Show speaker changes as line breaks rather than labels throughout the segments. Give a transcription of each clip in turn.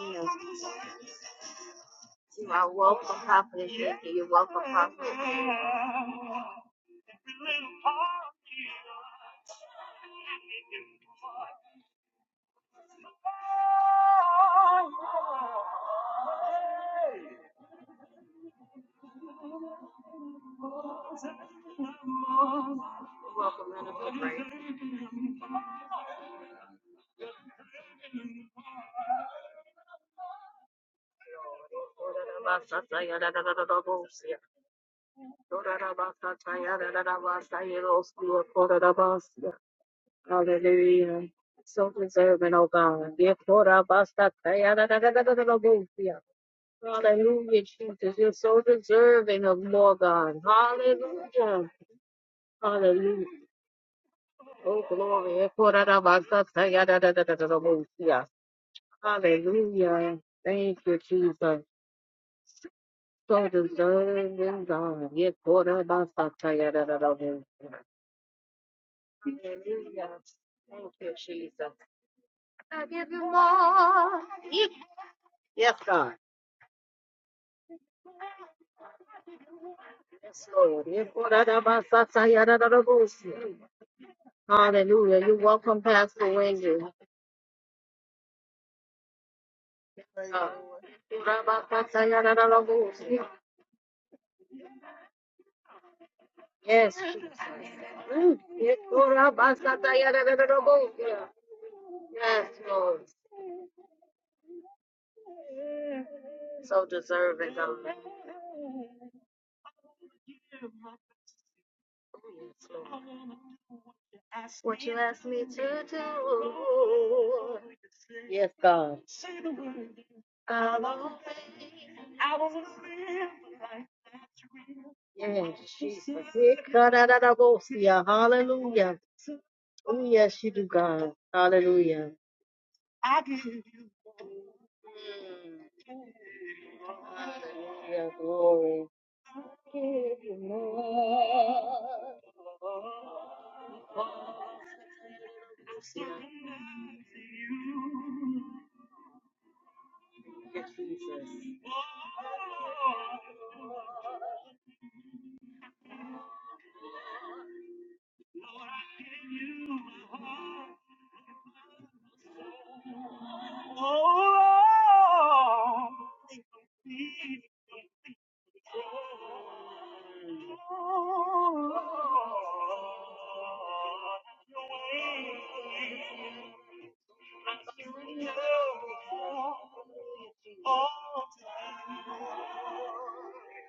Yes, you are welcome, Prophet. welcome, man of the praise. Kodadabasatayadadadadosia. Kodadabasatayadadadabasayadosua. Kodadabasia. Hallelujah. So deserving, oh God. Yeah, kodabasatayadadadadadadadosia. Hallelujah, Jesus. You're so deserving of more, God. Hallelujah. Hallelujah. Oh, glory. Yeah, kodadabasatayadadadadadadosia. Hallelujah. Thank you, Jesus. So deserving, and done. Yet what about Hallelujah. Thank you, Jesus. Yes, God. Yes, Lord. Yet what about Hallelujah. you welcome, Pastor Wendy. God. Kora basata ya da da da da. Yes, Jesus. Mm. Yet what about Yes, Lord. So deserving. Yes, Lord. Me to do. Yes, God. Hallelujah. Yes. Ikarararabosia. Hallelujah. Oh, yes, you do, God. Hallelujah. Mm. Hallelujah. Glory.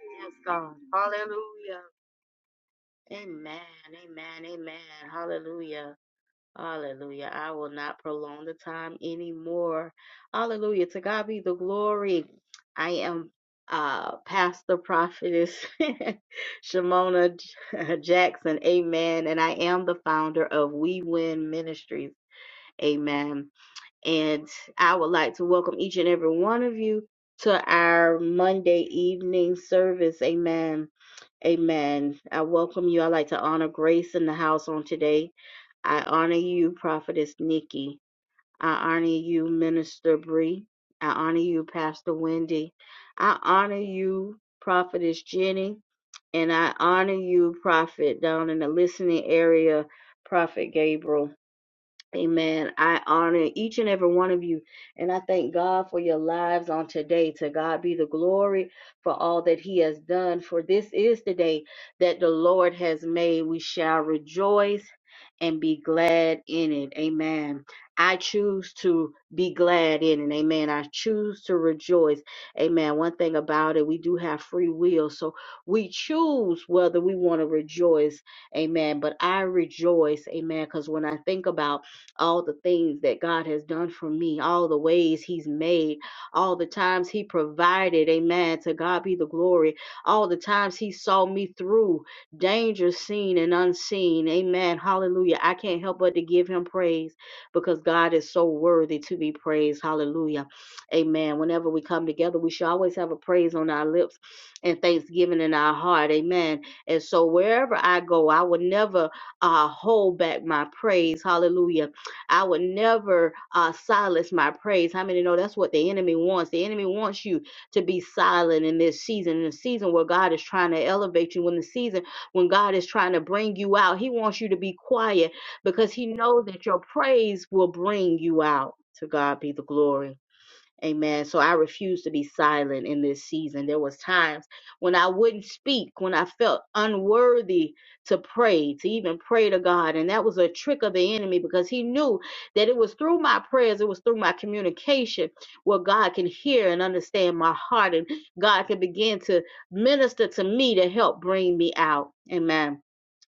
Yes, God. Hallelujah. Amen. Amen. Amen. Hallelujah. Hallelujah. I will not prolong the time anymore. Hallelujah. To God be the glory. I am uh pastor prophetess Shimona Prophetess Jenny, and I honor you, Prophet, down in the listening area, Prophet Gabriel. Amen. I honor each and every one of you. And I thank God for your lives on today. To God be the glory for all that He has done. For this is the day that the Lord has made. We shall rejoice and be glad in it. Amen. I choose to be glad in it. Amen. I choose to rejoice. Amen. One thing about it, we do have free will. So we choose whether we want to rejoice. Amen. But I rejoice. Amen. Because when I think about all the things that God has done for me, all the ways He's made, all the times He provided. Amen. To God be the glory. All the times He saw me through danger seen and unseen. Amen. Hallelujah. I can't help but to give Him praise because God is so worthy to be praised. Hallelujah. Amen. Whenever we come together, we should always have a praise on our lips and thanksgiving in our heart. Amen. And so wherever I go, I will never uh, hold back my praise. Hallelujah I would never uh, silence my praise. How many know that's what the enemy wants? The enemy wants you to be silent in this season, in the season where God is trying to elevate you, when the season when God is trying to bring you out, He wants you to be quiet because He knows that your praise will bring you out. To God be the glory. Amen. So I refuse to be silent in this season. There was times when I wouldn't speak, when I felt unworthy to pray, to even pray to God, and that was a trick of the enemy because he knew that it was through my prayers, it was through my communication where God can hear and understand my heart and God can begin to minister to me to help bring me out. Amen.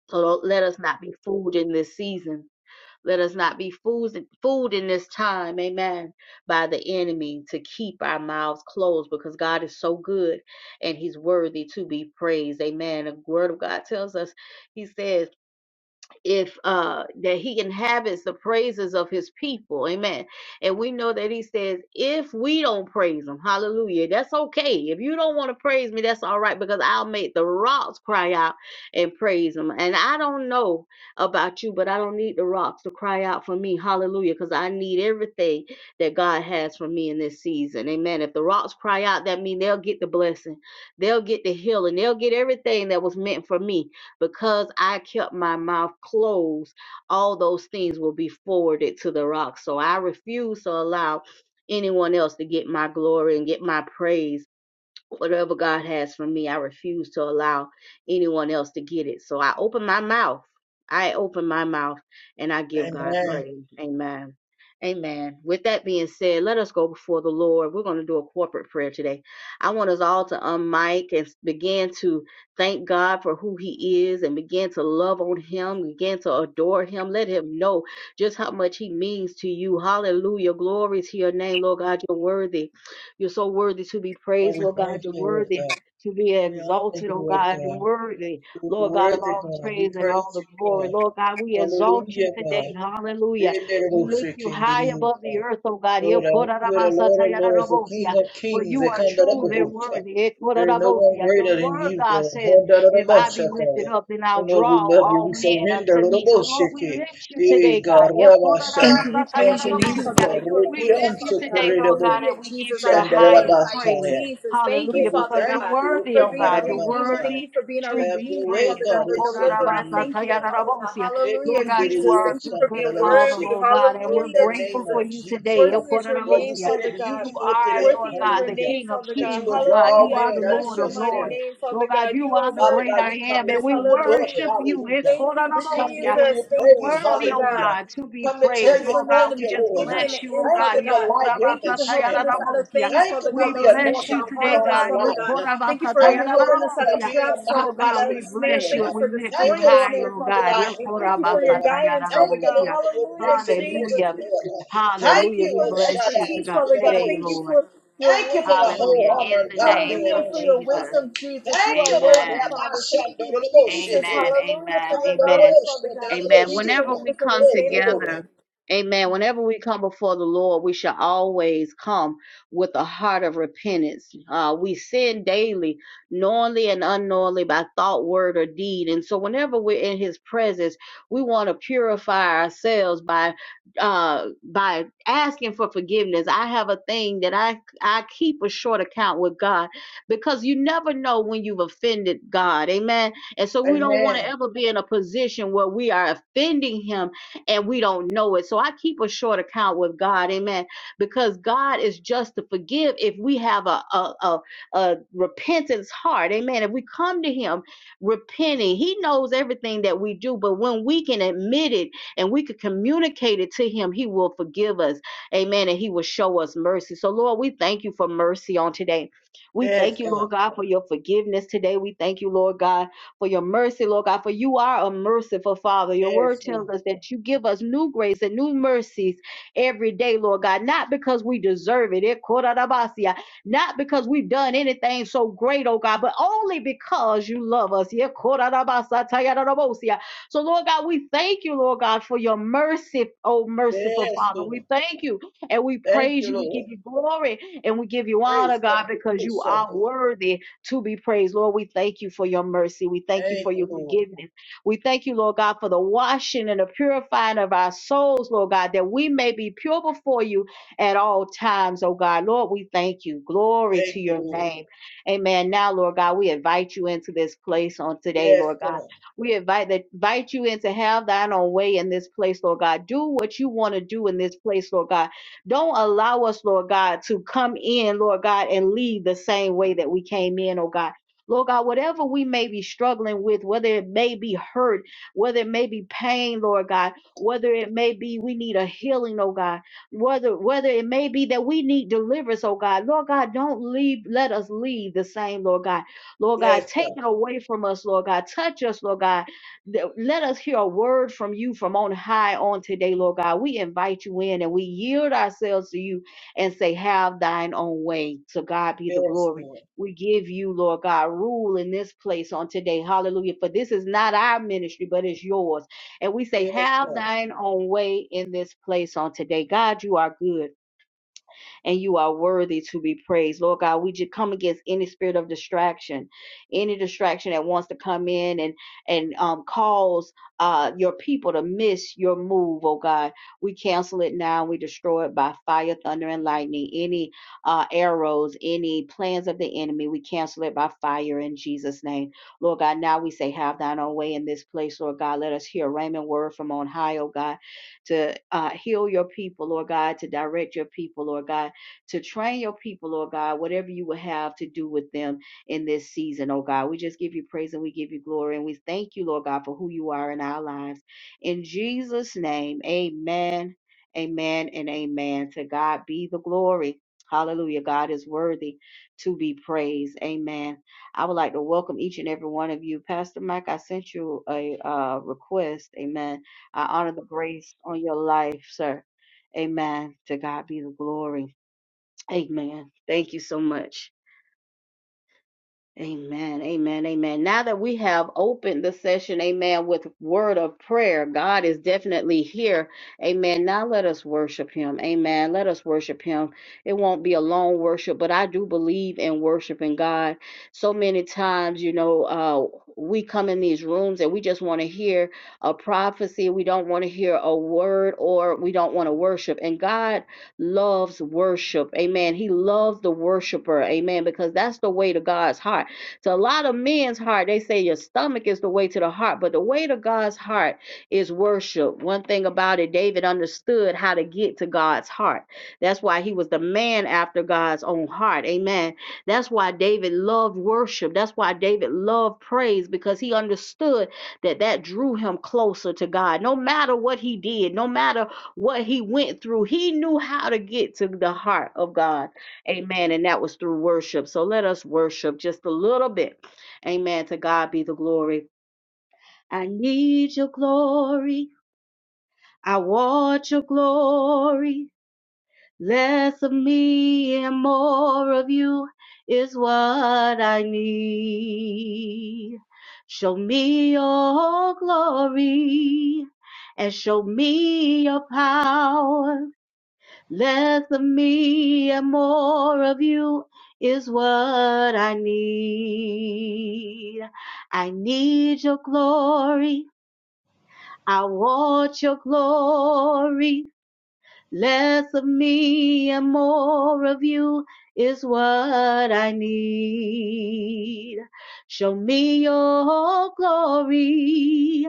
So don't, let us not be fooled in this season let us not be fools, fooled in this time, amen, by the enemy to keep our mouths closed because God is so good and he's worthy to be praised, amen. The word of God tells us, he says, if uh that he inhabits the praises of his people amen and we know that he says if we don't praise him hallelujah that's okay if you don't want to praise me that's all right because i'll make the rocks cry out and praise him and i don't know about you but i don't need the rocks to cry out for me hallelujah because i need everything that god has for me in this season amen if the rocks cry out that means they'll get the blessing they'll get the healing they'll get everything that was meant for me because I kept my mouth closed, all those things will be forwarded to the rock. So I refuse to allow anyone else to get my glory and get my praise whatever God has for me, I refuse to allow anyone else to get it. So I open my mouth. I open my mouth and I give
Amen.
God praise. Amen. Amen. With that being said, let us go before the Lord. We're going to do a corporate prayer today. I want us all to unmic and begin to thank God for who He is and begin to love on Him, begin to adore Him. Let Him know just how much He means to you. Hallelujah. Glory to your name, Lord God. You're worthy. You're so worthy to be praised, Lord God. You're worthy to be exalted, oh God. You're worthy, Lord God, of all the praise and all the glory. Lord God, we exalt you today. Hallelujah. Truly,
thank you. We praise your name, Father God. You are worthy, Father God. Hallelujah, Jesus. I glorify you, Jesus. Thank you, Father God, for being our Redeemer. Thank you for being our Redeemer, Father God, for deliverer. I thank you, oh, Father God. Hallelujah, Jesus. Thank you for being worthy. Hallelujah, Jesus. Worthy is your name, Father God. Worthy is your name, Father God. Hallelujah. I Bless your mighty name, Father God. You are worthy, Jesus. Hallelujah. Thank you, Jesus.
You're
Thank you,
worthy,
Father
oh
God.
God, to be
Thank
praised.
you for
Lord
knowing
God,
the
we just
beginning and the
bless you, oh
end,
God.
Father God. Thank you for helping us out of things, Father God,
We
that was
bless
meant to
you
harm us, Father God. Thank you for helping us out of
Korabasatayararabosia.
traps, Father
Lord
God,
God,
out of
we
snares.
bless you
Thank you
and we
for
lift you
destroying the
high,
snare,
oh
Father
God.
God. Thank you for your guidance, Father God.
Yokorabasatayararabosia.
Hallelujah, Jesus.
Hallelujah.
Thank
Hallelujah.
you
We
for your
bless you to
expertise,
God
Father God.
today,
Thank you
Lord.
for your language, Father
Hallelujah.
God.
In the name of
Hallelujah for your
Jesus.
wisdom, Jesus. You are worthy,
Amen.
Father. Thank you, Jesus.
Amen.
Hallelujah for
Amen.
your
Amen.
knowledge, Father God.
Amen.
Thank you for
Whenever
giving
we
us
come
understanding, Father God.
together, amen. Whenever we come before the Lord, we shall always come with a heart of repentance. Uh, we sin daily, knowingly and unknowingly, by thought, word, or deed. And so, whenever we're in His presence, we want to purify ourselves by uh, by asking for forgiveness. I have a thing that I I keep a short account with God because you never know when you've offended God. Amen and so we don't want to ever be in a position where we are offending him and we don't know it. So I keep a short account with God, amen, because God is just to forgive if we have a, a, a, a repentance heart, amen. If we come to him repenting, he knows everything that we do, but when we can admit it and we can communicate it to him, he will forgive us, amen, and he will show us mercy. So, Lord, we thank you for mercy on today. We thank you, Lord God, for your forgiveness today. We thank you, Lord God for your mercy, Lord God, for you are a merciful Father. Your word tells us that you give us new grace and new mercies every day, Lord God, not because we deserve it, eh, korarabasia, not because we've done anything so great, oh God, but only because you love us. yeah, korarabasa, tayararabosia. So, Lord God, we thank you, Lord God, for your mercy, oh merciful Father. We thank you and we praise you. We give you glory and we give you honor, God, because you are worthy to be praised. Lord, we thank you for your mercy. We thank you for your forgiveness. We thank you, Lord God, for the washing and the purifying of our souls, Lord God, that we may be pure before you at all times, oh God. Lord, we thank you. Glory to your name. Amen. Now, Lord God, we invite you into this place on today, Lord God. We invite that invite you in to have thine own way in this place, Lord God. Do what you want to do in this place, Lord God. Don't allow us, Lord God, to come in, Lord God, and leave the same way that we came in, oh God. Lord God, whatever we may be struggling with, whether it may be hurt, whether it may be pain, Lord God, whether it may be we need a healing, oh God, whether whether it may be that we need deliverance, oh God. Lord God, don't leave, let us leave the same, Lord God. Lord God, take it away from us, Lord God. Touch us, Lord God. Th- Let us hear a word from you from on high on today, Lord God. We invite you in and we yield ourselves to you and say, Have thine own way. So, God be the glory. We give you, Lord God, rule in this place on today. Hallelujah. For this is not our ministry, but it's yours. And we say, Have thine own way in this place on today. God, you are good and you are worthy to be praised. Lord God, we just come against any spirit of distraction, any distraction that wants to come in and and um, cause uh, your people to miss your move, oh God. We cancel it now. We destroy it by fire, thunder, and lightning. Any uh, arrows, any plans of the enemy, we cancel it by fire in Jesus' name. Lord God, now we say, have thine own way in this place, Lord God. Let us hear a rhema word from on high, oh God, to uh, heal your people, Lord God, to direct your people, Lord God to train your people, Lord God, whatever you will have to do with them in this season, oh God. We just give you praise and we give you glory and we thank you, Lord God, for who you are in our lives. In Jesus' name, amen, amen, and amen. To God be the glory. Hallelujah. God is worthy to be praised. Amen. I would like to welcome each and every one of you. Pastor Mike, I sent you a uh, request. Amen. I honor the grace on your life, sir. Amen. To God be the glory. Amen. Thank you so much. Amen. Amen. Amen. Now that we have opened the session, amen, with word of prayer, God is definitely here. Amen. Now let us worship him. Amen. Let us worship him. It won't be a long worship, but I do believe in worshiping God. So many times, you know, uh, we come in these rooms and we just want to hear a prophecy. We don't want to hear a word or we don't want to worship. And God loves worship. Amen. He loves the worshiper. Amen. Because that's the way to God's heart. So a lot of men's heart, they say your stomach is the way to the heart, but the way to God's heart is worship. One thing about it, David understood how to get to God's heart. That's why he was the man after God's own heart. Amen. That's why David loved worship. That's why David loved praise because he understood that that drew him closer to God. No matter what he did, no matter what he went through, he knew how to get to the heart of God. Amen. And that was through worship. So let us worship just a little bit. Amen. To God be the glory. I need your glory. I want your glory. Less of me and more of you is what I need. Show me your glory and show me your power. Less of me and more of you is what I need. I need your glory. I want your glory. Less of me and more of you is what I need. Show me your glory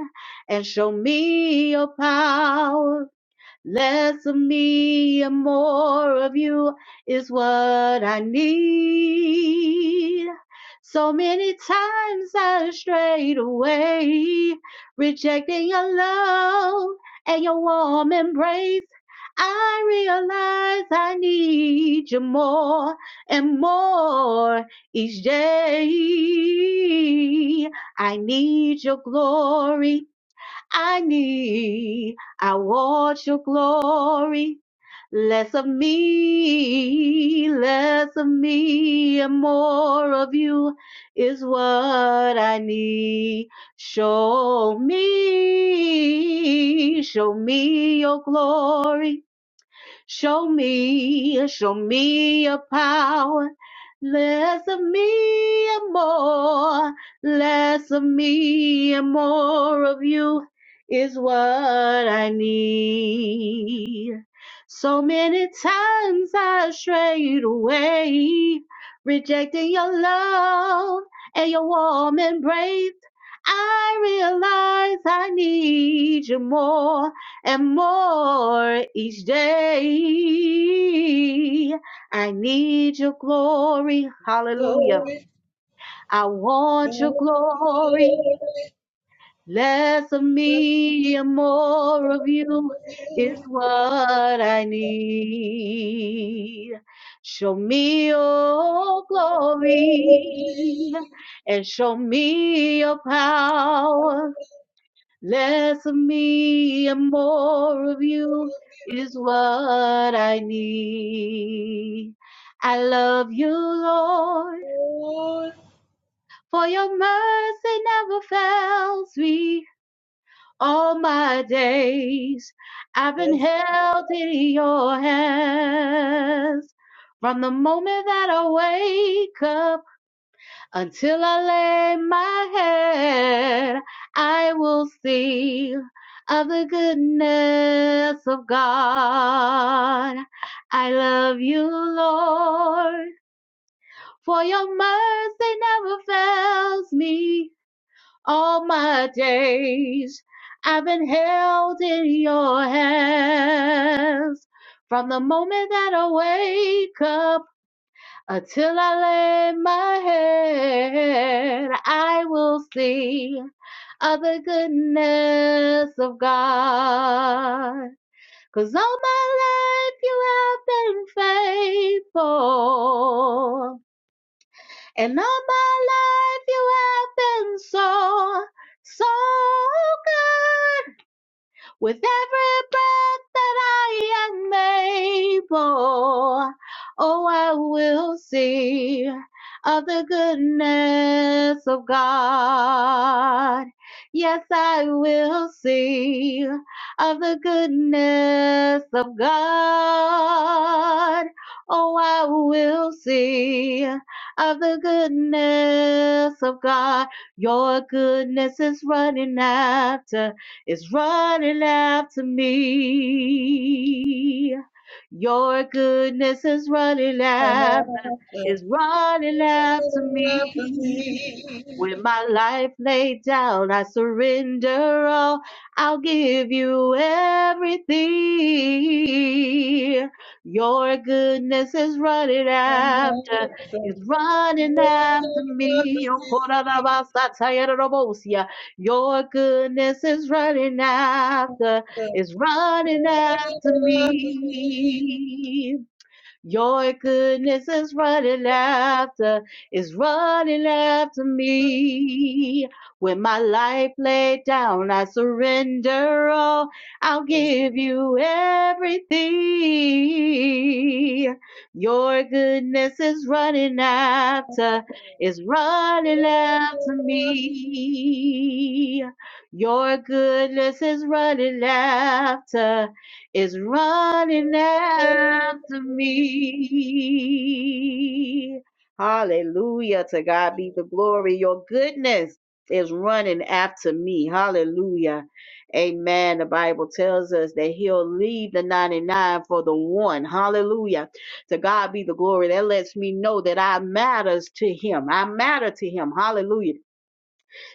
and show me your power. Less of me and more of you is what I need. So many times I strayed away, rejecting your love and your warm embrace. I realize I need you more and more each day. I need your glory. I need. I want your glory. Less of me, less of me, and more of you is what I need. Show me, show me your glory. Show me, show me your power. Less of me and more, less of me and more of you is what I need. So many times I strayed away, rejecting your love and your warm embrace. I realize I need you more and more each day. I need your glory. Hallelujah. I want your glory. Less of me and more of you is what I need. Show me your glory and show me your power. Less of me and more of you is what I need. I love you, Lord, for your mercy never fails me all my days. I've been held in your hands from the moment that I wake up Until I lay my head, I will see of the goodness of God. I love you, Lord, for your mercy never fails me. All my days I've been held in your hands. From the moment that I wake up until I lay my head, I will see of the goodness of God. 'Cause all my life you have been faithful. And all my life you have been so, so good. With every breath that I am able, oh, I will see of the goodness of God. Yes, I will see of the goodness of God. Oh, I will see of the goodness of God. Your goodness is running after is running after me. Your goodness is running after, is running after me. With my life laid down, I surrender all. I'll give you everything. Your goodness is running after, is running after me. Oh, your goodness is running after, is running after me. Your goodness is running after, is running after me. When my life laid down, I surrender all. I'll give you everything. Your goodness is running after, is running after me. Your goodness is running after is running after me. Hallelujah. To God be the glory. Your goodness is running after me. Hallelujah. Amen. The Bible tells us that he'll leave the 99 for the one. Hallelujah. To God be the glory. That lets me know that I matters to him. I matter to him. Hallelujah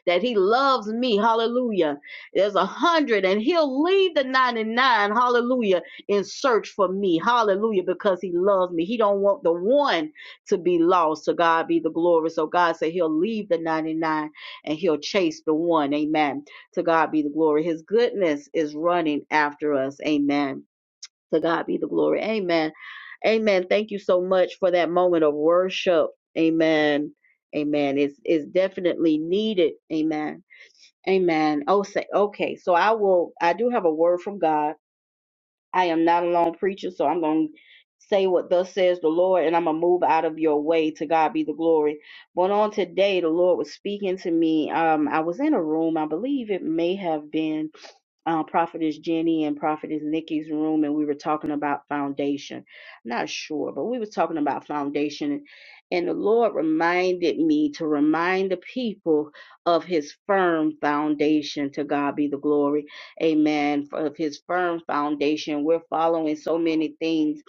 that he loves me. Hallelujah. There's a hundred and he'll leave the 99. Hallelujah. In search for me. Hallelujah. Because he loves me. He don't want the one to be lost. To God be the glory. So God said he'll leave the 99 and he'll chase the one. Amen. To God be the glory. His goodness is running after us. Amen. To God be the glory. Amen. Amen. Thank you so much for that moment of worship. Amen. Amen. It's it's definitely needed. Amen. Amen. Oh, say okay. So I will. I do have a word from God. I am not a lone preacher, so I'm going to say what thus says the Lord, and I'm going to move out of your way. To God be the glory. But on today, the Lord was speaking to me. Um, I was in a room, I believe it may have been uh, Prophetess Jenny and Prophetess Nikki's room, and we were talking about foundation. Not sure, but we were talking about foundation. And, and the Lord reminded me to remind the people of his firm foundation. To God be the glory Amen. Of his firm foundation. We're following so many things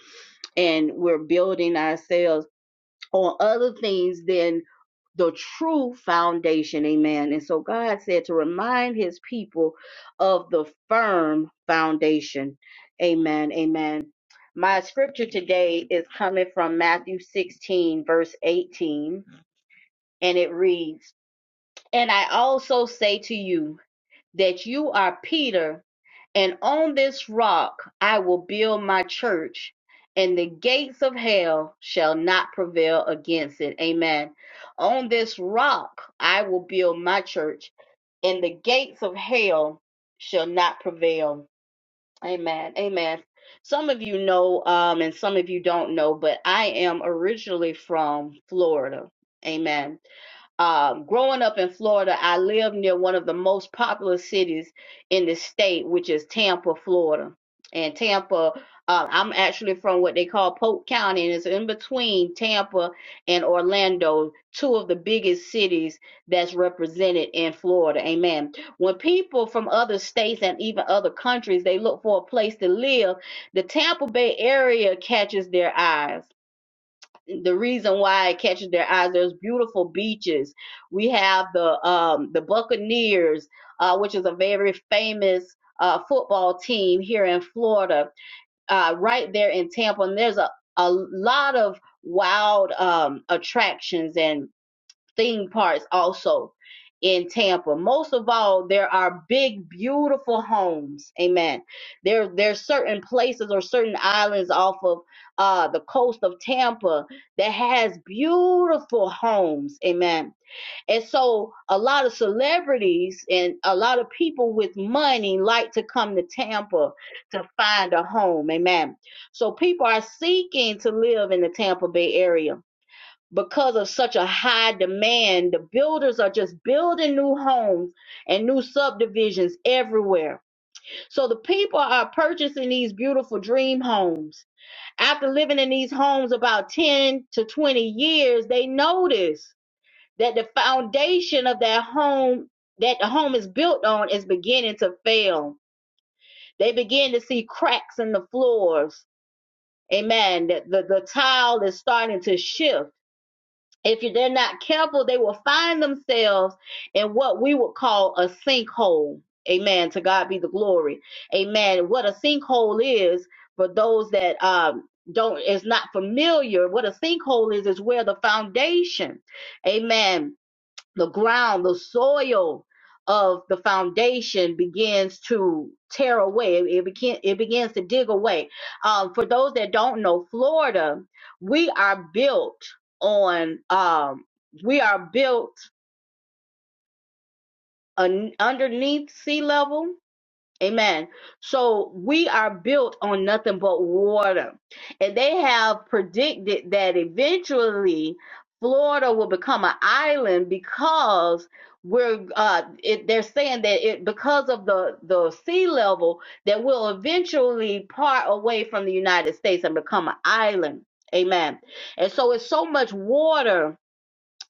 and we're building ourselves on other things than the true foundation. Amen. And so God said to remind his people of the firm foundation. Amen. Amen. My scripture today is coming from Matthew 16, verse 18, and it reads, And I also say to you, that you are Peter, and on this rock I will build my church, and the gates of hell shall not prevail against it. Amen. On this rock I will build my church, and the gates of hell shall not prevail. Amen. Amen. Some of you know, um, and some of you don't know, but I am originally from Florida. Amen uh, growing up in Florida, I lived near one of the most popular cities in the state, which is Tampa, Florida. And Tampa, uh, I'm actually from what they call Polk County, and it's in between Tampa and Orlando, two of the biggest cities that's represented in Florida. Amen. When people from other states and even other countries they look for a place to live, the Tampa Bay area catches their eyes the reason why it catches their eyes. There's beautiful beaches. We have the um, the Buccaneers, uh, which is a very famous uh, football team here in Florida, uh, right there in Tampa. And there's a, a lot of wild um, attractions and theme parks also in Tampa. Most of all, there are big, beautiful homes. Amen. There, there's certain places or certain islands off of uh, the coast of Tampa that has beautiful homes. Amen. And so a lot of celebrities and a lot of people with money like to come to Tampa to find a home. Amen. So people are seeking to live in the Tampa Bay area because of such a high demand, the builders are just building new homes and new subdivisions everywhere. So the people are purchasing these beautiful dream homes. After living in these homes about 10 to 20 years, they notice that the foundation of that home that the home is built on is beginning to fail. They begin to see cracks in the floors. Amen. The, the, the tile is starting to shift if you- they're not careful, they will find themselves in what we would call a sinkhole. Amen. To God be the glory. Amen. What a sinkhole is for those that um, don't is not familiar. What a sinkhole is is where the foundation, Amen the ground, the soil of the foundation begins to tear away. It, it, begin, it begins to dig away. Um, for those that don't know, Florida, we are built on, um, we are built un- underneath sea level Amen. So we are built on nothing but water. And they have predicted that eventually Florida will become an island because we're uh it, they're saying that it because of the the sea level that we'll eventually part away from the United States and become an island. Amen. And so it's so much water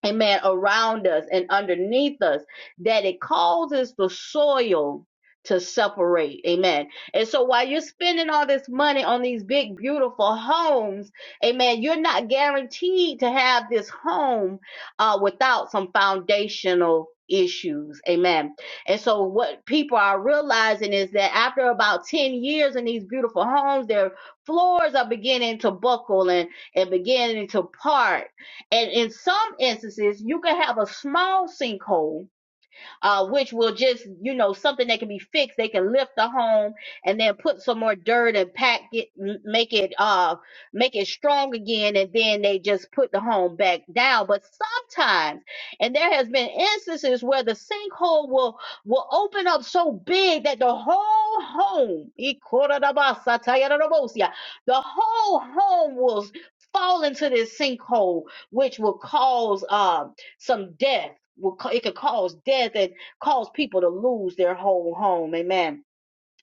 amen, around us and underneath us, that it causes the soil to separate, amen. And so while you're spending all this money on these big, beautiful homes, amen, you're not guaranteed to have this home uh, without some foundational issues amen and so what people are realizing is that after about 10 years in these beautiful homes their floors are beginning to buckle and and beginning to part and in some instances, you can have a small sinkhole uh, which will just, you know, something that can be fixed. They can lift the home and then put some more dirt and pack it, m- make it, uh, make it strong again. And then they just put the home back down. But sometimes, and there has been instances where the sinkhole will, will open up so big that the whole home, the whole home will s- fall into this sinkhole, which will cause, um, some death. Will, ca- it could cause death, and cause people to lose their whole home. Amen.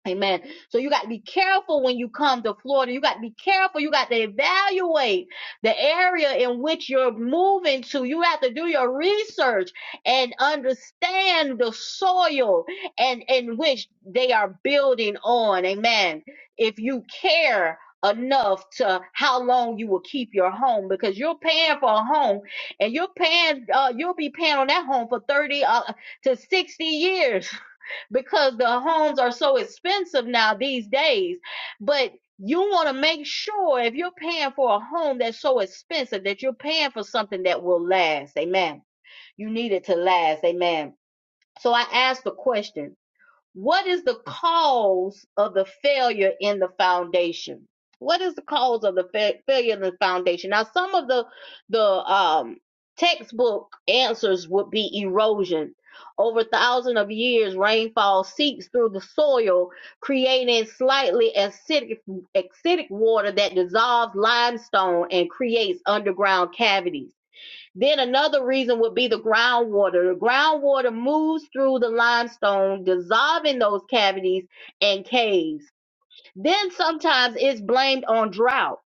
Amen. So you got to be careful when you come to Florida. You got to be careful. You got to evaluate the area in which you're moving to. You have to do your research and understand the soil and in which they are building on. Amen. If you care enough to how long you will keep your home because you're paying for a home and you're paying uh you'll be paying on that home for 30 uh, to 60 years because the homes are so expensive now these days. But you want to make sure if you're paying for a home that's so expensive that you're paying for something that will last. Amen. You need it to last. Amen. So I asked the question what is the cause of the failure in the foundation? What is the cause of the fa- failure in the foundation? Now, some of the the um, textbook answers would be erosion. Over thousands of years, rainfall seeps through the soil, creating slightly acidic, acidic water that dissolves limestone and creates underground cavities then another reason would be the groundwater. The groundwater moves through the limestone, dissolving those cavities and caves. Then sometimes it's blamed on drought,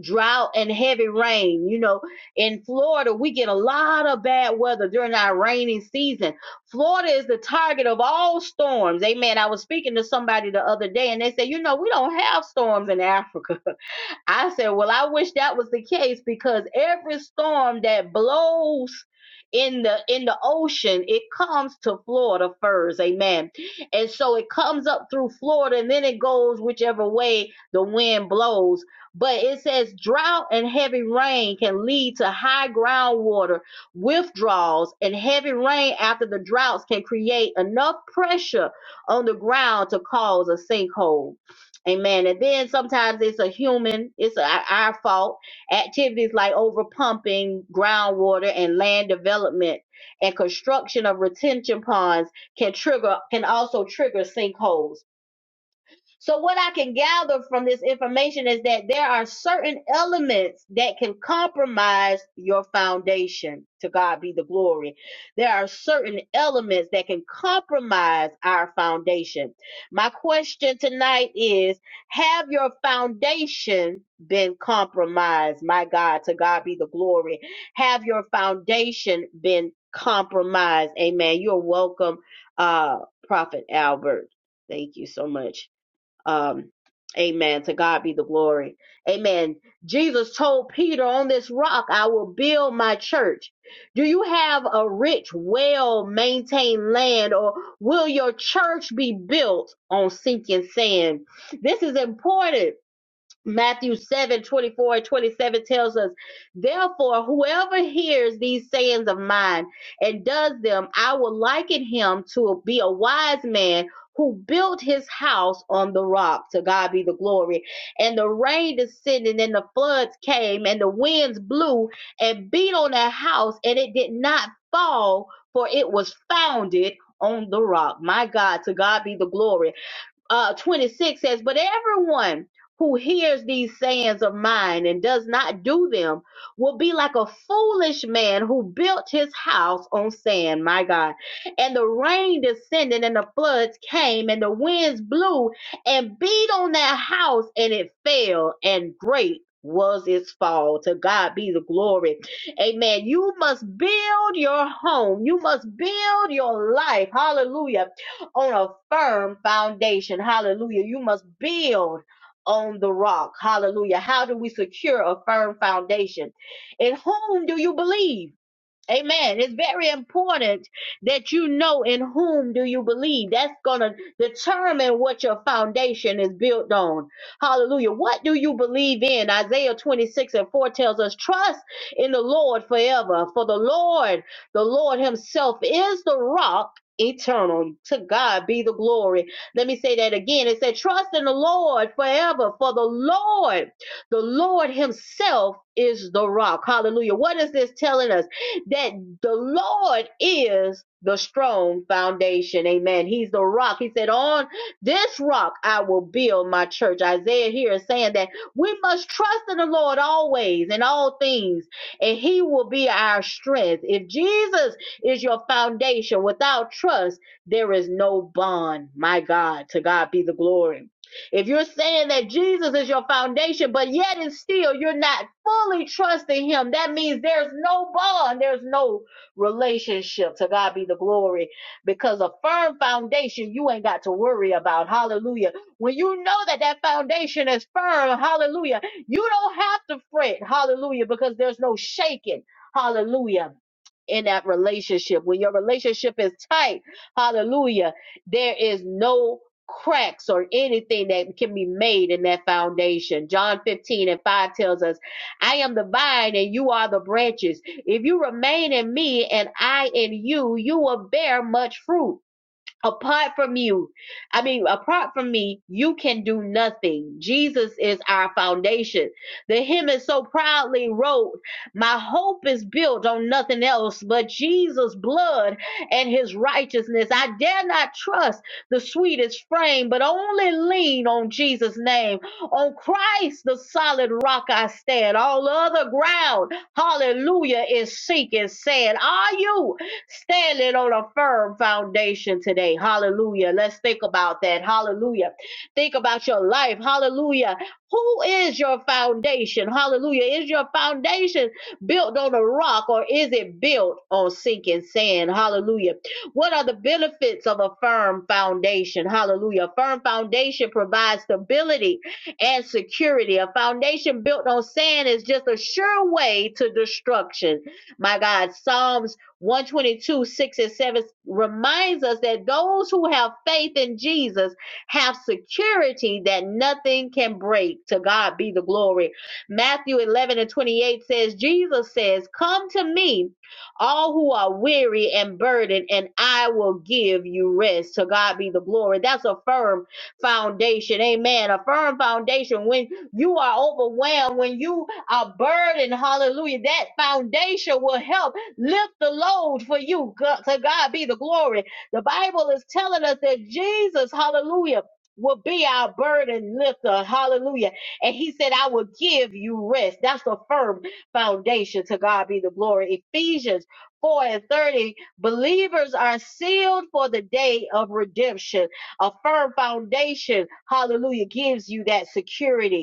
drought and heavy rain. You know, in Florida, we get a lot of bad weather during our rainy season. Florida is the target of all storms. Amen. I was speaking to somebody the other day and they said, you know, we don't have storms in Africa. I said, Well, I wish that was the case because every storm that blows in the in the ocean it comes to florida first amen and so it comes up through florida and then it goes whichever way the wind blows but it says drought and heavy rain can lead to high groundwater withdrawals and heavy rain after the droughts can create enough pressure on the ground to cause a sinkhole Amen. And then sometimes it's a human, it's a, our fault. Activities like overpumping groundwater and land development and construction of retention ponds can trigger, can also trigger sinkholes. So, what I can gather from this information is that there are certain elements that can compromise your foundation. To God be the glory. There are certain elements that can compromise our foundation. My question tonight is Have your foundation been compromised? My God, to God be the glory. Have your foundation been compromised? Amen. You're welcome, uh, Prophet Albert. Thank you so much. Um, amen. To God be the glory. Amen. Jesus told Peter, On this rock I will build my church. Do you have a rich, well maintained land, or will your church be built on sinking sand? This is important Matthew 7 24 and 27 tells us, Therefore, whoever hears these sayings of mine and does them, I will liken him to be a wise man who built his house on the rock. To God be the glory. And the rain descended, and the floods came, and the winds blew and beat on that house, and it did not fall, for it was founded on the rock. My God, to God be the glory uh, 26 says, But everyone who hears these sayings of mine and does not do them will be like a foolish man who built his house on sand, my God. And the rain descended and the floods came and the winds blew and beat on that house and it fell and great was its fall. To God be the glory. Amen. You must build your home. You must build your life. Hallelujah on a firm foundation. Hallelujah. You must build on the rock. Hallelujah. How do we secure a firm foundation? In whom do you believe? Amen. It's very important that you know in whom do you believe. That's going to determine what your foundation is built on. Hallelujah. What do you believe in? Isaiah 26 and 4 tells us, trust in the Lord forever. For the Lord, the Lord himself is the rock eternal. To God be the glory. Let me say that again. It said, trust in the Lord forever. For the Lord, the Lord himself is the rock. Hallelujah. What is this telling us? that the Lord is the strong foundation. Amen. He's the rock. He said, On this rock I will build my church. Isaiah here is saying that we must trust in the Lord always in all things, and He will be our strength. If Jesus is your foundation, without trust, there is no bond. My God, to God be the glory. If you're saying that Jesus is your foundation, but yet and still you're not fully trusting him, that means there's no bond, there's no relationship. To God be the glory. Because a firm foundation, you ain't got to worry about. Hallelujah. When you know that that foundation is firm, hallelujah, you don't have to fret. Hallelujah. Because there's no shaking. Hallelujah in that relationship. When your relationship is tight, hallelujah, there is no cracks or anything that can be made in that foundation. John 15 and 5 tells us, I am the vine and you are the branches. If you remain in me and I in you, you will bear much fruit apart from you i mean apart from me you can do nothing jesus is our foundation the hymn is so proudly wrote my hope is built on nothing else but jesus blood and his righteousness i dare not trust the sweetest frame but only lean on jesus name on christ the solid rock i stand all other ground hallelujah is sinking sand are you standing on a firm foundation today. Hallelujah. Let's think about that. Hallelujah. Think about your life. Hallelujah. Who is your foundation? Hallelujah. Is your foundation built on a rock or is it built on sinking sand? Hallelujah. What are the benefits of a firm foundation? Hallelujah. A firm foundation provides stability and security. A foundation built on sand is just a sure way to destruction. My God, Psalms 122, 6 and 7 reminds us that those who have faith in Jesus have security that nothing can break. To God be the glory. Matthew 11 and 28 says, Jesus says, Come to me, all who are weary and burdened, and I will give you rest. To God be the glory. That's a firm foundation. Amen. A firm foundation when you are overwhelmed, when you are burdened. Hallelujah. That foundation will help lift the load for you. God, to God be the glory. The Bible is telling us that Jesus, hallelujah, will be our burden lifter. Hallelujah. And he said, I will give you rest. That's a firm foundation. To God be the glory. Ephesians 4 and 30, believers are sealed for the day of redemption. A firm foundation, hallelujah, gives you that security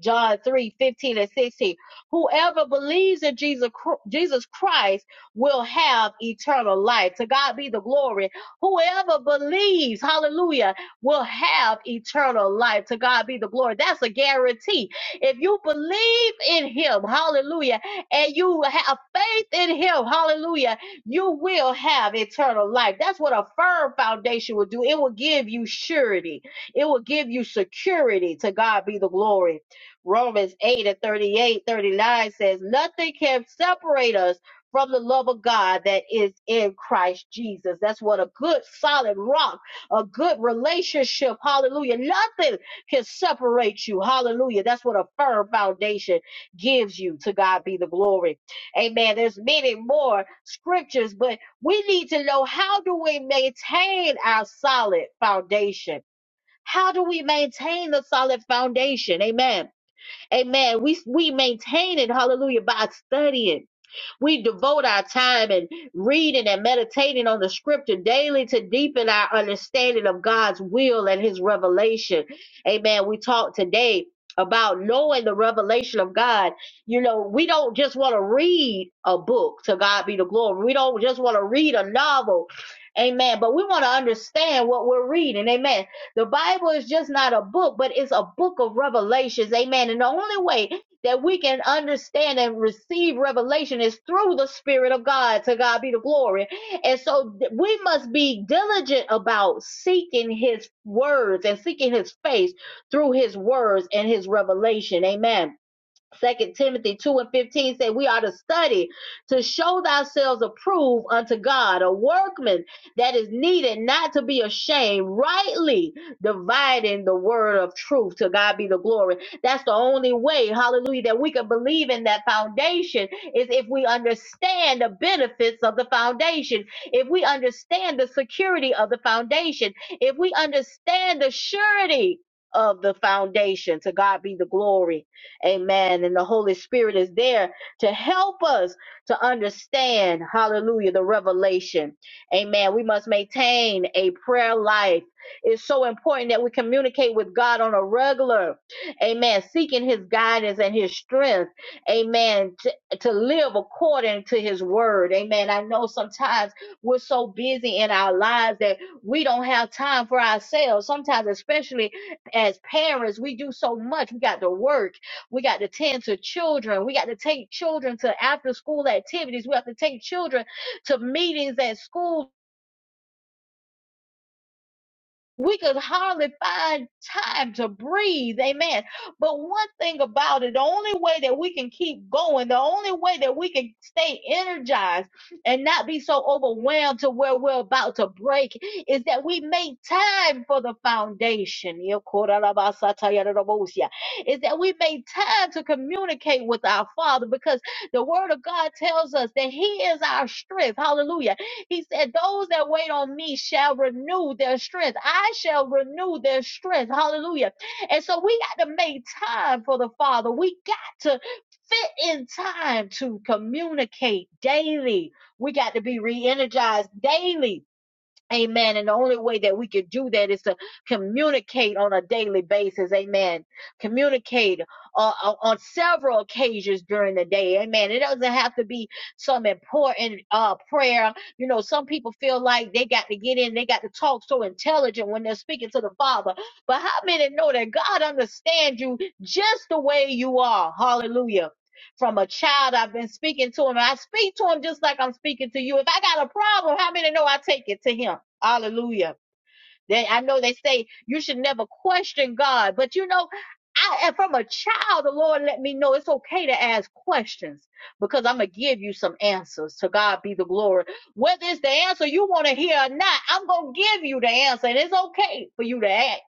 John 3 15 and 16. Whoever believes in Jesus, Chr- Jesus Christ will have eternal life. To God be the glory. Whoever believes, hallelujah, will have eternal life. To God be the glory. That's a guarantee. If you believe in Him, hallelujah, and you have faith in Him, hallelujah, you will have eternal life. That's what a firm foundation will do. It will give you surety, it will give you security. To God be the glory. Romans 8 and 38, 39 says, Nothing can separate us from the love of God that is in Christ Jesus. That's what a good solid rock, a good relationship. Hallelujah. Nothing can separate you. Hallelujah. That's what a firm foundation gives you. To God be the glory. Amen. There's many more scriptures, but we need to know how do we maintain our solid foundation? How do we maintain the solid foundation? Amen. Amen. We we maintain it, hallelujah, by studying. We devote our time and reading and meditating on the scripture daily to deepen our understanding of God's will and his revelation. Amen. We talked today about knowing the revelation of God. You know, we don't just want to read a book to God be the glory. We don't just want to read a novel. Amen. But we want to understand what we're reading. Amen. The Bible is just not a book, but it's a book of revelations. Amen. And the only way that we can understand and receive revelation is through the Spirit of God. To God be the glory. And so th- we must be diligent about seeking His words and seeking His face through His words and His revelation. Amen. Second Timothy 2 and 15 said we are to study to show thyselves approved unto God, a workman that is needed not to be ashamed, rightly dividing the word of truth. To God be the glory. That's the only way, hallelujah, that we can believe in that foundation is if we understand the benefits of the foundation, if we understand the security of the foundation, if we understand the surety of the foundation. To God be the glory. Amen. And the Holy Spirit is there to help us to understand, hallelujah, the revelation. Amen. We must maintain a prayer life. It's so important that we communicate with God on a regular, amen, seeking his guidance and his strength, amen, to, to live according to his word. Amen. I know sometimes we're so busy in our lives that we don't have time for ourselves. Sometimes, especially as parents, we do so much. We got to work. We got to tend to children. We got to take children to after school activities. We have to take children to meetings at schools. We could hardly find time to breathe. Amen. But one thing about it, the only way that we can keep going, the only way that we can stay energized and not be so overwhelmed to where we're about to break is that we make time for the foundation. Is that we make time to communicate with our Father because the Word of God tells us that He is our strength. Hallelujah he said, Those that wait on me shall renew their strength. I shall renew their strength. Hallelujah. And so we got to make time for the Father. We got to fit in time to communicate daily. We got to be re energized daily Amen. And the only way that we could do that is to communicate on a daily basis. Amen. Communicate uh, uh, on several occasions during the day. Amen. It doesn't have to be some important uh, prayer. You know, some people feel like they got to get in, they got to talk so intelligent when they're speaking to the Father. But how many know that God understands you just the way you are? Hallelujah. From a child, I've been speaking to him. I speak to him just like I'm speaking to you. If I got a problem, how many know I take it to him? Hallelujah. They, I know they say you should never question God, but you know, I and from a child, the Lord let me know it's okay to ask questions because I'm gonna give you some answers. To God be the glory. Whether it's the answer you want to hear or not, I'm gonna give you the answer, and it's okay for you to ask.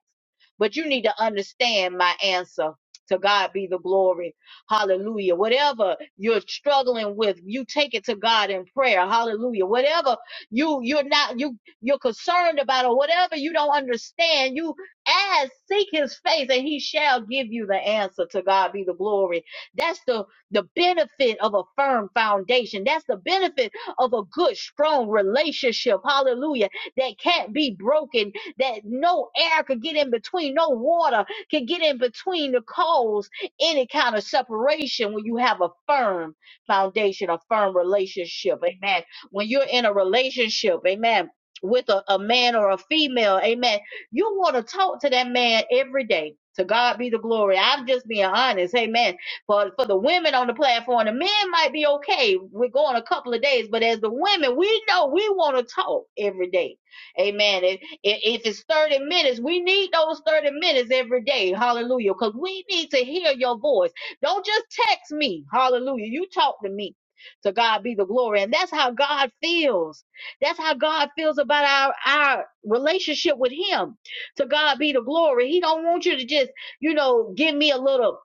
But you need to understand my answer. To God be the glory. Hallelujah. Whatever you're struggling with, you take it to God in prayer. Hallelujah. Whatever you you're not you you're concerned about or whatever you don't understand, you ask, seek his face, and he shall give you the answer. To God be the glory. That's the the benefit of a firm foundation. That's the benefit of a good, strong relationship. Hallelujah. That can't be broken that no air could get in between, no water could get in between to cause any kind of separation when you have a firm foundation, a firm relationship. Amen. When you're in a relationship, amen, with a, a man or a female, amen, you want to talk to that man every day. To God be the glory. I'm just being honest. Amen. For for the women on the platform, the men might be okay. We're going a couple of days, but as the women, we know we want to talk every day Amen. If, if it's 30 minutes, we need those 30 minutes every day. Hallelujah. Because we need to hear your voice. Don't just text me. Hallelujah. You talk to me. To God be the glory. And that's how God feels. That's how God feels about our, our relationship with Him. To God be the glory. He don't want you to just, you know, give me a little,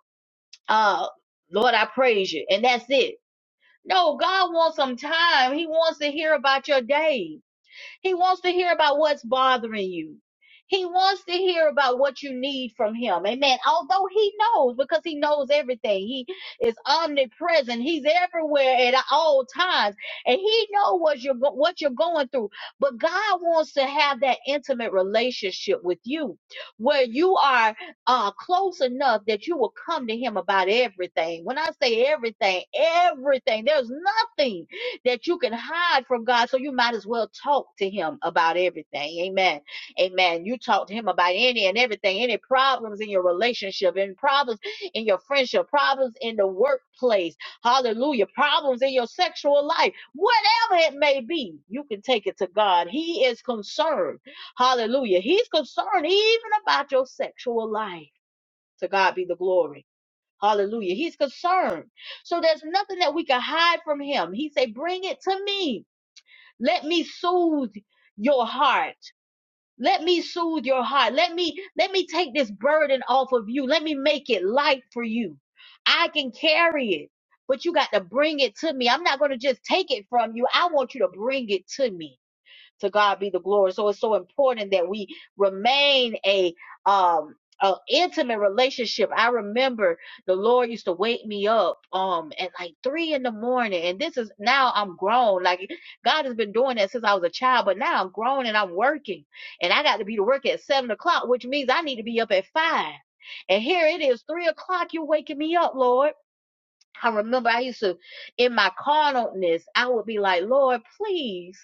uh, Lord, I praise you. And that's it. No, God wants some time. He wants to hear about your day. He wants to hear about what's bothering you. He wants to hear about what you need from him. Amen. Although he knows, because he knows everything. He is omnipresent. He's everywhere at all times. And he knows what you're, go- what you're going through. But God wants to have that intimate relationship with you where you are uh, close enough that you will come to him about everything. When I say everything, everything, there's nothing that you can hide from God. So you might as well talk to him about everything. Amen. Amen. You talk to him about any and everything, any problems in your relationship, any problems in your friendship, problems in the workplace. Hallelujah. Problems in your sexual life. Whatever it may be, you can take it to God. He is concerned. Hallelujah. He's concerned even about your sexual life. To God be the glory. Hallelujah. He's concerned. So there's nothing that we can hide from him. He say, bring it to me. Let me soothe your heart. Let me soothe your heart. Let me, let me take this burden off of you. Let me make it light for you. I can carry it, but you got to bring it to me. I'm not going to just take it from you. I want you to bring it to me. To God be the glory. So it's so important that we remain a um an intimate relationship. I remember the Lord used to wake me up um at like three in the morning. And this is now I'm grown. Like God has been doing that since I was a child, but now I'm grown and I'm working. And I got to be to work at seven o'clock, which means I need to be up at five. And here it is, three o'clock, you're waking me up, Lord. I remember I used to, in my carnalness, I would be like, Lord, please.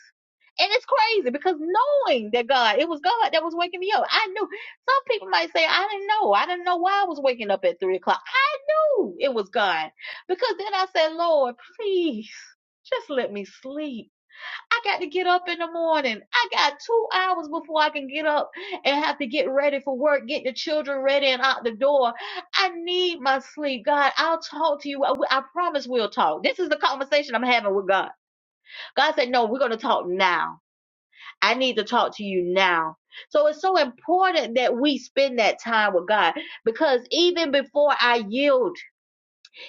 And it's crazy because knowing that God, it was God that was waking me up. I knew. Some people might say, I didn't know. I didn't know why I was waking up at three o'clock. I knew it was God because then I said, Lord, please just let me sleep I got to get up in the morning. I got two hours before I can get up and have to get ready for work, get the children ready and out the door. I need my sleep. God, I'll talk to you. I, I promise we'll talk. This is the conversation I'm having with God. God said, No, we're going to talk now. I need to talk to you now. So it's so important that we spend that time with God because even before I yield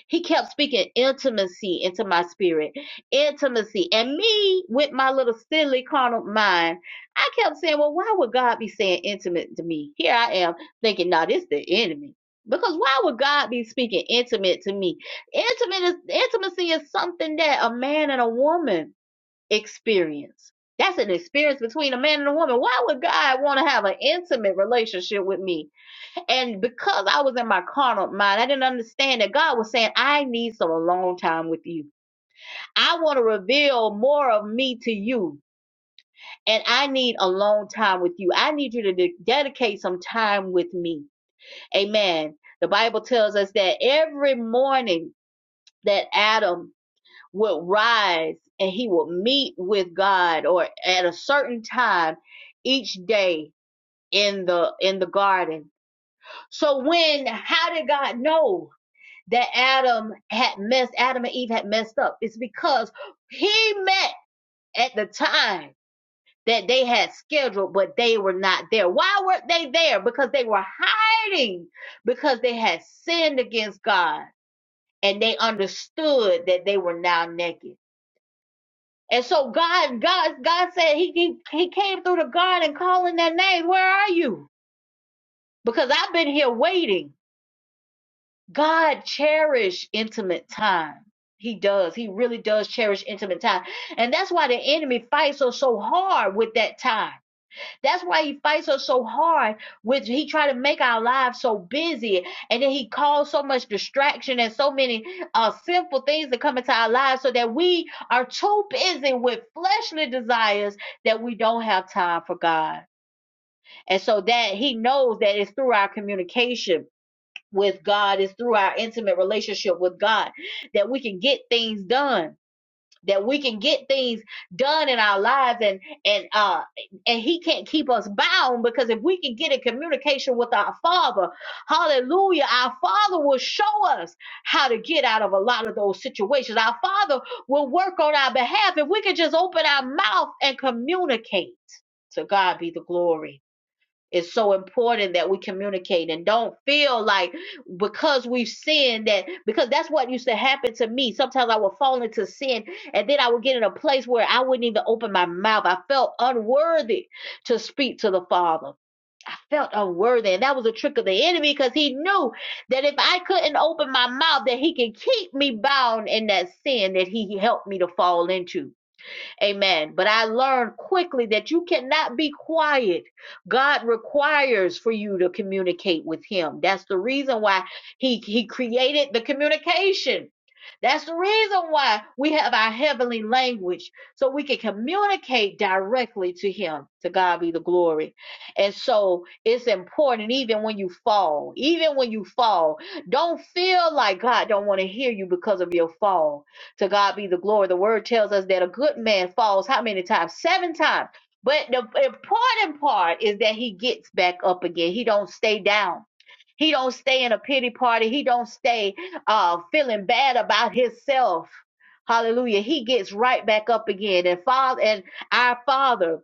he kept speaking intimacy into my spirit, intimacy. And me, with my little silly carnal mind, I kept saying, Well, why would God be saying intimate to me? Here I am thinking, Now, this the enemy. Because why would God be speaking intimate to me? Intimate is, intimacy is something that a man and a woman experience. That's an experience between a man and a woman. Why would God want to have an intimate relationship with me? And because I was in my carnal mind, I didn't understand that God was saying, I need some alone time with you. I want to reveal more of me to you. And I need alone time with you. I need you to de- dedicate some time with me. Amen. The Bible tells us that every morning that Adam would rise and he would meet with God or at a certain time each day in the in the garden. So when how did God know? that Adam had messed, Adam and Eve had messed up. It's because he met at the time that they had scheduled, but they were not there. Why weren't they there? Because they were hiding, because they had sinned against God and they understood that they were now naked. And so God, God, God said he, he, he came through the garden calling their names. Where are you? Because I've been here waiting. God cherish intimate time. He does. He really does cherish intimate time. And that's why the enemy fights us so hard with that time. That's why he fights us so hard with he try to make our lives so busy and then he calls so much distraction and so many uh sinful things that come into our lives so that we are too busy with fleshly desires that we don't have time for God. And so that he knows that it's through our communication with God is through our intimate relationship with God that we can get things done that we can get things done in our lives and and uh and he can't keep us bound because if we can get in communication with our father hallelujah our father will show us how to get out of a lot of those situations our father will work on our behalf if we can just open our mouth and communicate to God be the glory it's so important that we communicate and don't feel like because we've sinned that because that's what used to happen to me. Sometimes I would fall into sin and then I would get in a place where I wouldn't even open my mouth. I felt unworthy to speak to the Father. I felt unworthy. And that was a trick of the enemy because he knew that if I couldn't open my mouth, that he could keep me bound in that sin that he helped me to fall into. Amen. But I learned quickly that you cannot be quiet. God requires for you to communicate with him. That's the reason why he he created the communication. That's the reason why we have our heavenly language so we can communicate directly to him. To God be the glory. And so it's important even when you fall, even when you fall, don't feel like God don't want to hear you because of your fall to God be the glory. The word tells us that a good man falls how many times? Seven times. But the important part is that he gets back up again. He don't stay down. He don't stay in a pity party. He don't stay uh, feeling bad about himself. Hallelujah. He gets right back up again. And Father and our Father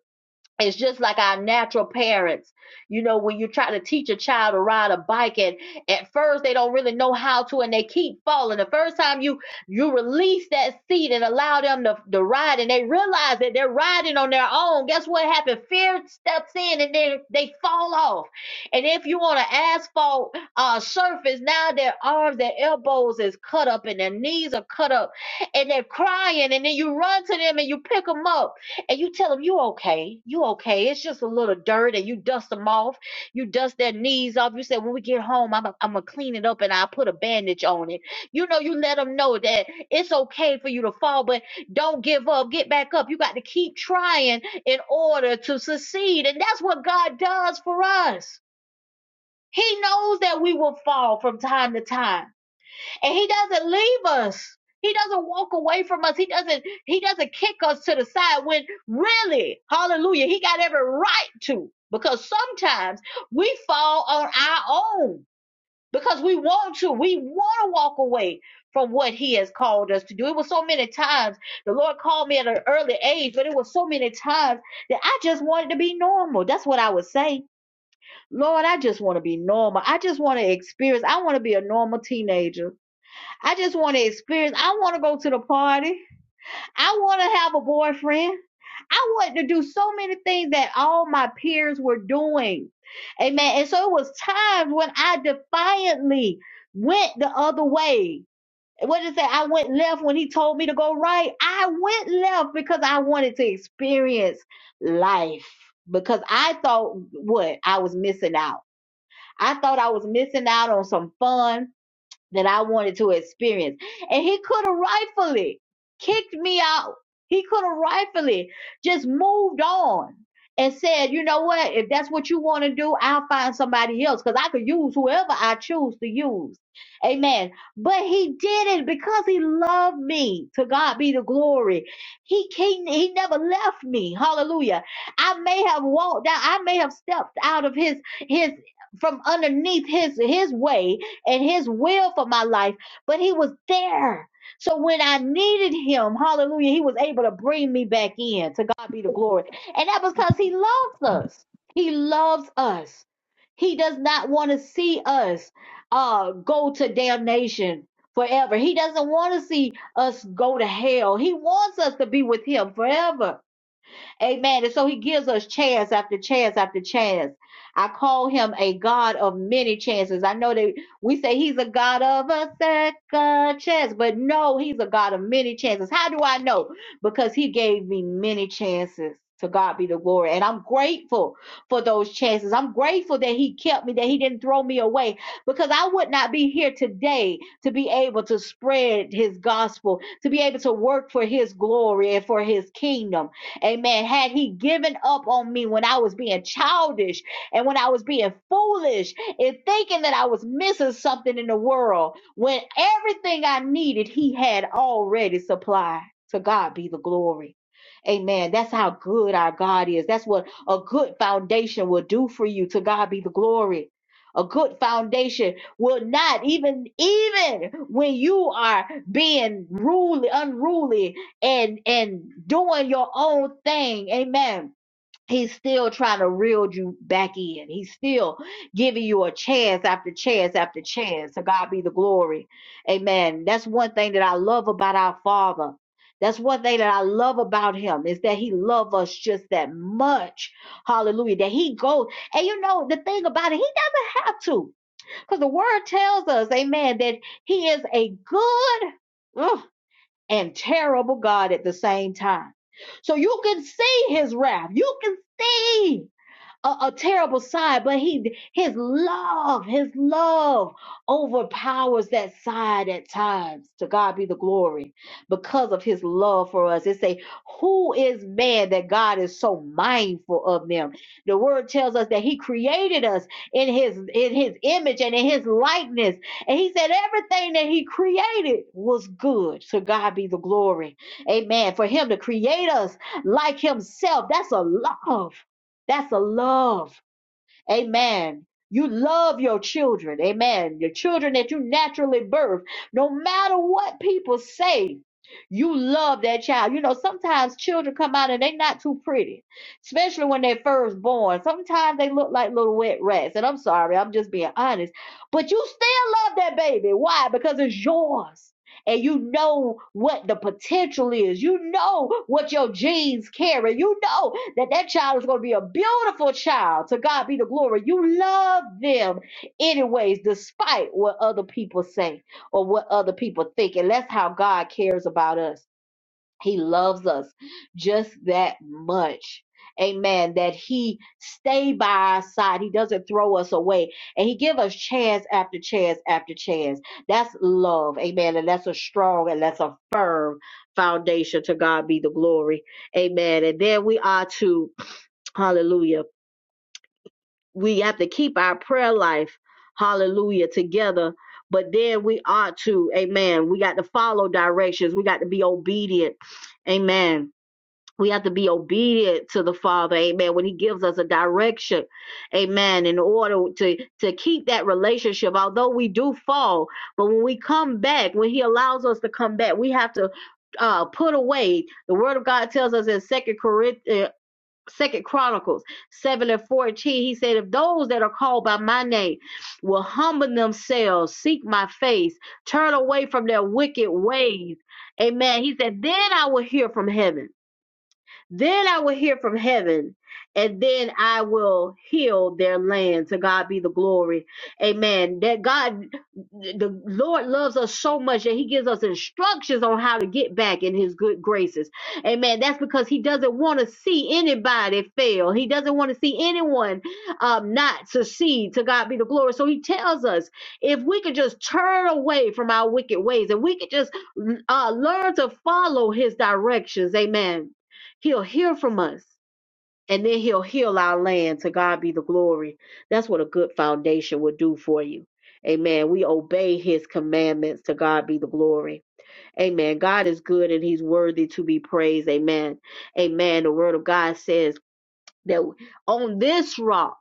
it's just like our natural parents you know when you try to teach a child to ride a bike and at first they don't really know how to and they keep falling the first time you you release that seat and allow them to, to ride and they realize that they're riding on their own guess what happened fear steps in and then they fall off and if you on an asphalt uh surface now their arms their elbows is cut up and their knees are cut up and they're crying and then you run to them and you pick them up and you tell them you okay, you okay. It's just a little dirt, and you dust them off. You dust their knees off. You say, when we get home, I'm i am i gonna clean it up and I will put a bandage on it. You know, you let them know that it's okay for you to fall, but don't give up. Get back up. You got to keep trying in order to succeed, and that's what God does for us. He knows that we will fall from time to time and he doesn't leave us he doesn't walk away from us he doesn't he doesn't kick us to the side when really hallelujah he got every right to because sometimes we fall on our own because we want to we want to walk away from what he has called us to do it was so many times the lord called me at an early age but it was so many times that i just wanted to be normal that's what i would say lord i just want to be normal i just want to experience i want to be a normal teenager I just want to experience. I want to go to the party. I want to have a boyfriend. I want to do so many things that all my peers were doing. Amen. And so it was times when I defiantly went the other way. What did it say? I went left when he told me to go right. I went left because I wanted to experience life. Because I thought what? I was missing out. I thought I was missing out on some fun that I wanted to experience. And he could have rightfully kicked me out. He could have rightfully just moved on and said, you know what, if that's what you want to do, I'll find somebody else because I could use whoever I choose to use. Amen. But he did it because he loved me. To God be the glory. He he, he never left me. Hallelujah. I may have walked out, I may have stepped out of his his from underneath his his way and his will for my life, but he was there. So when I needed him, hallelujah, he was able to bring me back in. To God be the glory. And that was because he loves us. He loves us. He does not want to see us uh, go to damnation forever. He doesn't want to see us go to hell. He wants us to be with him forever. Amen. And so he gives us chance after chance after chance. I call him a God of many chances. I know that we say he's a God of a second chance, but no, he's a God of many chances. How do I know? Because he gave me many chances. To God be the glory. And I'm grateful for those chances. I'm grateful that He kept me, that He didn't throw me away, because I would not be here today to be able to spread His gospel, to be able to work for His glory and for His kingdom. Amen. Had he given up on me when I was being childish and when I was being foolish and thinking that I was missing something in the world, when everything I needed, he had already supplied. To God be the glory. Amen. That's how good our God is. That's what a good foundation will do for you. To God be the glory. A good foundation will not even even when you are being ruled, unruly and and doing your own thing amen he's still trying to reel you back in he's still giving you a chance after chance after chance So god be the glory amen that's one thing that i love about our father that's one thing that i love about him is that he loves us just that much hallelujah that he goes and you know the thing about it he doesn't have to because the word tells us amen that he is a good ugh, and terrible God at the same time. So you can see his wrath. You can see a, a terrible side, but he his love, his love overpowers that side at times. To God be the glory because of his love for us. It say, Who is man that God is so mindful of them? The word tells us that he created us in his in his image and in his likeness. And he said everything that he created was good. To God be the glory. Amen. For him to create us like himself, that's a love. That's a love. Amen. You love your children. Amen. Your children that you naturally birth. No matter what people say, you love that child. You know, sometimes children come out and they not too pretty, especially when they're first born. Sometimes they look like little wet rats. And I'm sorry, I'm just being honest. But you still love that baby. Why? Because it's yours. And you know what the potential is. You know what your genes carry. You know that that child is going to be a beautiful child. To God be the glory. You love them anyways, despite what other people say or what other people think. And that's how God cares about us. He loves us just that much. Amen. That he stay by our side. He doesn't throw us away. And he give us chance after chance after chance. That's love. Amen. And that's a strong and that's a firm foundation. To God be the glory. Amen. And then we are to Hallelujah. We have to keep our prayer life, hallelujah, together. But then we ought to, amen. We got to follow directions. We got to be obedient. Amen. We have to be obedient to the Father, amen, when He gives us a direction, amen, in order to, to keep that relationship. Although we do fall, but when we come back, when He allows us to come back, we have to uh, put away. The Word of God tells us in Second Corinthians. Second Chronicles 7 and 14, he said, If those that are called by my name will humble themselves, seek my face, turn away from their wicked ways, amen. He said, Then I will hear from heaven then I will hear from heaven, and then I will heal their land. To God be the glory. Amen. That God, the Lord loves us so much that He gives us instructions on how to get back in His good graces. Amen. That's because He doesn't want to see anybody fail. He doesn't want to see anyone um, not succeed. To God be the glory. So He tells us if we could just turn away from our wicked ways and we could just uh, learn to follow His directions. Amen He'll hear from us and then he'll heal our land. To God be the glory. That's what a good foundation will do for you. Amen. We obey his commandments. To God be the glory. Amen. God is good and he's worthy to be praised. Amen. Amen. The word of God says that on this rock,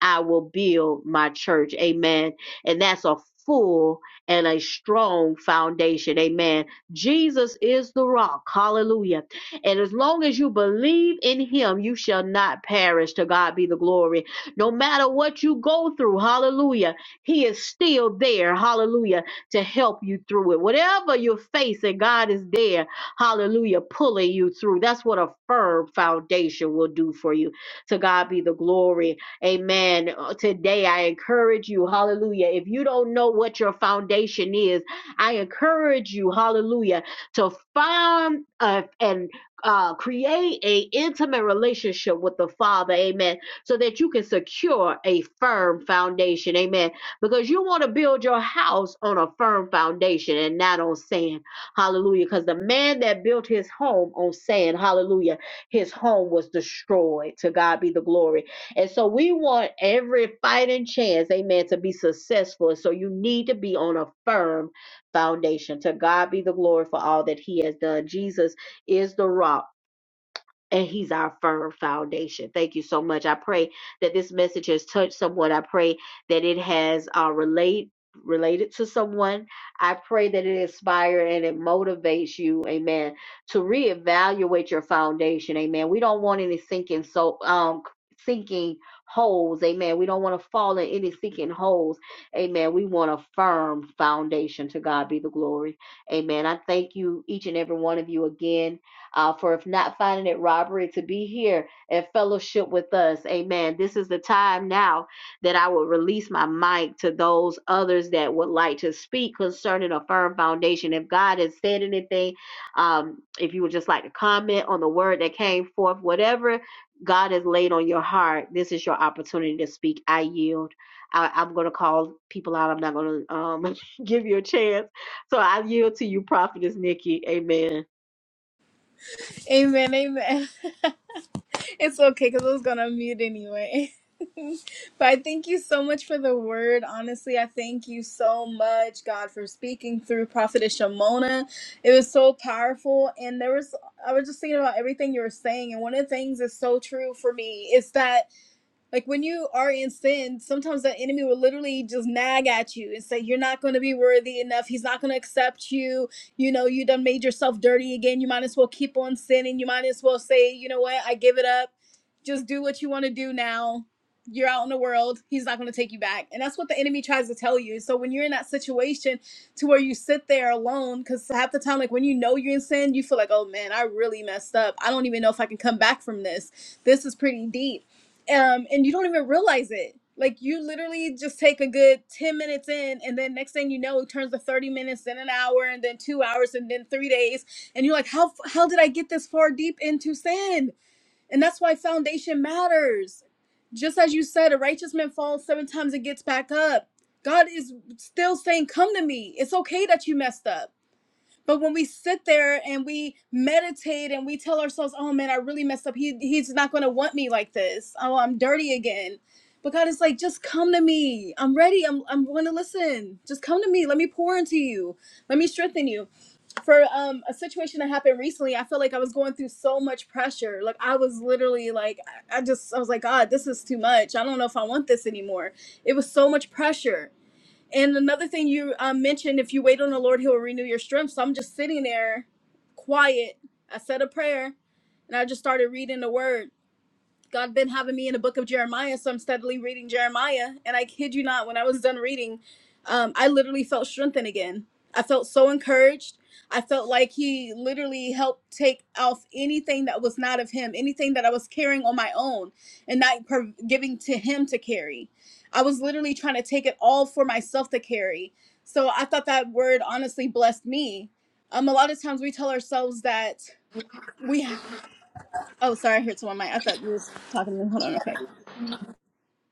I will build my church. Amen. And that's a full and a strong foundation. Amen. Jesus is the rock. Hallelujah. And as long as you believe in him, you shall not perish. To God be the glory. No matter what you go through, hallelujah, he is still there. Hallelujah. To help you through it. Whatever you're facing, God is there. Hallelujah. Pulling you through. That's what a firm foundation will do for you. To God be the glory. Amen. Uh, Today, I encourage you, hallelujah. If you don't know what your foundation is, I encourage you, hallelujah, to find uh, and uh, create a intimate relationship with the Father, amen, so that you can secure a firm foundation, amen. Because you want to build your house on a firm foundation and not on sand, hallelujah. Because the man that built his home on sand, hallelujah, his home was destroyed. To God be the glory. And so we want every fighting chance, amen, to be successful. So you need to be on a firm foundation. To God be the glory for all that He has done. Jesus is the rock and he's our firm foundation. Thank you so much. I pray that this message has touched someone. I pray that it has uh, relate related to someone. I pray that it inspires and it motivates you, amen, to reevaluate your foundation, amen. We don't want any sinking so um sinking holes, amen. We don't want to fall in any sinking holes, amen. We want a firm foundation. To God be the glory, amen. I thank you, each and every one of you again uh, for if not finding it robbery to be here and fellowship with us. Amen. This is the time now that I will release my mic to those others that would like to speak concerning a firm foundation. If God has said anything, um, if you would just like to comment on the word that came forth, whatever God has laid on your heart, this is your opportunity to speak. I yield. I, I'm going to call people out. I'm not going to um, give you a chance. So I yield to you, Prophetess Nikki. Amen.
Amen, amen. it's okay because I was gonna mute anyway. but I thank you so much for the word. Honestly, I thank you so much, God, for speaking through Prophetess Shimona. It was so powerful, and there was I was just thinking about everything you were saying, and one of the things that's so true for me is that like when you are in sin, sometimes the enemy will literally just nag at you and say, You're not gonna be worthy enough, he's not gonna accept you, you know, you done made yourself dirty again, you might as well keep on sinning, you might as well say, you know what, I give it up, just do what you wanna do now. You're out in the world, he's not gonna take you back. And that's what the enemy tries to tell you. So when you're in that situation to where you sit there alone, because half the time, like when you know you're in sin, you feel like, oh man, I really messed up. I don't even know if I can come back from this. This is pretty deep um, and you don't even realize it. Like you literally just take a good ten minutes in, and then next thing you know, it turns to thirty minutes, then an hour, and then two hours, and then three days, and you're like, how how did I get this far deep into sin? And that's why foundation matters. Just as you said, a righteous man falls seven times and gets back up. God is still saying, "Come to me. It's okay that you messed up. But when we sit there and we meditate and we tell ourselves, "Oh man, I really messed up. He he's not going to want me like this. Oh, I'm dirty again." But God is like, "Just come to me. I'm ready. I'm I'm going to listen. Just come to me. Let me pour into you. Let me strengthen you." For um a situation that happened recently, I felt like I was going through so much pressure. Like I was literally like I I just I was like, "God, this is too much. I don't know if I want this anymore." It was so much pressure. And another thing you um, mentioned, if you wait on the Lord, He will renew your strength. So I'm just sitting there, quiet. I said a prayer, and I just started reading the word. God been having me in the book of Jeremiah, so I'm steadily reading Jeremiah. And I kid you not, when I was done reading, um, I literally felt strengthened again. I felt so encouraged. I felt like he literally helped take off anything that was not of him, anything that I was carrying on my own and not per- giving to him to carry. I was literally trying to take it all for myself to carry. So I thought that word honestly blessed me. Um, a lot of times we tell ourselves that we. Ha- oh, sorry, I heard someone. mic. I thought you were talking to me. Hold on, real quick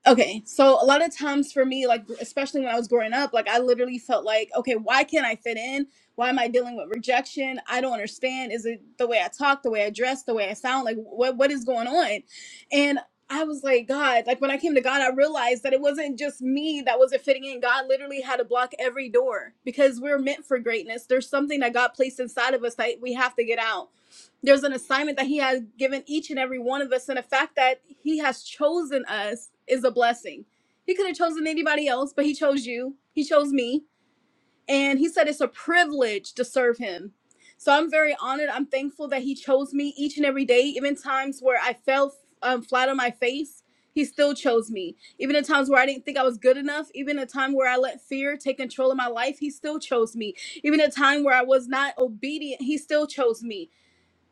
Okay, so a lot of times for me, like especially when I was growing up, like I literally felt like, okay, why can't I fit in? Why am I dealing with rejection? I don't understand. Is it the way I talk, the way I dress, the way I sound? Like what what is going on? And I was like, God, like when I came to God, I realized that it wasn't just me that wasn't fitting in. God literally had to block every door because we are meant for greatness. There's something that God placed inside of us that we have to get out there's an assignment that he has given each and every one of us and the fact that he has chosen us is a blessing he could have chosen anybody else but he chose you he chose me and he said it's a privilege to serve him so i'm very honored i'm thankful that he chose me each and every day even times where i fell um, flat on my face he still chose me even in times where i didn't think i was good enough even a time where i let fear take control of my life he still chose me even a time where i was not obedient he still chose me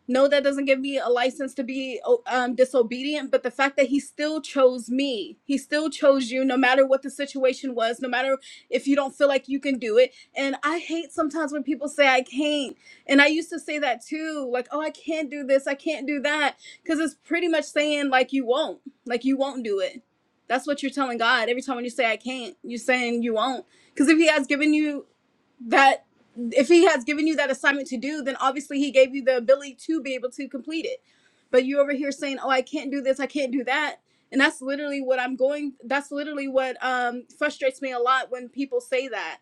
no that doesn't give me a license to be oh, um, disobedient but the fact that he still chose me he still chose you no matter what the situation was no matter if you don't feel like you can do it and i hate sometimes when people say i can't and i used to say that too like oh i can't do this i can't do that because it's pretty much saying like you won't like you won't do it that's what you're telling god every time when you say i can't you're saying you won't because if he has given you that if he has given you that assignment to do, then obviously he gave you the ability to be able to complete it. But you over here saying, "Oh, I can't do this, I can't do that," and that's literally what I'm going. That's literally what um, frustrates me a lot when people say that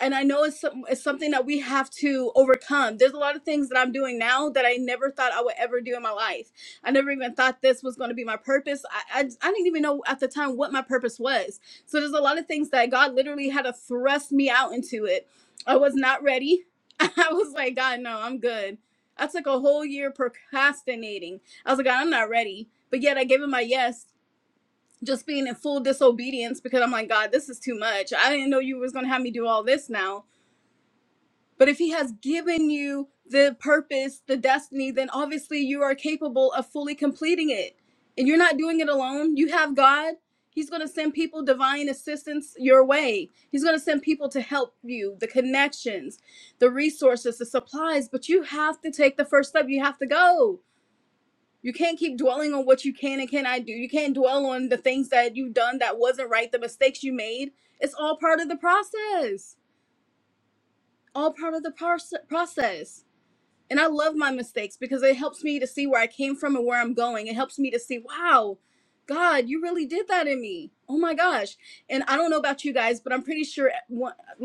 and I know it's some, it's something that we have to overcome. There's a lot of things that I'm doing now that I never thought I would ever do in my life. I never even thought this was going to be my purpose. I, I I didn't even know at the time what my purpose was. So there's a lot of things that God literally had to thrust me out into it. I was not ready. I was like, God, no, I'm good. I took a whole year procrastinating. I was like, God, I'm not ready. But yet I gave him my yes just being in full disobedience because I'm like, God, this is too much. I didn't know you was gonna have me do all this now but if he has given you the purpose, the destiny, then obviously you are capable of fully completing it. And you're not doing it alone. You have God. He's going to send people divine assistance your way. He's going to send people to help you, the connections, the resources, the supplies, but you have to take the first step. You have to go. You can't keep dwelling on what you can and cannot do. You can't dwell on the things that you've done that wasn't right, the mistakes you made. It's all part of the process. All part of the parse- process. And I love my mistakes because it helps me to see where I came from and where I'm going. It helps me to see, wow, God, you really did that in me. Oh my gosh. And I don't know about you guys, but I'm pretty sure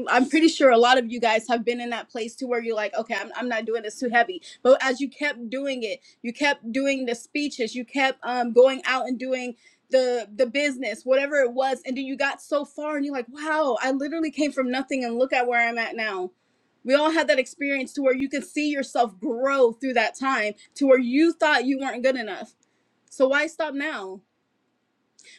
I'm pretty sure a lot of you guys have been in that place to where you're like, okay, I'm, I'm not doing this too heavy. But as you kept doing it, you kept doing the speeches, you kept um, going out and doing the the business, whatever it was, and then you got so far and you're like, wow, I literally came from nothing and look at where I'm at now we all had that experience to where you could see yourself grow through that time to where you thought you weren't good enough. So why stop now?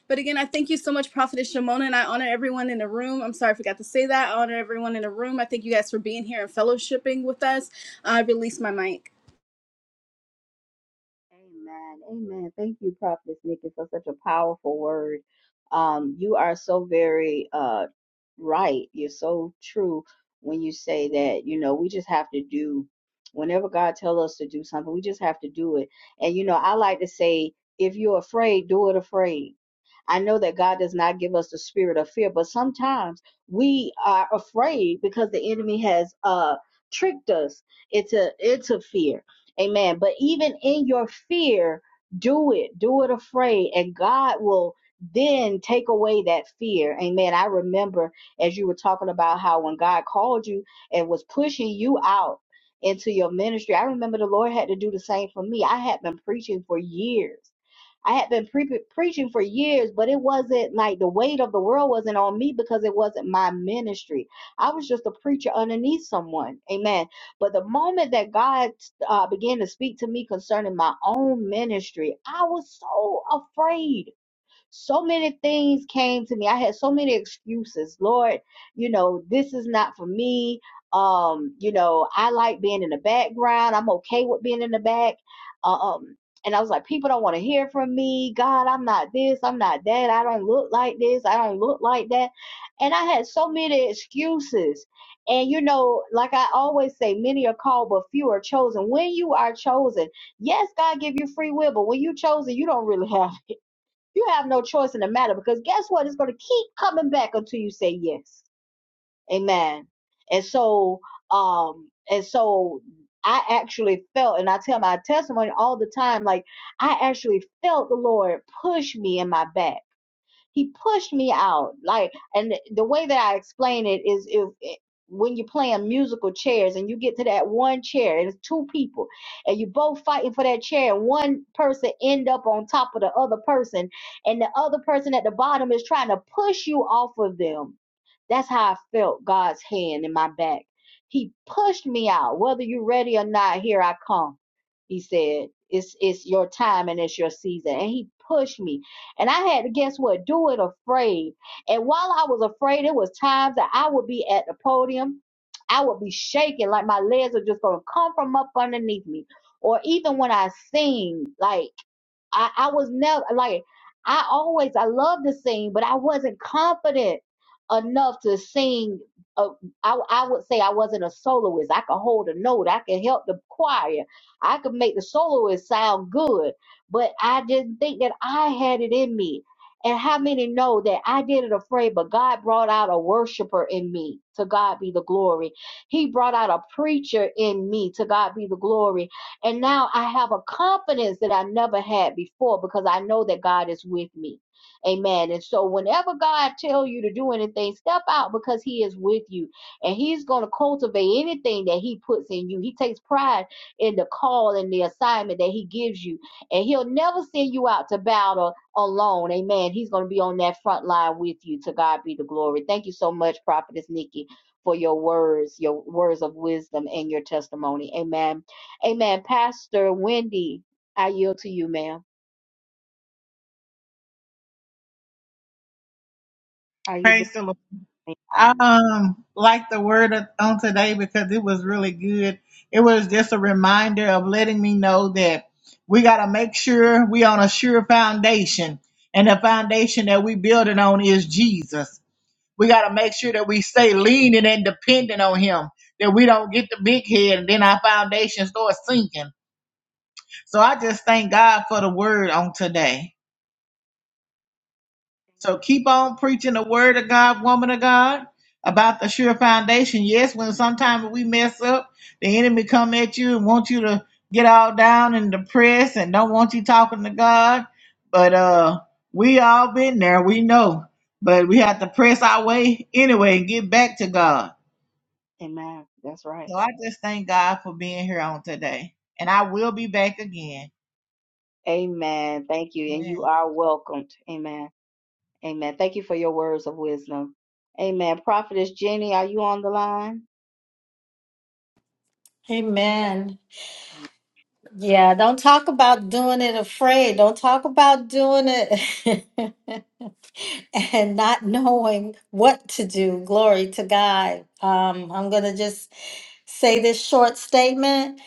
But again, I thank you so much, Prophetess Shimona, and I honor everyone in the room. I'm sorry I forgot to say that. I honor everyone in the room. I thank you guys for being here and fellowshipping with us. I release my mic.
Amen. Amen. Thank you, Prophet Nikki, for such a powerful word. Um, you are so very uh right. You're so true when you say that, you know, we just have to do whenever God tells us to do something, we just have to do it. And you know, I like to say, if you're afraid, do it afraid for years. I had been pre- preaching for years, but it wasn't like the weight of the world wasn't on me because it wasn't my ministry. I was just a preacher underneath someone. Amen. But the moment that God uh, began to speak to me concerning my own ministry, I was so afraid. So many things came to me. I had so many excuses. Lord, you know, this is not for me. Um, you know, I like being in the background. I'm okay with being in the back. Um, and I was like, people don't want to hear from me. God, I'm not this. I'm not that. I don't look like this. I don't look like that. And I had so many excuses. And you know, like I always say, many are called, but few are chosen. When you are chosen, yes, God give you free will, but when you chosen, you don't really have you have no choice in the matter because guess what? It's going to keep coming back until you say yes. Amen. And so, um, and so I actually felt, and I tell my testimony all the time, like I actually felt the Lord push me in my back. He pushed me out. Like, and the way that I explain it is if eh, when you're playing musical chairs and you get to that one chair and it's two people and you both fighting for that chair and one person end up on top of the other person and the other person at the bottom is trying to push you off of them. That's how I felt God's hand in my back. He pushed me out. Whether you're ready or not, here I come. He said, It's it's your time and it's your season. And he pushed me. And I had to guess what? Do it afraid. And while I was afraid, it was times that I would be at the podium. I would be shaking like my legs are just gonna come from up underneath me. Or even when I sing, like I, I was never like I always I love to sing, but I wasn't confident enough to sing. uh, I I would say I wasn't a soloist. I could hold a note. I could help the choir. I could make the soloist sound good but I didn't think that I had it in me. And how many know that I did it afraid, but God brought out a worshiper in me. To God be the glory. He brought out a preacher in me. To God be the glory. And now I have a confidence that I never had before because I know that God is with me. Amen. And so whenever God tells you to do anything, step out because he is with you and he's going to cultivate anything that he puts in you. He takes pride in the call and the assignment that he gives you. And he'll never send you out to battle alone. Amen. He's going to be on that front line with you. To God be the glory. Thank you so much, Prophetess Nikki, for your words, your words of wisdom and your testimony. Amen. Amen. Pastor Wendy, I yield to you, ma'am. Are you
Praise the Lord.
there?
I
Amen.
um like the word of- on today because it was really good. It was just a reminder of letting me know that we gotta make sure we on a sure foundation. And the foundation that we building on is Jesus. We gotta make sure that we stay leaning and dependent on him, that we don't get the big head and then our foundation starts sinking. So I just thank God for the word on today. So keep on preaching the word of God, woman of God, about the sure foundation. Yes, when sometimes we mess up, the enemy come at you and want you to get all down and depressed and don't want you talking to God. But uh we all been there, we know. But we have to press our way anyway and get back to God.
Amen. That's right.
So I just thank God for being here on today. And I will be back again.
Amen. Thank you. And you are welcomed. Amen. Amen. Thank you for your words of wisdom. Amen. Prophetess Jenny, are you on the line?
Amen.
Ye-
Yeah, don't talk about doing it afraid. Don't talk about doing it and not knowing what to do. Glory to God. Um, I'm going to just say this short statement.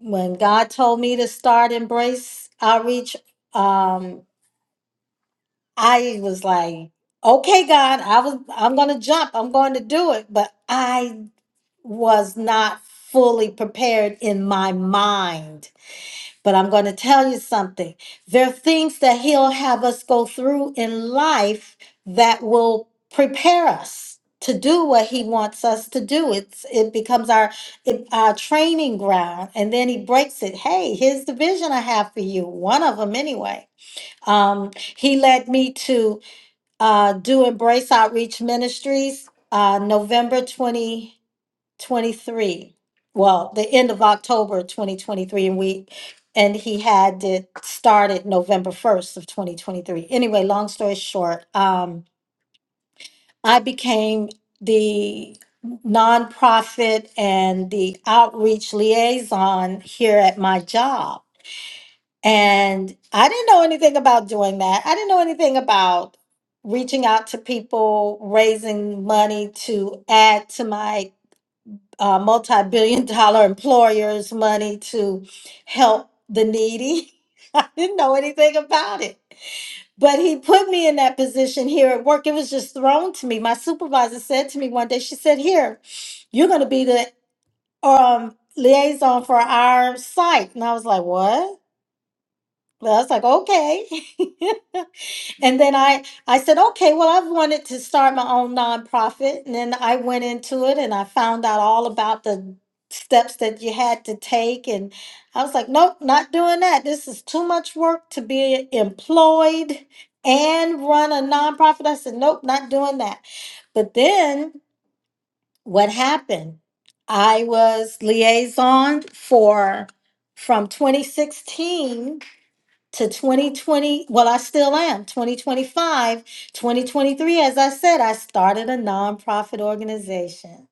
When God told me to start Embrace Outreach, um, I was like, okay, God, I was, I'm going to jump. I'm going to do it. But I was not fully prepared in my mind But I'm going to tell you something. There are things that He'll have us go through in life that will prepare us to do what He wants us to do. It's it becomes our it, our training ground, and then He breaks it. Hey, here's the vision I have for you. One of them, anyway. Um, he led me to uh, do Embrace Outreach Ministries, uh, November 20. 23 well the end of october 2023 and we and he had it started november 1st of 2023 anyway long story short um i became the nonprofit and the outreach liaison here at my job and i didn't know anything about doing that i didn't know anything about reaching out to people raising money to add to my uh, multi-billion dollar employers money to help the needy. I didn't know anything about it. But he put me in that position here at work. It was just thrown to me. My supervisor said to me one day, she said, Here, you're going to be the um, liaison for our site. And I was like, What? Well, I was like, Okay. And then I, I said, okay, well, I've wanted to start my own nonprofit. And then I went into it and I found out all about the steps that you had to take. And I was like, nope, not doing that. This is too much work to be employed and run a nonprofit. I said, nope, not doing that. But then what happened? I was liaison for from 2016 to 2020 well i still am 2025 2023 as i said i started a nonprofit organization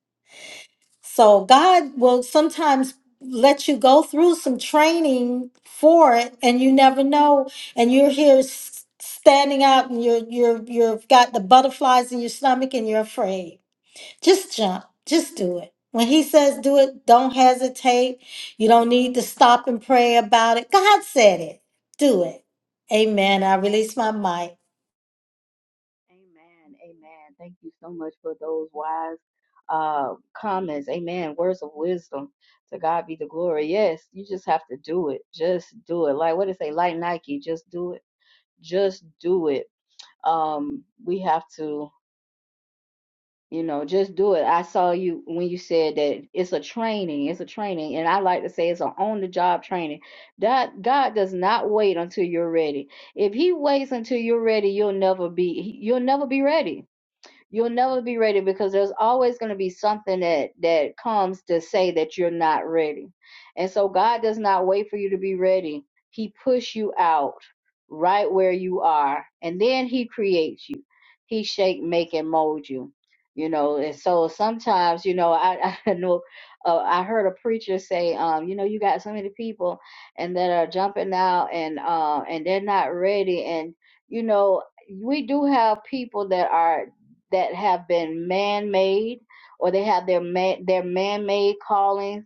so god will sometimes let you go through some training for it and you never know and you're here s- standing out and you're you're you've got the butterflies in your stomach and you're afraid just jump. Just do it. When he says do it, don't hesitate. You don't need to stop and pray about it. God said it. Do it. Amen. I release my mic.
Amen. Amen. Thank you so much for those wise uh comments. Amen. Words of wisdom. To God be the glory. Yes, you just have to do it. Just do it. Like what did it say? Like Nike, just do it. Just do it. Um, we have to. You know, just do it. I saw you when you said that it's a training, it's a training, and I like to say it's an on-the-job training. That God does not wait until you're ready. If He waits until you're ready, you'll never be you'll never be ready. You'll never be ready because there's always going to be something that that comes to say that you're not ready. And so God does not wait for you to be ready. He push you out right where you are, and then He creates you. He shape, make, and mold you. You know, and so sometimes, you know, I, I know uh, I heard a preacher say, um, you know, you got so many people and that are jumping out and uh, and they're not ready and you know we do have people that are that have been man-made or they have their man their man-made callings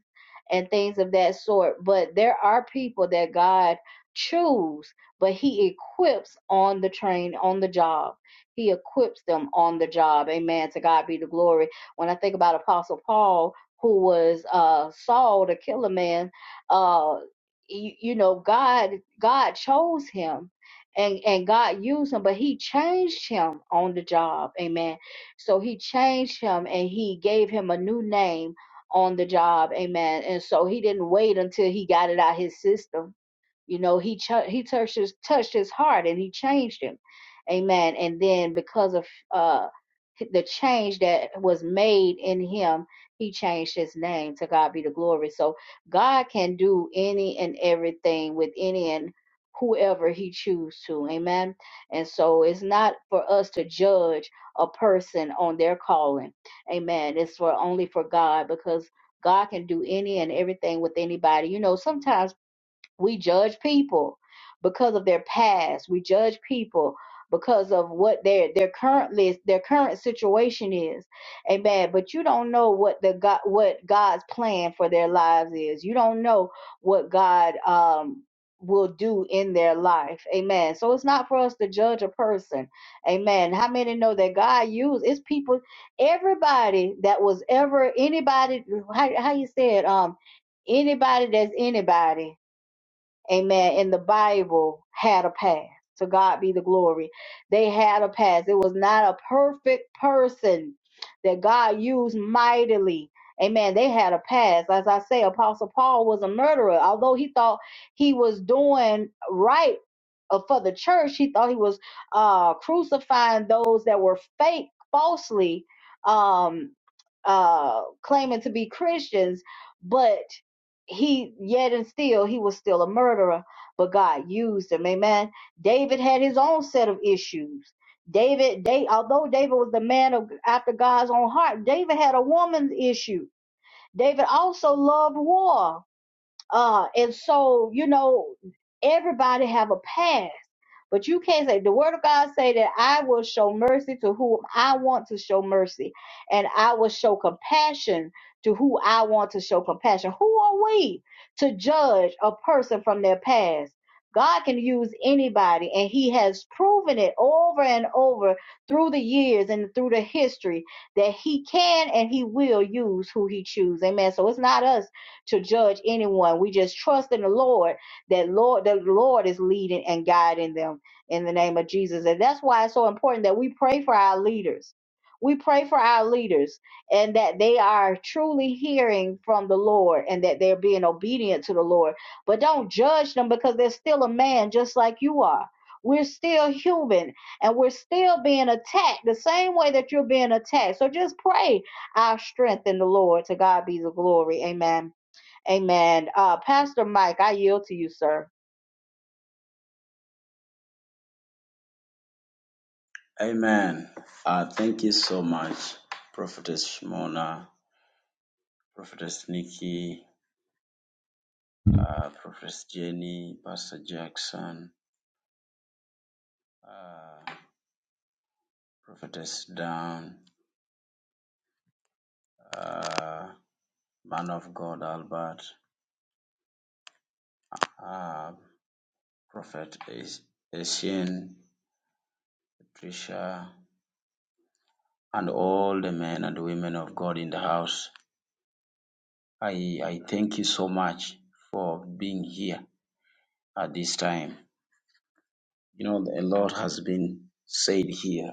and things of that sort but there are people that god choose but he equips on the train on the job he equips them on the job amen to god be the glory when i think about apostle paul who was uh saul the killer man uh you, you know god god chose him and and God used him, but He changed him on the job. Amen so he changed him and he gave him a new name on the job. Amen. And so he didn't wait until he got it out of his system you know, he ch- he touched his touched his heart and he changed him. Amen. And then because of uh the change that was made in him, he changed his name. To God be the glory. So God can do any and everything with any and whoever he chooses to. Amen. And so it's not for us to judge a person on their calling. Amen. It's for only for God because God can do any and everything with anybody. You know, sometimes we judge people because of their past. We judge people because of what their their currently their current situation is. Amen. But you don't know what the God what God's plan for their lives is. You don't know what God um will do in their life. Amen. So it's not for us to judge a person. Amen. How many know that God used it's people everybody that was ever anybody how how you said um anybody that's anybody amen, in the Bible had a past. To God be the glory. They had a past. It was not a perfect person that God used mightily. Amen. They had a past. As I say, Apostle Paul was a murderer. Although he thought he was doing right uh, for the church, he thought he was uh, crucifying those that were fake, falsely um, uh, claiming to be Christians. But he yet and still he was still a murderer but god used him amen david had his own set of issues david they although david was the man of after god's own heart david had a woman's issue david also loved war uh, and so, you know, everybody have a past, but you can't say the word of God say that I will show mercy to whom I want to show mercy, and I will show compassion to who I want to show compassion. Who are we to judge a person from their past? God can use anybody, and He has proven it over and over through the years and through the history that He can and He will use who He chooses. Amen. So it's not us to judge anyone. We just trust in the Lord that Lord the Lord is leading and guiding them in the name of Jesus. And that's why it's so important that we pray for our leaders. We pray for our leaders and that they are truly hearing from the Lord and that they're being obedient to the Lord. But don't judge them because they're still a man just like you are. We're still human and we're still being attacked the same way that you're being attacked. So just pray our strength in the Lord. To God be the glory. Amen. Amen. Uh, Pastor Mike, I yield to you, sir.
Amen. Uh, thank you so much, Prophetess Shimona, Prophetess Nikki, uh, Prophetess Jenny, Pastor Jackson, uh, Prophetess Down, uh, Man of God Albert, uh, Prophet As- Patricia, and all the men and women of God in the house. I, I thank you so much for being here at this time. You know, a lot has been said here.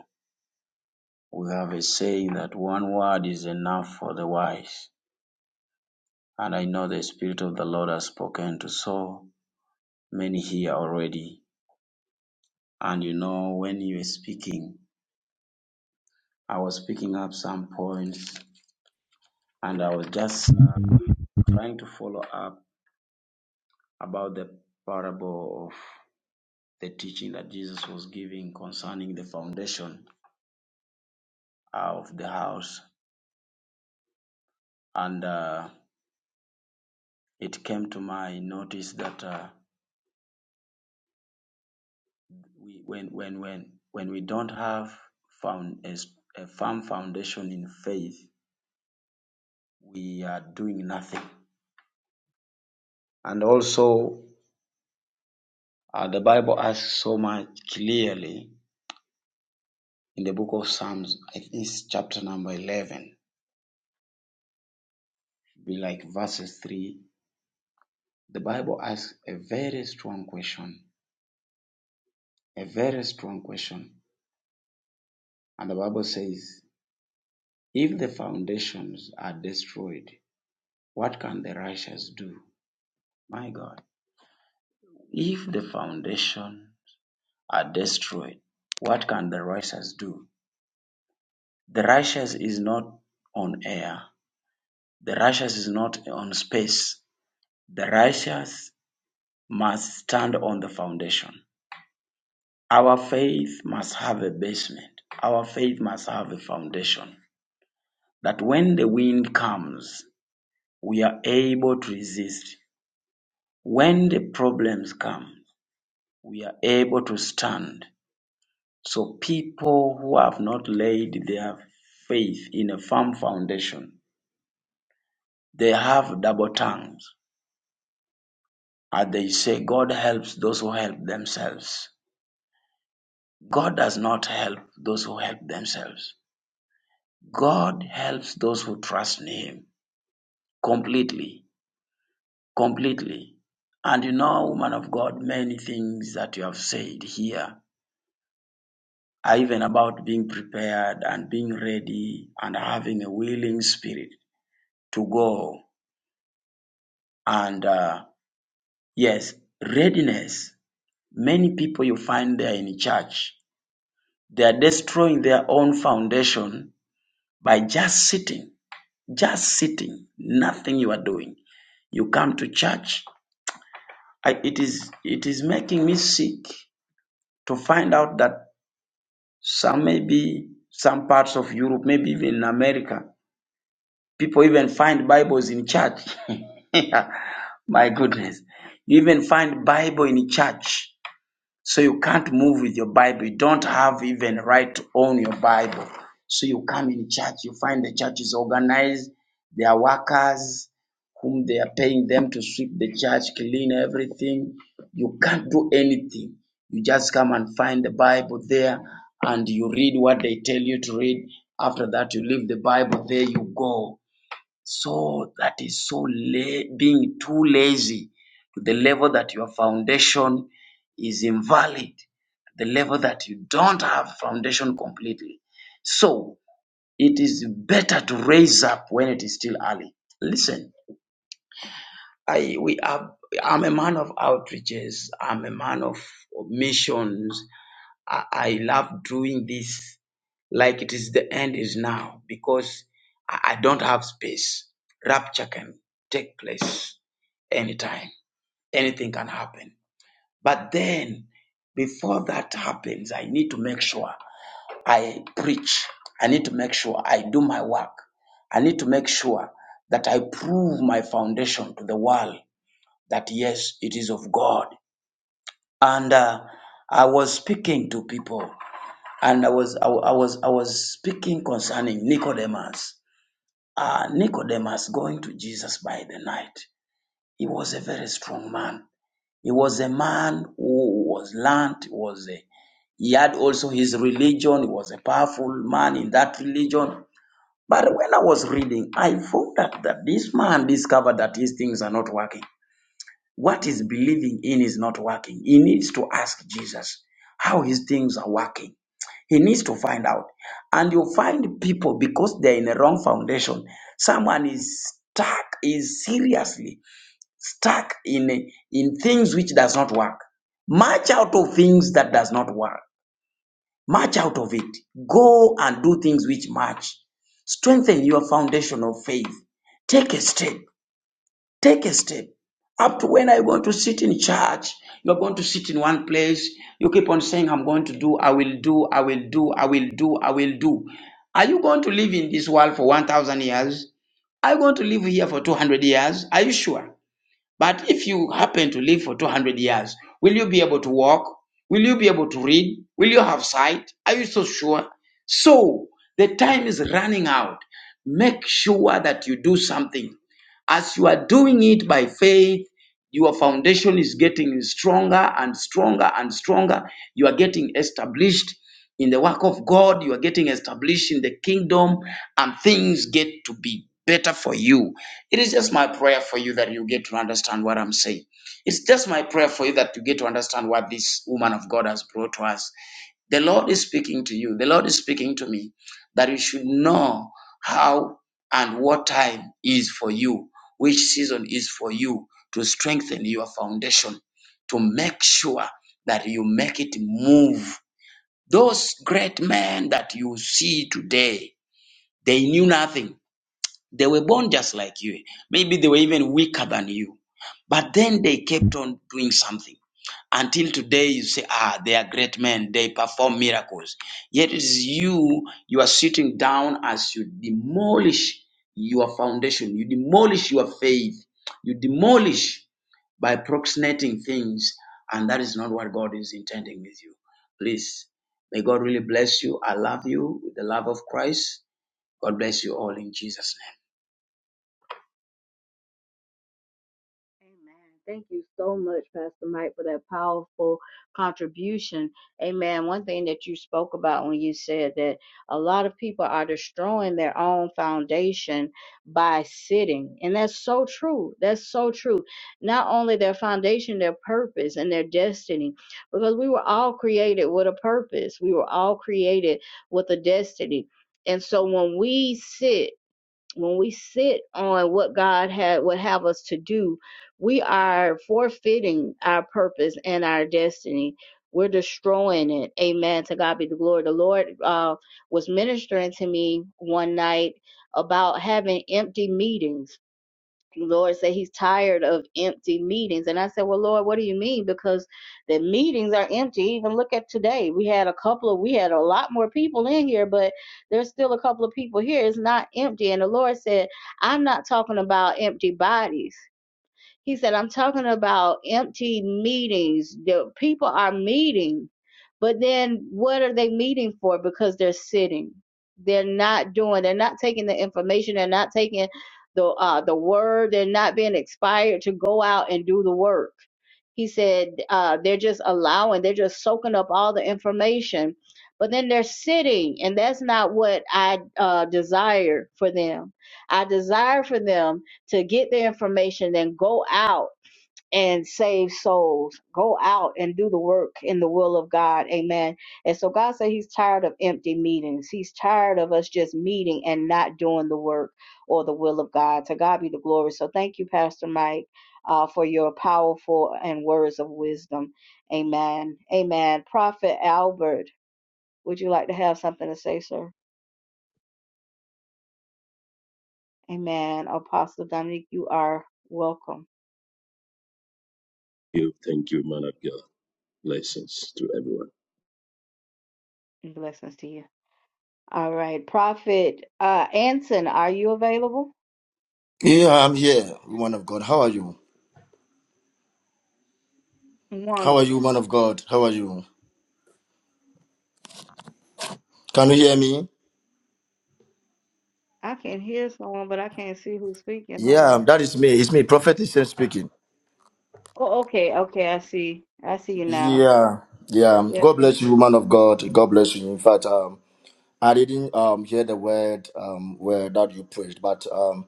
We have a saying that one word is enough for the wise. And I know the Spirit of the Lord has spoken to so many here already. And you know, when you were speaking, I was picking up some points and I was just uh, trying to follow up about the parable of the teaching that Jesus was giving concerning the foundation of the house. And uh, it came to my notice that. Uh, we when when when when we don't have found a, s- a firm foundation in faith we are doing nothing and also uh, the bible asks so much clearly in the book of psalms i think it's chapter number 11 be like verses 3 the bible asks a very strong question a very strong question and the bible says if the foundations are destroyed what can the righteous do my god If the foundations are destroyed, what can the righteous do? The righteous is not on air. The righteous is not on space. The righteous must stand on the foundation. Our faith must have a basement. Our faith must have a foundation. That when the wind comes, we are able to resist. When the problems come, we are able to stand. So people who have not laid their faith in a firm foundation, they have double tongues. And they say God helps those who help themselves. God does not help those who help themselves. God helps those who trust in Him completely, completely. And you know, woman of God, many things that you have said here are even about being prepared and being ready and having a willing spirit to go. And uh, Yes, readiness. Many people you find there in church, they are destroying their own foundation by just sitting, just sitting, nothing you are doing. You come to church, I, it is it is making me sick to find out that some maybe some parts of Europe, maybe even in America, people even find Bibles in church. My goodness, you even find Bible in church So you can't move with your Bible. You don't have even right to own your Bible. So you come in church, you find the church is organized. There are workers whom they are paying them to sweep the church, clean everything. You can't do anything. You just come and find the Bible there and you read what they tell you to read. After that, you leave the Bible there, you go. So that is so la- being too lazy to the level that your foundation is invalid, the level that you don't have foundation completely. So it is better to raise up when it is still early. Listen, I we are. I'm a man of outreaches. I'm a man of missions. I, I love doing this like it is the end is now because I, I don't have space. Rapture can take place anytime, anything can happen. But then, before that happens, I need to make sure I preach, I need to make sure I do my work, I need to make sure that I prove my foundation to the world that yes, it is of God. And uh, I was speaking to people and I was I, wa- I was I was speaking concerning Nicodemus. Uh, Nicodemus going to Jesus by the night. He was a very strong man. He was a man who was learned. Was a, he had also his religion. He was a powerful man in that religion. But when I was reading, I found out that this man discovered that these things are not working. What he's believing in is not working. He needs to ask Jesus how his things are working he needs to find out. And you find people because they're in a wrong foundation. Someone is stuck, is seriously stuck in, in things which does not work. March out of things that does not work. March out of it. Go and do things which match. Strengthen your foundation of faith. Take a step. Take a step. Up to when are you going to sit in church? You're going to sit in one place. You keep on saying, I'm going to do, I will do, I will do, I will do, I will do. Are you going to live in this world for 1,000 years? Are you going to live here for 200 years? Are you sure? But if you happen to live for 200 years, will you be able to walk? Will you be able to read? Will you have sight? Are you so sure? So the time is running out. Make sure that you do something. As you are doing it by faith, your foundation is getting stronger and stronger and stronger. You are getting established in the work of God. You are getting established in the kingdom, and things get to be better for you it is just my prayer for you that you get to understand what I'm saying. It's just my prayer for you that you get to understand what this woman of God has brought to us. The Lord is speaking to you. The Lord is speaking to me that you should know how and what time is for you, which season is for you to strengthen your foundation, to make sure that you make it move. Those great men that you see today, they knew nothing they were born just like you. Maybe they were even weaker than you. But then they kept on doing something. Until today, you say, ah, they are great men. They perform miracles. Yet it is you, you are sitting down as you demolish your foundation. You demolish your faith. You demolish by proxenating things. And that is not what God is intending with you. Please, may God really bless you. I love you with the love of Christ. God bless you all in Jesus' name.
Amen. Thank you so much, Pastor Mike, for that powerful contribution. Amen. One thing that you spoke about when you said that a lot of people are destroying their own foundation by sitting. And that's so true. That's so true. Not only their foundation, their purpose and their destiny, because we were all created with a purpose, we were all created with a destiny. And so when we sit, when we sit on what God had would have us to do, we are forfeiting our purpose and our destiny. We're destroying it. Amen. To God be the glory. The Lord uh, was ministering to me one night about having empty meetings the Lord said he's tired of empty meetings. And I said, Well, Lord, what do you mean? Because the meetings are empty. Even look at today. We had a couple of, we had a lot more people in here, but there's still a couple of people here. It's not empty. And the Lord said, I'm not talking about empty bodies. He said, I'm talking about empty meetings. The people are meeting, but then what are they meeting for? Because they're sitting. They're not doing, they're not taking the information, they're not taking the uh the word, they're not being inspired to go out and do the work. He said, uh, they're just allowing, they're just soaking up all the information, but then they're sitting, and that's not what I uh, desire for them. I desire for them to get the information, then go out and save souls. Go out and do the work in the will of God. Amen. And so God said He's tired of empty meetings. He's tired of us just meeting and not doing the work or the will of God. To God be the glory. So thank you, Pastor Mike, uh, for your powerful and words of wisdom. Amen. Amen. Prophet Albert, would you like to have something to say, sir? Amen. Apostle Dominique, you are welcome
you. Thank you, man of God. Blessings to everyone.
blessings to you. All right, Prophet uh, Anson, are you available?
Yeah, I'm here, woman of God. How are you? How are you,
Wonderful.
woman of God? How are you? Can you hear me?
I can hear someone, but I can't see who's speaking. Hold
Yeah,
on.
that is me. It's me, Prophet Islam speaking.
Oh, okay, okay. I see. I see you now.
Yeah, yeah.
Yes,
God
ma'am.
bless you, woman of God. God bless you. In fact, um, I didn't um hear the word um where that you preached, but um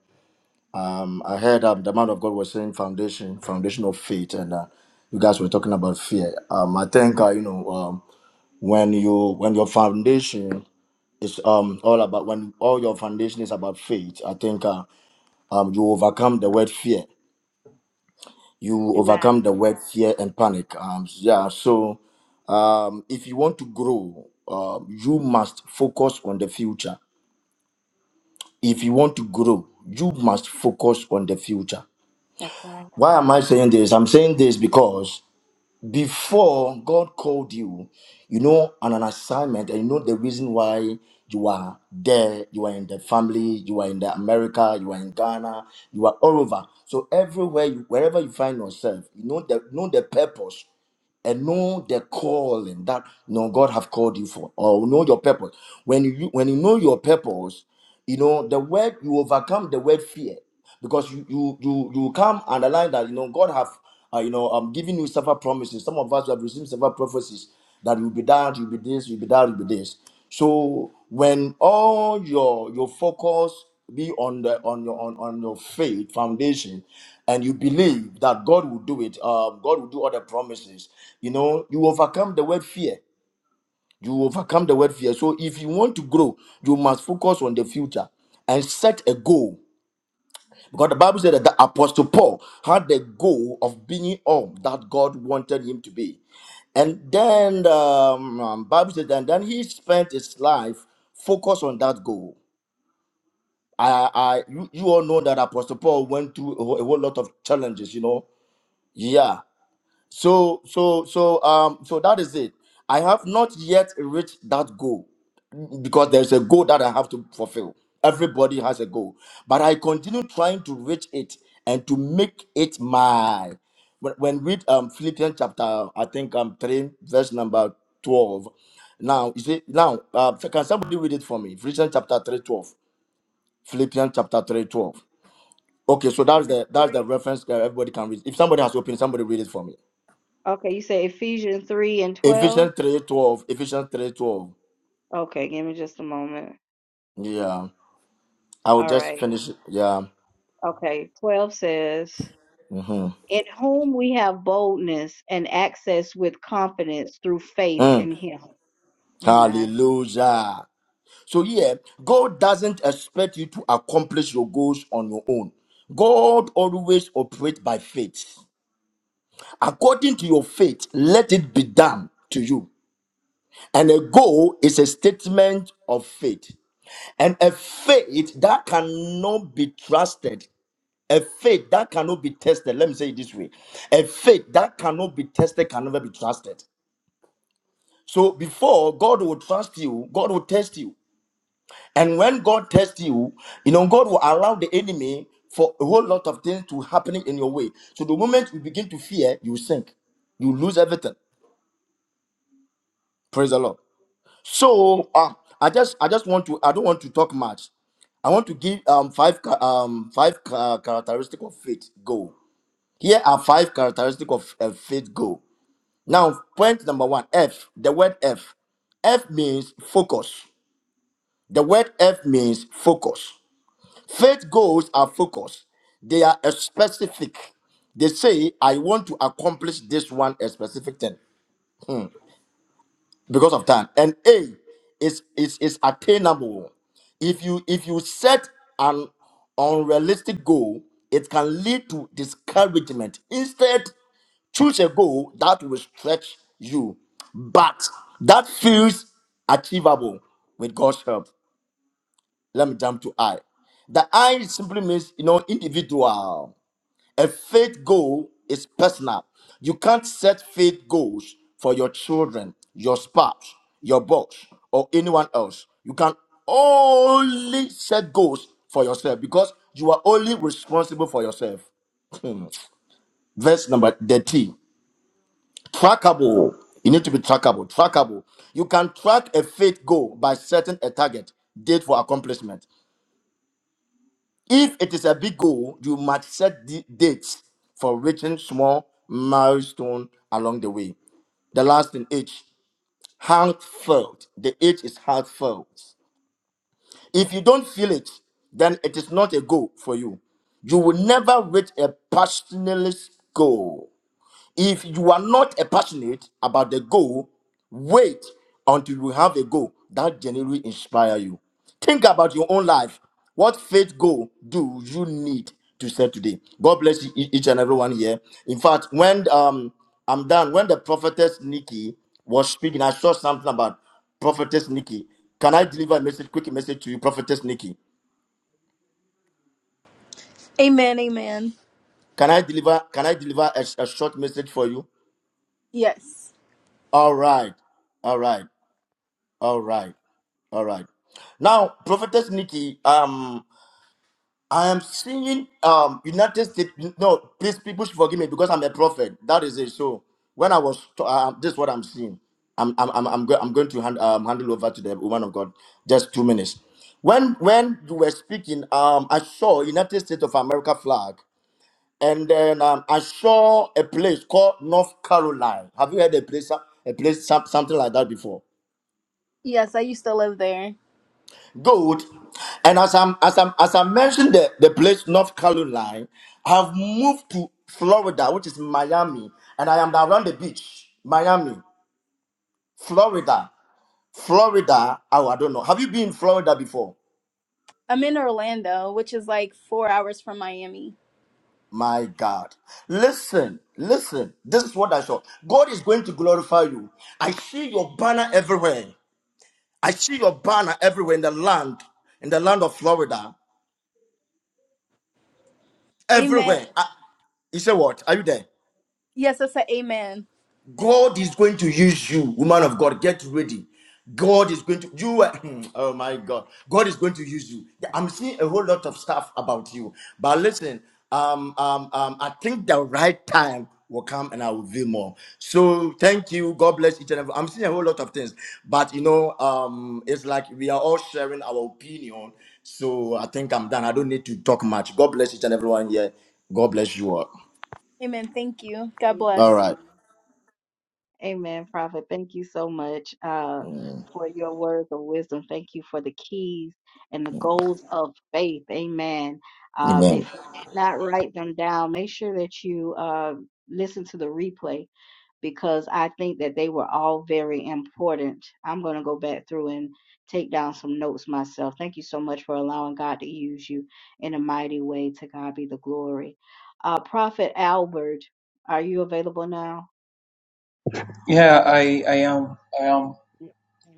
um I heard um the man of God was saying foundation, foundation of faith, and uh, you guys were talking about fear. Um, I think uh, you know um when you when your foundation is um all about when all your foundation is about faith. I think. Uh, um, you overcome the word fear. You
Amen.
overcome the word fear and panic. Um, yeah, so um, if you want to grow, um, you must focus on the future. If you want to grow, you must focus on the future.
That's right.
Why am I
Amen.
saying this? I'm saying this because before God called you, you know, on an assignment, and you know the reason why you are there, you are in the family, you are in the America, you are in Ghana, you are all over. So everywhere you wherever you find yourself, you know the know the purpose and know the calling that you know, God have called you for, or know your purpose. When you when you know your purpose, you know the word you overcome the word fear because you you you you come underline that you know god have uh, you know um given you several promises some of us have received several prophecies that you'll be that you'll be this you'll be that you'll be this so when all your your focus be on the on your on, on your faith foundation and you believe that god will do it um god will do all the promises you know you overcome the word fear you overcome the word fear. So if you want to grow, you must focus on the future and set a goal. Because the Bible said that the Apostle Paul had the goal of being all that God wanted him to be. And then the um, um, Bible said, and then he spent his life focused on that goal. I, I, you, you all know that Apostle Paul went through a whole, a whole lot of challenges, you know. Yeah, So, so, so, um, so that is it. I have not yet reached that goal because there's a goal that I have to fulfill. Everybody has a goal, but I continue trying to reach it and to make it my. When, when read um Philippians chapter, I think um three verse number twelve. Now you see now uh, can somebody read it for me? Philippians chapter three twelve. Philippians chapter three twelve. Okay, so that's the that's the reference that everybody can read. If somebody has opened, somebody read it for me.
Okay, you say Ephesians 3 and 12?
Ephesians three twelve. Ephesians three twelve.
Okay, give me just a moment.
Yeah. I will
All
just
right.
finish. it. Yeah.
Okay, 12 says, In whom we have boldness and access with confidence through faith
Mm.
in him. Amen.
Hallelujah. So yeah, God doesn't expect you to accomplish your goals on your own. God always operates by faith. According to your faith, let it be done to you. And a goal is a statement of faith. And a faith that cannot be trusted A faith that cannot be tested, let me say it this way a faith that cannot be tested can never be trusted. So before God will trust you, God will test you. And when God tests you, you know, God will allow the enemy for a whole lot of things to happen in your way. So the moment you begin to fear, you sink. You lose everything. Praise the Lord. So uh, I just I just want to I don't want to talk much. I want to give um five ca- um five ca- characteristic of faith. Go. Here are five characteristics of a faith goal. Now, point number one F, the word F. F means focus. The word F means focus. Faith goals are focused, they are a specific. They say, I want to accomplish this one, a specific thing. because of time. And A is is is attainable. If you if you set an unrealistic goal, it can lead to discouragement. Instead, choose a goal that will stretch you, but that feels achievable with God's help. Let me jump to I. The I simply means you know individual. A faith goal is personal. You can't set faith goals for your children, your spouse, your boss, or anyone else. You can only set goals for yourself because you are only responsible for yourself. Hmm. Verse number 13. Trackable. You need to be trackable. Trackable. You can track a faith goal by setting a target, date for accomplishment, if it is a big goal, you must set the dates for reaching small milestone along the way. The last thing, H, heartfelt. The H is heartfelt. If you don't feel it, then it is not a goal for you. You will never reach a passionless goal. If you are not a passionate about the goal, wait until you have a goal that genuinely inspire you. Think about your own life. What faith goal do you need to set today? God bless you, ea- each and everyone here. In fact, when um I'm done, when the prophetess Nikki was speaking, I saw something about prophetess Nikki. Can I deliver a message, quick message to you, prophetess Nikki?
Amen, amen.
Can I deliver? Can I deliver a, a short message for you?
Yes.
All right, all right, all right. All right. Now, Prophetess Nikki, um, I am seeing um United States. No, please, people should forgive me because I'm a prophet. That is it. So when I was, to, uh, this is what I'm seeing. I'm I'm I'm I'm, go- I'm going to hand, um, handle over to the woman of God. Just two minutes. When when you were speaking, um, I saw United States of America flag, and then um, I saw a place called North Carolina. Have you heard a place a place some- something like that before?
Yes, I used to live there.
Good. And as I'm as I'm as I mentioned the, the place North Carolina, I've moved to Florida, which is Miami, and I am around the beach. Miami, Florida, Florida. Oh, I don't know. Have you been in Florida before?
I'm in Orlando, which is like four hours from Miami.
My God. Listen, listen. This is what I saw. God is going to glorify you. I see your banner everywhere. I see your banner everywhere in the land, in the land of Florida.
Amen.
Everywhere. I, you say what? Are you there?
Yes, I said amen.
God is going to use you, woman of God. Get ready. God is going to you. are- Oh my God, God is going to use you. I'm seeing a whole lot of stuff about you, but listen. Um, um, um, I think the right time will come, and I will reveal more. So thank you. God bless each and every. I'm seeing a whole lot of things, but you know, um, it's like we are all sharing our opinion. So I think I'm done. I don't need to talk much. God bless each and everyone here. God bless you all.
Amen. Thank you. God
All
bless.
right.
Amen. Amen, Prophet. Thank you so much uh, for your words of wisdom. Thank you for the keys and the goals of faith. Amen. Um,
Amen.
if you did not write them down, make sure that you uh, listen to the replay because I think that they were all very important. I'm going to go back through and take down some notes myself. Thank you so much for allowing God to use you in a mighty way. To God be the glory. Uh, Prophet Albert, are you available now?
Yeah, I, I am. I am.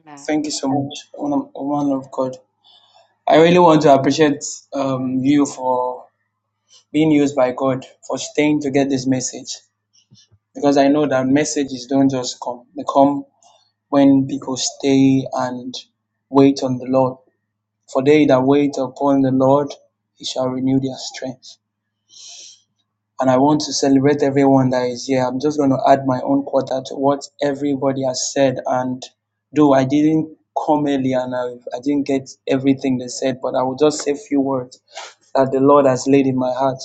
Amen.
Thank you so much, woman woman of God. I really want to appreciate um, you for being used by God for staying to get this message because I know that messages don't just come. They come when people stay and wait on the Lord. For they that wait upon the Lord, He shall renew their strength. and I want to celebrate everyone that is here. I'm just going to add my own quarter to what everybody has said. And though I didn't come earlier and I, I didn't get everything they said, but I will just say a few words that the Lord has laid in my heart.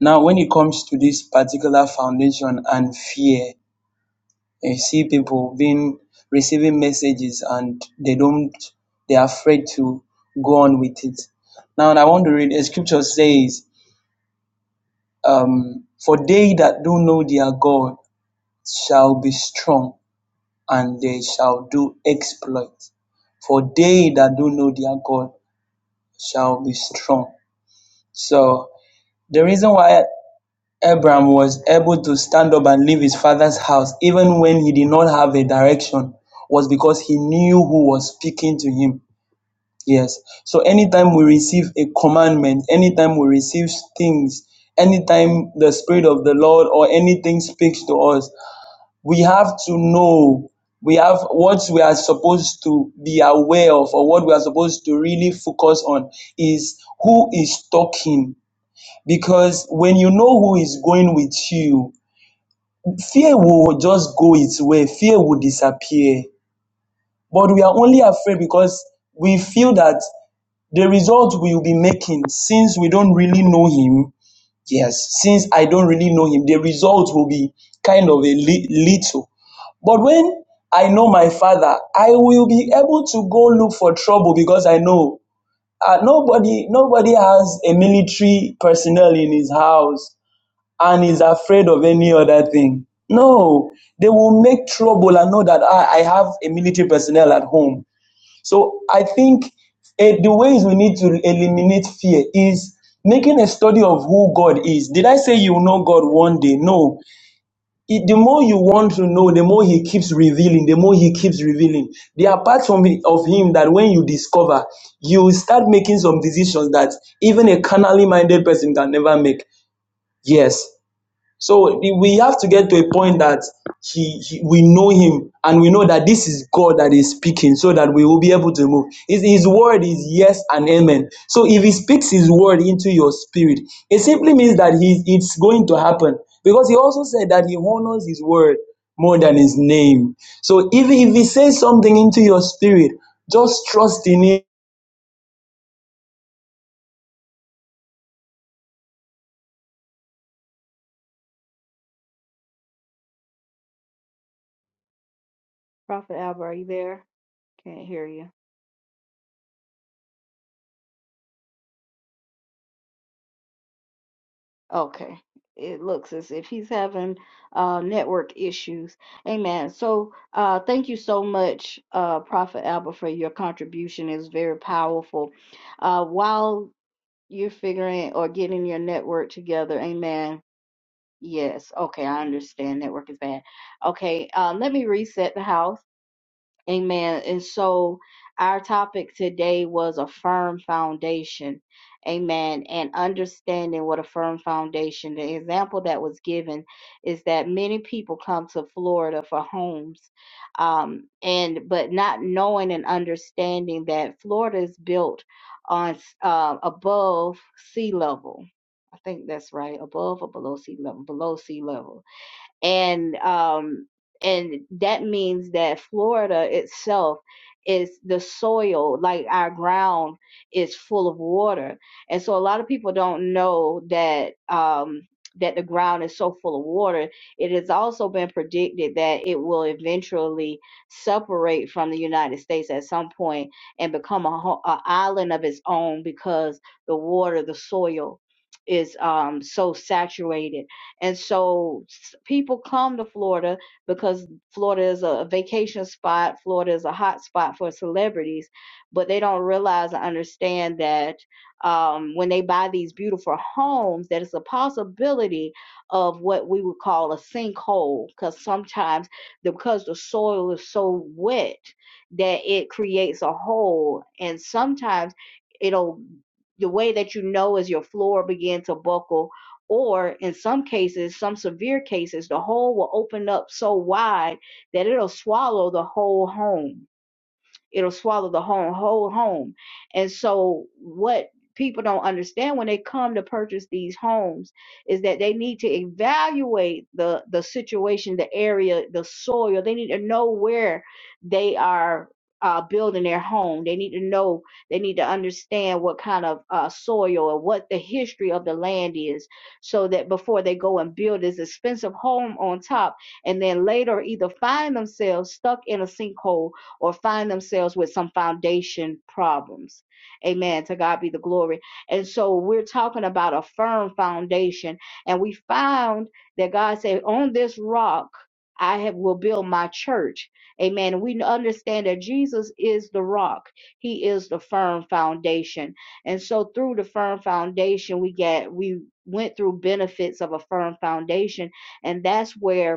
Now, when it comes to this particular foundation and fear, you see people being receiving messages and they don't, they're afraid to go on with it. Now, I want to read a scripture says, Um, for they that do know their God shall be strong and they shall do exploits. For they that do know their God shall be strong. So the reason why Abraham was able to stand up and leave his father's house, even when he did not have a direction, was because he knew who was speaking to him Yes. So anytime we receive a commandment, anytime we receive things, anytime the Spirit of the Lord or anything speaks to us, we have to know. We have what we are supposed to be aware of, or what we are supposed to really focus on is who is talking. Because when you know who is going with you, fear will just go its way, fear will disappear. But we are only afraid because we feel that the result we'll be making since we don't really know him yes since i don't really know him the result will be kind of a li- little but when i know my father i will be able to go look for trouble because i know uh, nobody nobody has a military personnel in his house and is afraid of any other thing no they will make trouble and know that I, I have a military personnel at home so I think eh, the ways we need to eliminate fear is making a study of who God is. Did I say you know God one day? No. It- the more you want to know, the more He keeps revealing. The more He keeps revealing. There are parts of Him that when you discover, you will start making some decisions that even a carnally minded person can never make. Yes, so the- we have to get to a point that he, he- we know him and we know that this is God that is speaking so that we will be able to move. His, his word is yes and amen. So if he speaks his word into your spirit, it simply means that he, it's going to happen because he also said that he honors his word more than his name. So if, if he says something into your spirit, just trust in him
Prophet Albert, are you there? Can't hear you. Okay. It looks as if he's having uh, network issues. Amen. So uh, thank you so much, uh, Prophet Albert, for your contribution. It's very powerful. Uh, while you're figuring or getting your network together, amen. Yes. Okay. I understand. Network is bad. Okay. Uh, let me reset the house. Amen. And so our topic today was a firm foundation. Amen. And understanding what a firm foundation. The example that was given is that many people come to Florida for homes. Um, and but not knowing and understanding that Florida is built on uh, above sea level. I think that's right, above or below sea level, below sea level and um and that means that Florida itself is the soil like our ground is full of water and so a lot of people don't know that um that the ground is so full of water it has also been predicted that it will eventually separate from the United States at some point and become a, ho- a island of its own because the water the soil is um so saturated and so people come to Florida because Florida is a vacation spot, Florida is a hot spot for celebrities, but they don't realize or understand that um, when they buy these beautiful homes, that it's a possibility of what we would call a sinkhole because sometimes the, because the soil is so wet that it creates a hole and sometimes it'll the way that you know is your floor begin to buckle or in some cases, some severe cases, the hole will open up so wide that it'll swallow the whole home it'll swallow the whole whole home. And so what people don't understand when they come to purchase these homes is that they need to evaluate the the situation, the area, the soil. They need to know where they are uh, building their home. They need to know. They need to understand what kind of uh, soil or what the history of the land is, so that before they go and build this expensive home on top, and then later either find themselves stuck in a sinkhole or find themselves with some foundation problems. Amen. To God be the glory. And so we're talking about a firm foundation. And we found that God said, On this rock, I have, will build my church. Amen. And we understand that Jesus is the rock, He is the firm foundation. And so through the firm foundation, we get, we went through benefits of a firm foundation. And that's where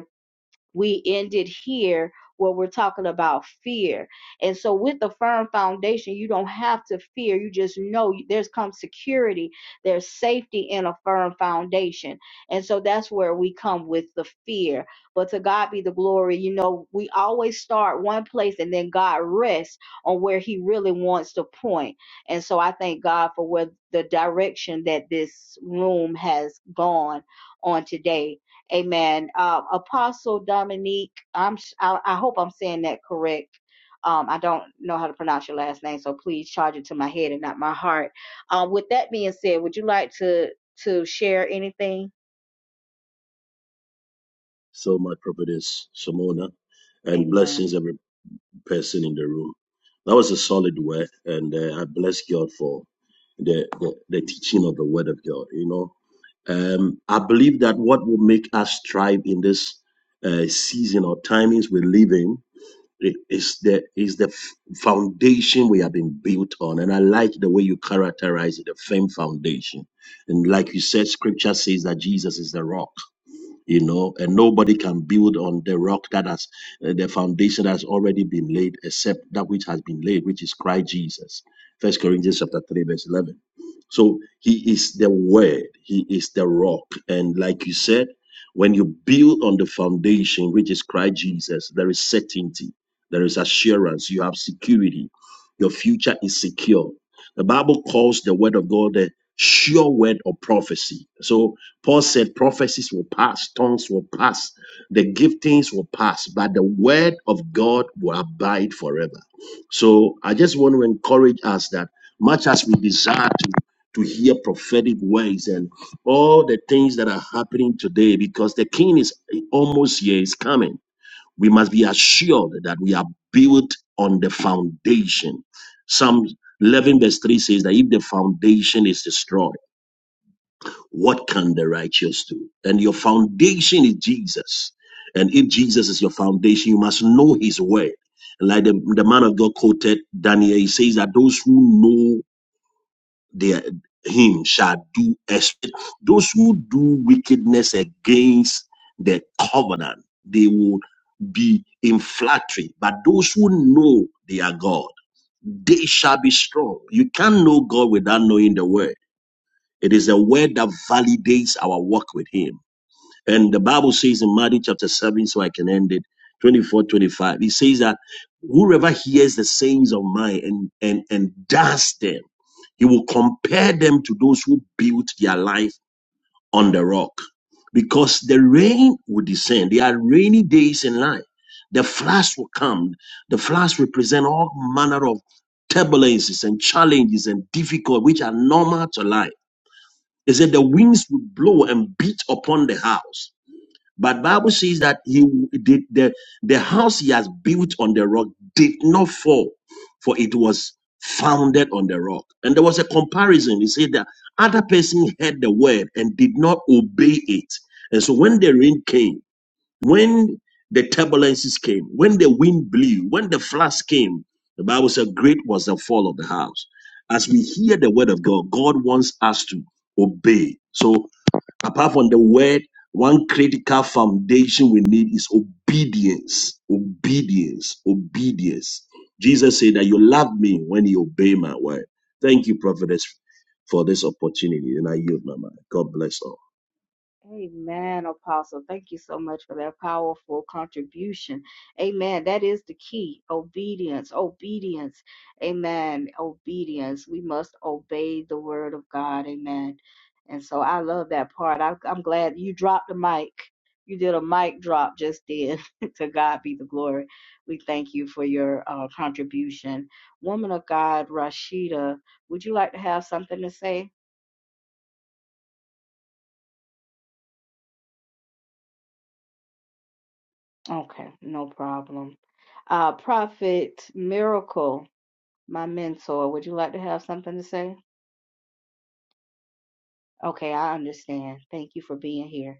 we ended here where we're talking about fear. And so, with a firm foundation, you don't have to fear. You just know there's come security, there's safety in a firm foundation. And so, that's where we come with the fear. But to God be the glory, you know, we always start one place and then God rests on where He really wants to point. And so, I thank God for where the direction that this room has gone on today Amen. Uh, Apostle Dominique, I'm s- I, I hope I'm saying that correct. Um, I don't know how to pronounce your last name, so please charge it to my head and not my heart. Um, with that being said, would you like to to share anything?
So, my prophetess Shimona, and
Amen.
blessings every person in the room. That was a solid word, and uh, I bless God for the, the the teaching of the Word of God. You know, um, I believe that what will make us thrive in this uh, season or timings we live in It is the is the f- foundation we have been built on, and I like the way you characterize it, the firm foundation. And like you said, Scripture says that Jesus is the rock you know and nobody can build on the rock that has uh, the foundation that has already been laid except that which has been laid which is christ jesus first corinthians chapter 3 verse 11 so he is the word he is the rock and like you said when you build on the foundation which is christ jesus there is certainty there is assurance you have security your future is secure the bible calls the word of god the sure word of prophecy so Paul said prophecies will pass, tongues will pass, the giftings will pass, but the word of God will abide forever. So I just want to encourage us that much as we desire to, to hear prophetic words and all the things that are happening today, because the king is almost here, is coming, we must be assured that we are built on the foundation. Psalm 11, verse 3 says that if the foundation is destroyed, what can the righteous do? And your foundation is Jesus. And if Jesus is your foundation, you must know his word. And like the, the man of God quoted Daniel, he says that those who know their him shall do exploit. Those who do wickedness against the covenant, they will be in flattery. But those who know their God, they shall be strong. You can't know God without knowing the word it is a word that validates our walk with Him. And the Bible says in Matthew chapter 7, so I can end it, twenty four, twenty five. 25, it says that whoever hears the sayings of mine and, and, and does them, he will compare them to those who built their life on the rock. Because the rain will descend. There are rainy days in life. The floods will come. The floods represent all manner of turbulences and challenges and difficulties which are normal to life it said the winds would blow and beat upon the house. But Bible says that he did the, the house he has built on the rock did not fall, for it was founded on the rock. And there was a comparison. He said that other person heard the word and did not obey it. And so when the rain came, when the turbulences came, when the wind blew, when the floods came, the Bible said, Great was the fall of the house. As we hear the word of God, God wants us to obey. So, apart from the word, one critical foundation we need is obedience. Obedience. Obedience. Jesus said that you love me when you obey my word. Thank you, prophetess, for this opportunity. And I yield my mind. God bless all.
Amen, Apostle. Thank you so much for that powerful contribution. Amen. That is the key obedience, obedience. Amen. Obedience. We must obey the word of God. Amen. And so I love that part. I, I'm glad you dropped the mic. You did a mic drop just then. to God be the glory. We thank you for your uh, contribution. Woman of God, Rashida, would you like to have something to say? Okay, no problem. Uh, Prophet Miracle, my mentor, would you like to have something to say? Okay, I understand. Thank you for being here.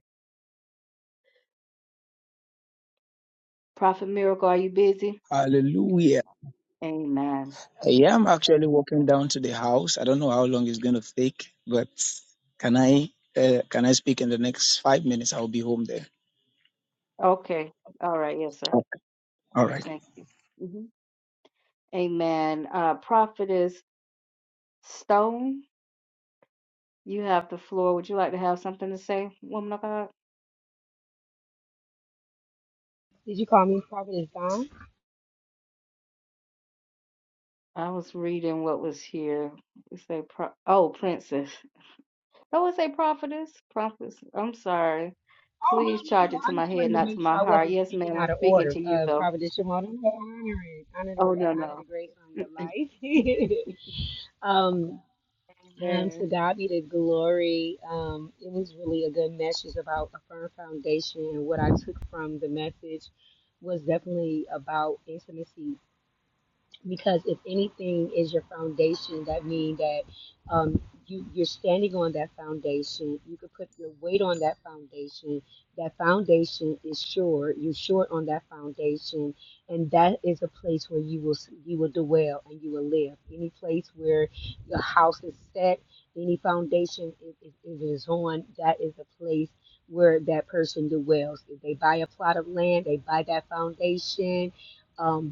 Prophet Miracle, are you busy?
Hallelujah.
Amen.
I am actually walking down to the house. I don't know how long it's going to take, but can I uh, can I speak in the next five minutes? I'll be home there.
Okay, all right, yes, sir.
Okay. All right.
Thank you. Mhm. Amen. Uh, Prophetess Stone, you have the floor. Would you like to have something to say, woman of God?
Did you call me Providence Dawn?
I was reading what was here. It say, pro- oh, princess. Oh, it say prophetess. Prophetess. I'm sorry.
Oh, no,
Please
no,
charge
no.
it to
I
my
just
head,
wanted to
not to
make sure
my
I
heart.
wasn't
Yes,
speaking
ma'am. I'm
out of
speaking
order.
to you,
Uh,
though.
Providence Shimon, I'm honoring, honor the,
Oh, no,
gra- honor
no.
the grace on your life. um, um,
Amen.
to God be the glory. Um, it was really a good message about a firm foundation. And what I took from the message was definitely about intimacy because if anything is your foundation, that means that um, you you're standing on that foundation. You could put your weight on that foundation. That foundation is sure. You're short on that foundation, and that is a place where you will you will dwell and you will live. Any place where your house is set, any foundation it, it, it is on, that is a place where that person dwells. If they buy a plot of land, they buy that foundation Um,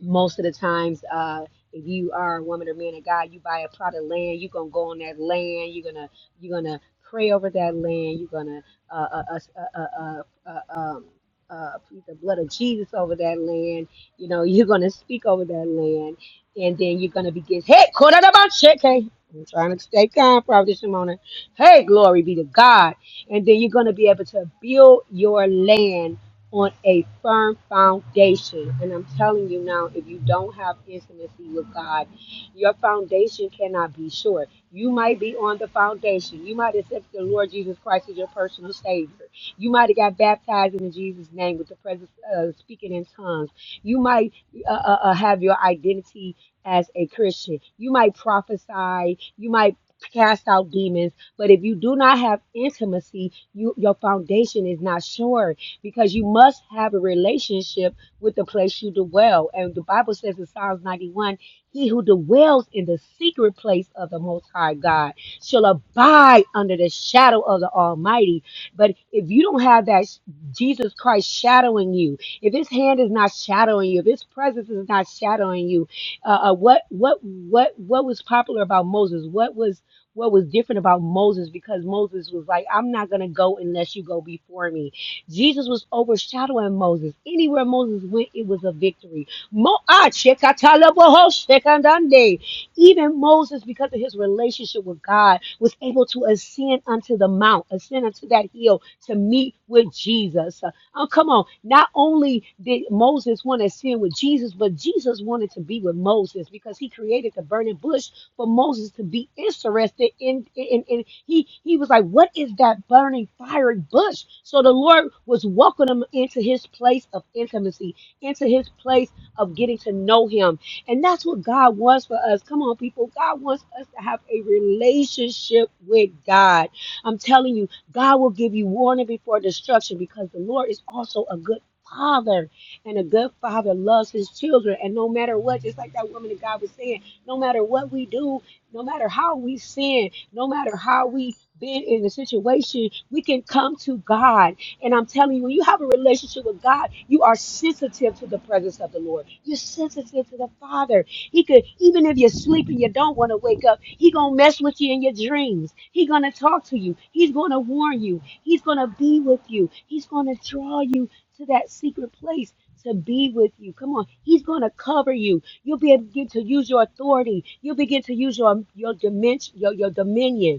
most of the times uh if you are a woman or man of God, you buy a plot of land, you're gonna go on that land, you're gonna you're gonna pray over that land, you're gonna uh uh uh uh, uh, uh uh, um uh, plead the blood of Jesus over that land. You know, you're going to speak over that land, and then you're going to begin. Hey, caught out about shit, hey. I'm trying to stay calm, Prophet Shimona. Hey, glory be to God. And then you're going to be able to build your land on a firm foundation. And I'm telling you now, if you don't have intimacy with God, your foundation cannot be sure. You might be on the foundation. You might accept the Lord Jesus Christ as your personal Savior. You might have got baptized in Jesus' name with the presence of uh, speaking in tongues. You might uh, uh, uh, have your identity as a Christian. You might prophesy. You might cast out demons. But if you do not have intimacy, you, your foundation is not sure because you must have a relationship with the place you dwell. And the Bible says in Psalms 91 He who dwells in the secret place of the Most High God shall abide under the shadow of the Almighty. But if you don't have that sh- Jesus Christ shadowing you, if His hand is not shadowing you, if His presence is not shadowing you, uh, uh, what what what what was popular about Moses? What was what was different about Moses because Moses was like, I'm not going to go unless you go before me. Jesus was overshadowing Moses. Anywhere Moses went, it was a victory. Mo- ah, shekatalaboho shekandande. Even Moses, because of his relationship with God, was able to ascend unto the mount, ascend unto that hill to meet with Jesus. Oh, come on. Not only did Moses want to ascend with Jesus, but Jesus wanted to be with Moses because he created the burning bush for Moses to be interested in in, in in- he he was like, What is that burning fiery bush? So the Lord was welcoming him into his place of intimacy, into his place of getting to know him. And that's what God wants for us. Come on, people. God wants us to have a relationship with God. I'm telling you, God will give you warning before destruction because the Lord is also a good father and a good father loves his children and no matter what just like that woman that god was saying no matter what we do, no matter how we sin, no matter how we been in the situation, we can come to God. And I'm telling you, when you have a relationship with God, you are sensitive to the presence of the Lord. You're sensitive to the Father. He could, even if you're sleeping, you don't want to wake up. He gonna mess with you in your dreams. He gonna talk to you. He's gonna warn you. He's gonna be with you. He's gonna draw you to that secret place to be with you. Come on. He's going to cover you. You'll be able to use your authority. You'll begin to use your, your, dimension, your, your dominion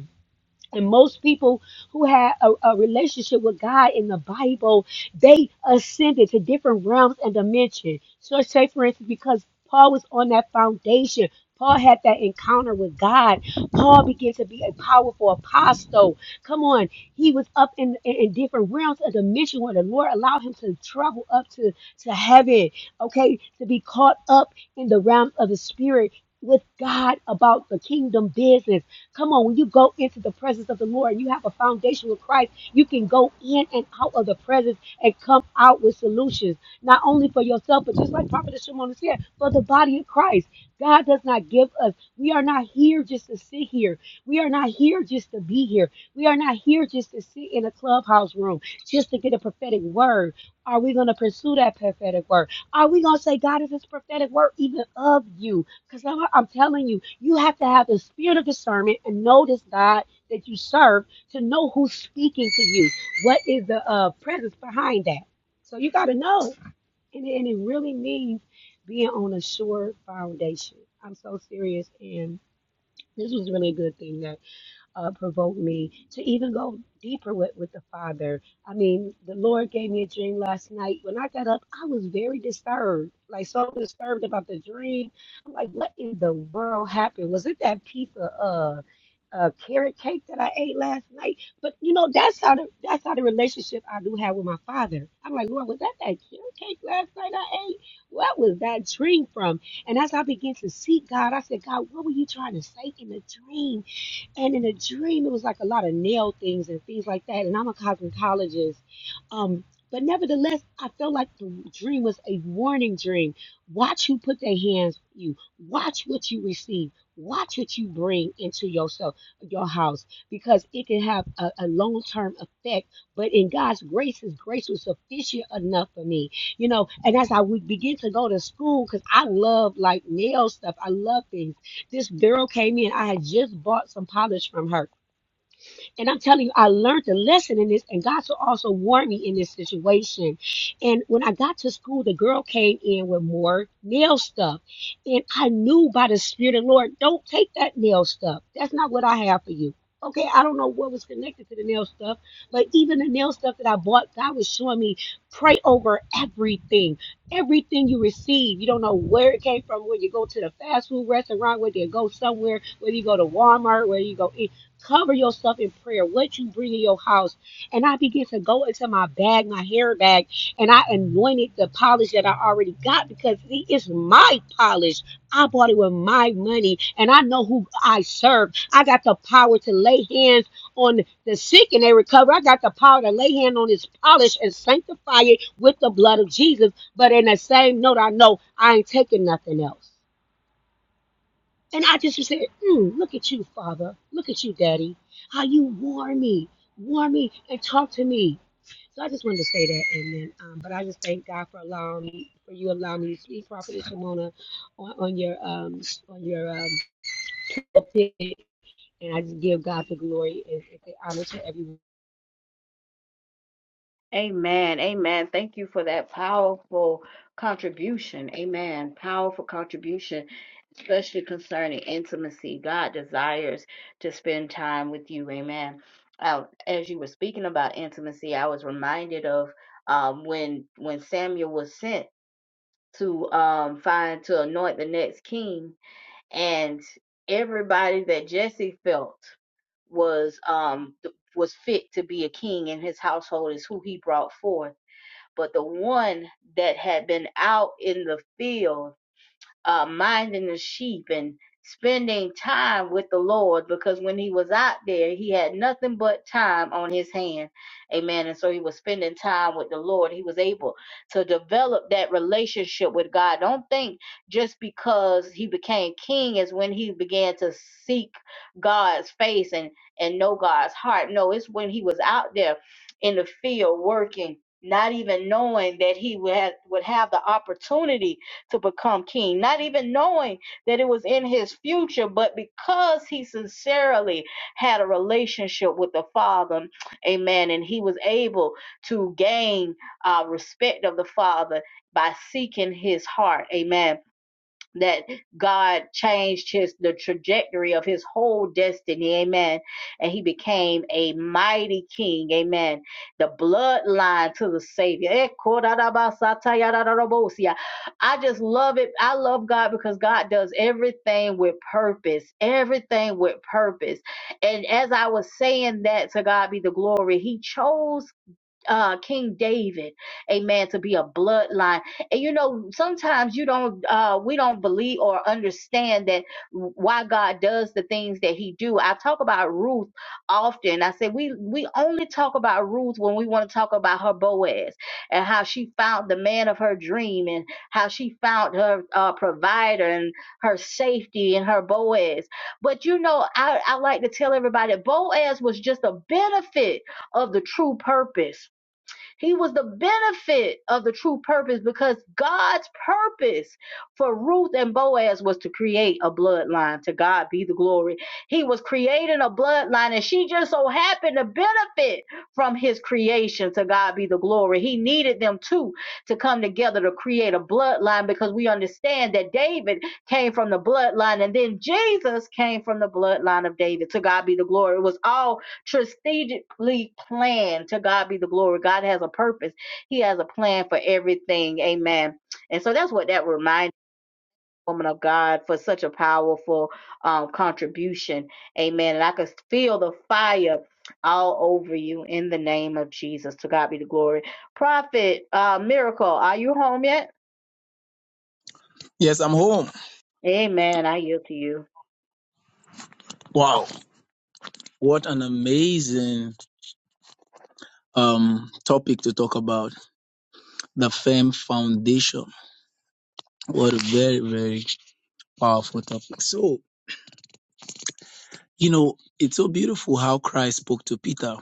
and most people who had a, a relationship with God in the Bible, they ascended to different realms and dimensions. So, say for instance, because Paul was on that foundation, Paul had that encounter with God. Paul began to be a powerful apostle. Come on, he was up in, in, in different realms of dimension where the Lord allowed him to travel up to, to heaven, okay, to be caught up in the realm of the spirit with God about the kingdom business. Come on, when you go into the presence of the Lord, you have a foundation with Christ. You can go in and out of the presence and come out with solutions, not only for yourself, but just like Prophet Shimon said, for the body of Christ. God does not give us. We are not here just to sit here. We are not here just to be here. We are not here just to sit in a clubhouse room just to get a prophetic word. Are we going to pursue that prophetic word? Are we going to say, God, is this prophetic word even of you? Because I'm telling you, you have to have the spirit of discernment and know this God that you serve to know who's speaking to you. What is the uh, presence behind that? So you got to know. And, and it really means being on a sure foundation. I'm so serious. And this was really a good thing that uh, provoked me to even go deeper with, with the Father. I mean, the Lord gave me a dream last night. When I got up, I was very disturbed, like so disturbed about the dream. I'm like, what in the world happened? Was it that piece of uh, uh, carrot cake that I ate last night? But you know, that's how the that's how the relationship I do have with my Father. I'm like, Lord, was that that carrot cake last night I ate? What was that dream from? And as I began to seek God, I said, God, what were you trying to say in the dream? And in a dream, it was like a lot of nail things and things like that. And I'm a cosmetologist. Um, but nevertheless, I felt like the dream was a warning dream. Watch who put their hands on you. Watch what you receive. Watch what you bring into yourself, your house, because it can have a, a long-term effect. But in God's grace, His grace was sufficient enough for me, you know. And as I would begin to go to school, because I love like nail stuff, I love things. This girl came in. I had just bought some polish from her. And I'm telling you, I learned a lesson in this, and God so also warned me in this situation. And when I got to school, the girl came in with more nail stuff. And I knew by the Spirit of the Lord, don't take that nail stuff. That's not what I have for you. Okay, I don't know what was connected to the nail stuff, but even the nail stuff that I bought, God was showing me pray over everything. Everything you receive, you don't know where it came from. Whether you go to the fast food restaurant, whether you go somewhere, whether you go to Walmart, where you go. Cover yourself in prayer, what you bring in your house. And I began to go into my bag, my hair bag, and I anointed the polish that I already got because it is my polish. I bought it with my money, and I know who I serve. I got the power to lay hands on the sick and they recover. I got the power to lay hand on this polish and sanctify it with the blood of Jesus. But in the same note, I know I ain't taking nothing else. And I just would say, mm, look at you, Father. Look at you, Daddy. How you warm me, warm me, and talk to me. So I just wanted to say that, and then, um, but I just thank God for allowing me, for you allowing me to speak, Prophet Shimona, on, on your um on your um and I just give God the glory and, and the honor to everyone.
Amen. Amen. Thank you for that powerful contribution. Amen. Powerful contribution, especially concerning intimacy. God desires to spend time with you. Amen. Uh, as you were speaking about intimacy, I was reminded of um, when when Samuel was sent to um, find to anoint the next king, and everybody that Jesse felt. was um th- was fit to be a king in his household is who he brought forth but the one that had been out in the field uh, minding the sheep and spending time with the Lord because when he was out there, he had nothing but time on his hand. Amen. And so he was spending time with the Lord. He was able to develop that relationship with God. Don't think just because he became king is when he began to seek God's face and, and know God's heart. No, it's when he was out there in the field working. Not even knowing that he would have, would have the opportunity to become king, not even knowing that it was in his future, but because he sincerely had a relationship with the Father, amen, and he was able to gain uh, respect of the Father by seeking his heart, amen that God changed his the trajectory of his whole destiny, amen. And he became a mighty king, amen. The bloodline to the Savior. Eh, kodarabasatayararabosia. I just love it. I love God because God does everything with purpose, everything with purpose. And as I was saying that to God be the glory, He chose uh King David, amen, to be a bloodline. And you know, sometimes you don't uh we don't believe or understand that why God does the things that he do. I talk about Ruth often. I say we we only talk about Ruth when we want to talk about her Boaz and how she found the man of her dream and how she found her uh provider and her safety and her Boaz. But you know, I, I like to tell everybody Boaz was just a benefit of the true purpose he was the benefit of the true purpose because God's purpose for Ruth and Boaz was to create a bloodline. To God be the glory. He was creating a bloodline, and she just so happened to benefit from his creation. To God be the glory. He needed them two to come together to create a bloodline because we understand that David came from the bloodline, and then Jesus came from the bloodline of David. To God be the glory. It was all strategically planned. To God be the glory. God has a purpose. He has a plan for everything. Amen. And so that's what that reminded woman of God for such a powerful um, contribution. Amen. And I could feel the fire all over you in the name of Jesus. To God be the glory. Prophet, uh, miracle, are you home yet?
Yes, I'm home.
Amen. I yield to you.
Wow. What an amazing um topic to talk about. The firm foundation. What a very, very powerful topic. So, you know, it's so beautiful how Christ spoke to Peter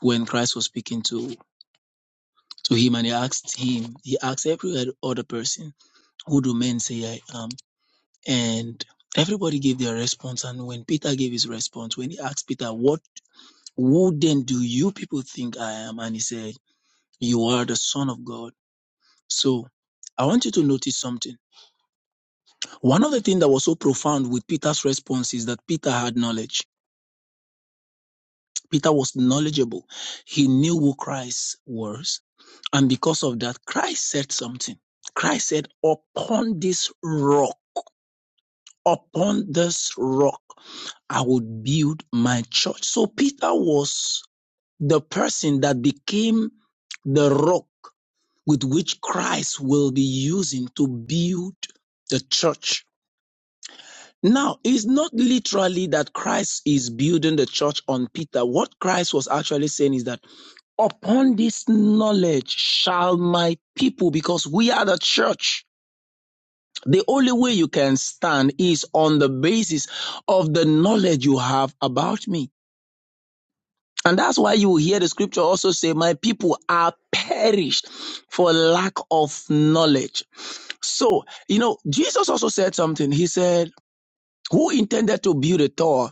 when Christ was speaking to to him and he asked him, he asked every other person. Who do men say I am? And everybody gave their response. And when Peter gave his response, when he asked Peter, What who then do you people think I am? And he said, You are the Son of God. So I want you to notice something. One of the things that was so profound with Peter's response is that Peter had knowledge. Peter was knowledgeable. He knew who Christ was. And because of that, Christ said something. Christ said, Upon this rock, upon this rock. I would build my church. So Peter was the person that became the rock with which Christ will be using to build the church. Now, it's not literally that Christ is building the church on Peter. What Christ was actually saying is that upon this knowledge shall my people, because we are the church. The only way you can stand is on the basis of the knowledge you have about me. And that's why you hear the scripture also say, My people are perished for lack of knowledge. So, you know, Jesus also said something. He said, Who intended to build a tower?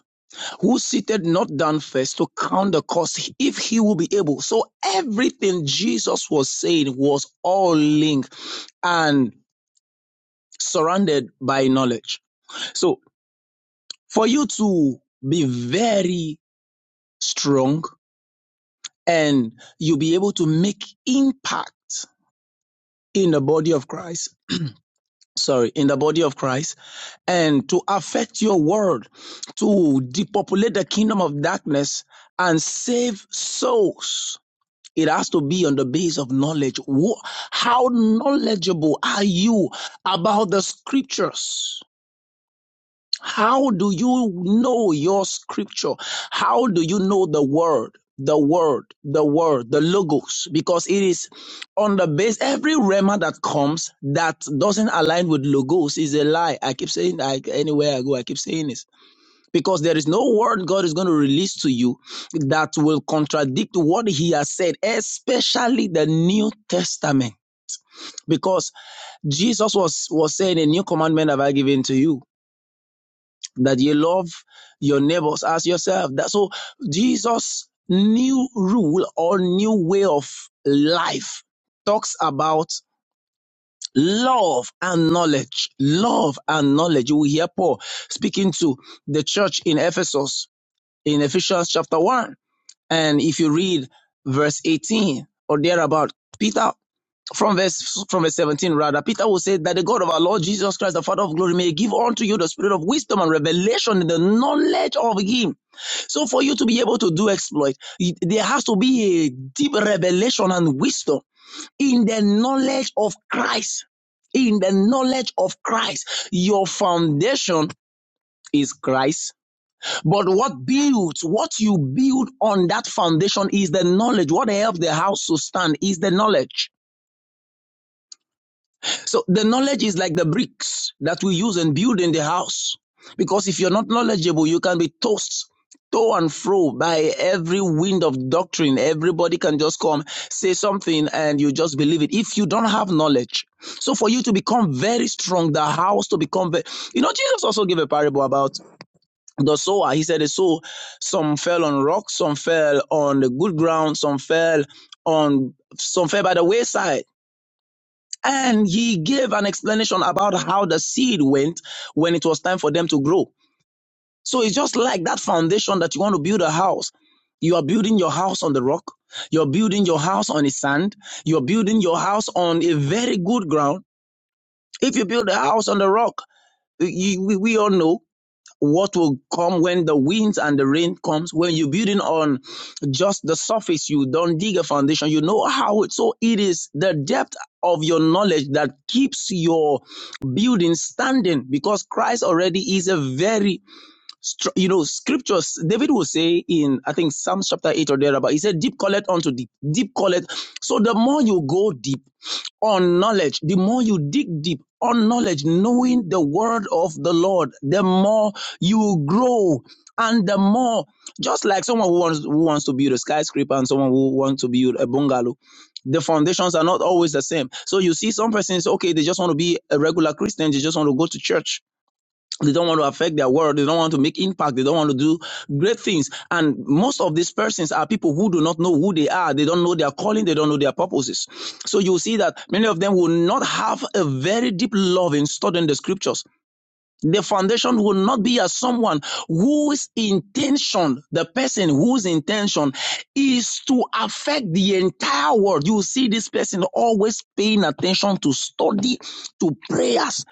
Who seated not down first to count the cost if he will be able? So, everything Jesus was saying was all linked and surrounded by knowledge. So, for you to be very strong and you'll be able to make impact in the body of Christ. Sorry, in the body of Christ, and to affect your world, to depopulate the kingdom of darkness and save souls. It has to be on the base of knowledge. How knowledgeable are you about the scriptures? How do you know your scripture? How do you know the word? The word, the word, the logos, because it is on the base. Every rema that comes that doesn't align with logos is a lie. I keep saying that anywhere I go, I keep saying this because there is no word God is going to release to you that will contradict what He has said, especially the New Testament. Because Jesus was was saying, "A new commandment have I given to you." that you love your neighbors as yourself. That so Jesus' new rule or new way of life talks about love and knowledge. Love and knowledge. You will hear Paul speaking to the church in Ephesus in Ephesians chapter one, and if you read verse eighteen or thereabout, Peter from verse from verse 17 rather peter will say that the god of our lord jesus christ the father of glory may give unto you the spirit of wisdom and revelation in the knowledge of him so for you to be able to do exploit there has to be a deep revelation and wisdom in the knowledge of christ in the knowledge of christ your foundation is christ but what builds what you build on that foundation is the knowledge what helps the house to stand is the knowledge So the knowledge is like the bricks that we use and build in the house. Because if you're not knowledgeable, you can be tossed to and fro by every wind of doctrine. Everybody can just come, say something, and you just believe it. If you don't have knowledge, so for you to become very strong, the house to become very, you know, Jesus also gave a parable about the sower. He said the sow, some fell on rocks, some fell on the good ground, some fell on, some fell by the wayside and he gave an explanation about how the seed went when it was time for them to grow. So it's just like that foundation that you want to build a house. You are building your house on the rock. You're building your house on the sand. You're building your house on a very good ground. If you build a house on the rock, you, we, we all know what will come when the winds and the rain comes when you're building on just the surface you don't dig a foundation you know how it so it is the depth of your knowledge that keeps your building standing because christ already is a very str- you know scriptures david will say in i think psalms chapter 8 or thereabout he said deep calleth unto deep deep calleth so the more you go deep on knowledge. The more you dig deep on knowledge, knowing the word of the Lord, the more you grow. And the more, just like someone who wants, who wants to build a skyscraper and someone who wants to build a bungalow, the foundations are not always the same. So you see, some persons, okay, they just want to be a regular Christian, they just want to go to church they don't want to affect their world they don't want to make impact they don't want to do great things and most of these persons are people who do not know who they are they don't know their calling they don't know their purposes so you see that many of them will not have a very deep love in studying the scriptures the foundation will not be as someone whose intention, the person whose intention is to affect the entire world. You see this person always paying attention to study, to prayers.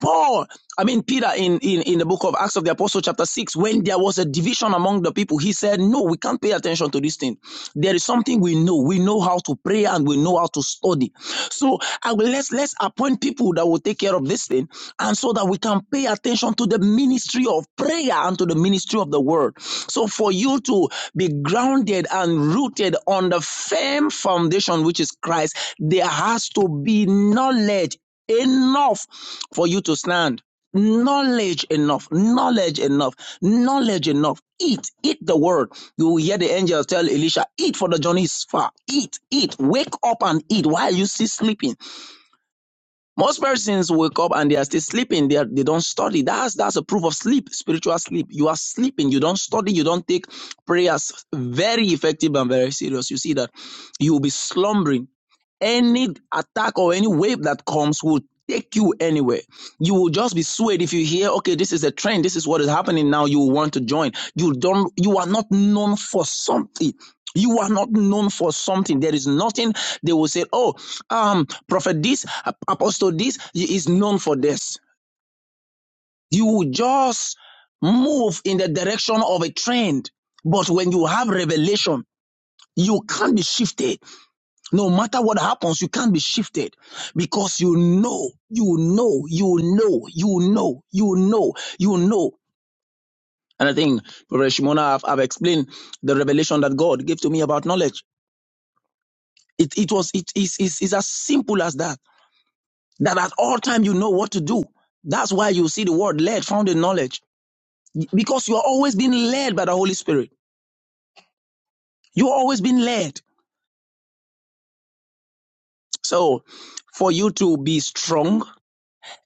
Paul, I mean Peter in, in, in the book of Acts of the Apostle, chapter 6, when there was a division among the people, he said, No, we can't pay attention to this thing. There is something thing we know. We know how to pray and we know how to study. So I will let's let's appoint people that will take care of this thing, and so that we can pay attention to the ministry of prayer and to the ministry of the word. So for you to be grounded and rooted on the firm foundation which is Christ, there has to be knowledge enough for you to stand knowledge enough, knowledge enough, knowledge enough. Eat, eat the word. You will hear the angels tell Elisha, eat for the journey is far. Eat, eat, wake up and eat. Why are you still sleeping? Most persons wake up and they are still sleeping. They, are, they don't study. That's that's a proof of sleep, spiritual sleep. You are sleeping. You don't study. You don't take prayers very effective and very serious. You see that you will be slumbering any attack or any wave that comes will take you anywhere. You will just be swayed if you hear, okay, this is a trend, this is what is happening now. You want to join. You don't you are not known for something. You are not known for something. There is nothing they will say, oh, um, prophet this, apostle this is known for this. You will just move in the direction of a trend. But when you have revelation, you can't be shifted no matter what happens, you can't be shifted because you know, you know, you know, you know, you know, you know. And I think, Brother Shimona, I've, I've explained the revelation that God gave to me about knowledge. It, it was, it is, is, is as simple as that. That at all time you know what to do. That's why you see the word led found in knowledge because you are always being led by the Holy Spirit. You are always being led. So for you to be strong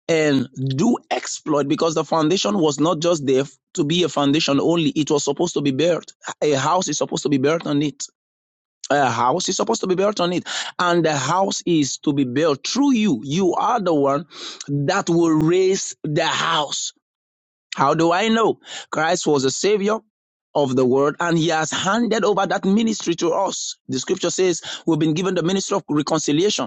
and do exploit because the foundation was not just there to be a foundation only. It was supposed to be built. A house is supposed to be built on it. A house is supposed to be built on it. And the house is to be built through you. You are the one that will raise the house. How do I know? Christ was a savior of the world and he has handed over that ministry to us. The scripture says we've been given the ministry of reconciliation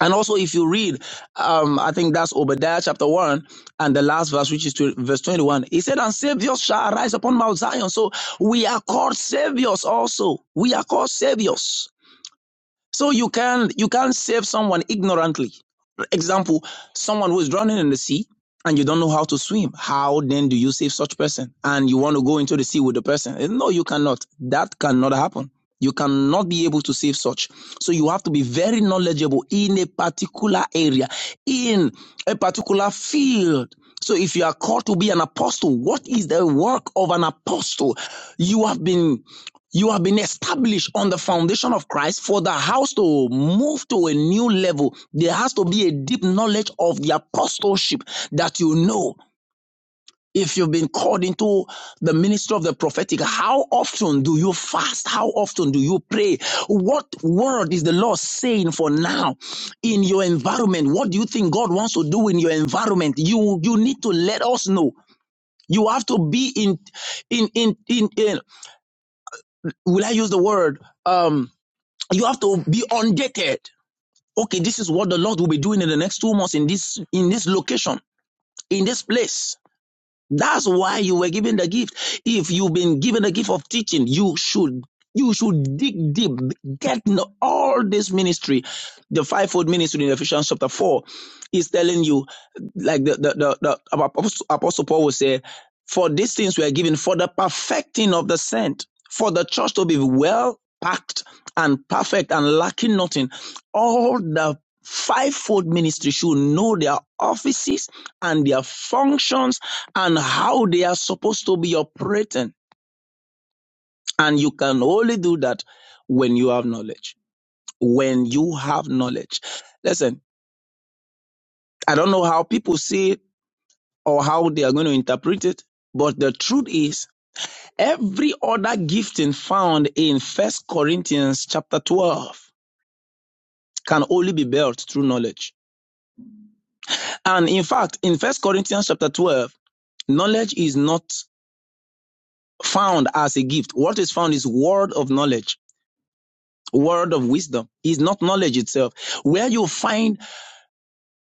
and also, if you read, um, I think that's Obadiah chapter 1 and the last verse, which is to, verse 21, he said, And saviors shall arise upon Mount Zion. So we are called saviors also. We are called saviors. So you can you can't save someone ignorantly. Example, someone who is drowning in the sea and you don't know how to swim. How then do you save such person? And you want to go into the sea with the person? Eh, No, you cannot. That cannot happen. You cannot be able to save such. So you have to be very knowledgeable in a particular area, in a particular field. So if you are called to be an apostle, what is the work of an apostle? You have been you have been established on the foundation of Christ for the house to move to a new level. There has to be a deep knowledge of the apostleship that you know. If you've been called into the ministry of the prophetic, how often do you fast? How often do you pray? What word is the Lord saying for now in your environment? What do you think God wants to do in your environment? You you need to let us know. You have to be in in in in, in will I use the word? um? You have to be undated. Okay, this is what the Lord will be doing in the next two months in this in this location, in this place. That's why you were given the gift. If you've been given the gift of teaching, you should you should dig deep, get in all this ministry. The fivefold ministry in Ephesians chapter four is telling you, like the the the, the Apostle Apostle Paul will say. For these things were given for the perfecting of the saint, for the church to be well packed and perfect and lacking nothing. All the fivefold ministry should know their offices and their functions and how they are supposed to be operating. And you can only do that when you have knowledge. When you have knowledge. Listen, I don't know how people see it or how they are going to interpret it, but the truth is Every other gifting found in First Corinthians chapter 12 can only be built through knowledge. And in fact, in First Corinthians chapter 12, knowledge is not found as a gift. What is found is word of knowledge, word of wisdom, is not knowledge itself. Where you find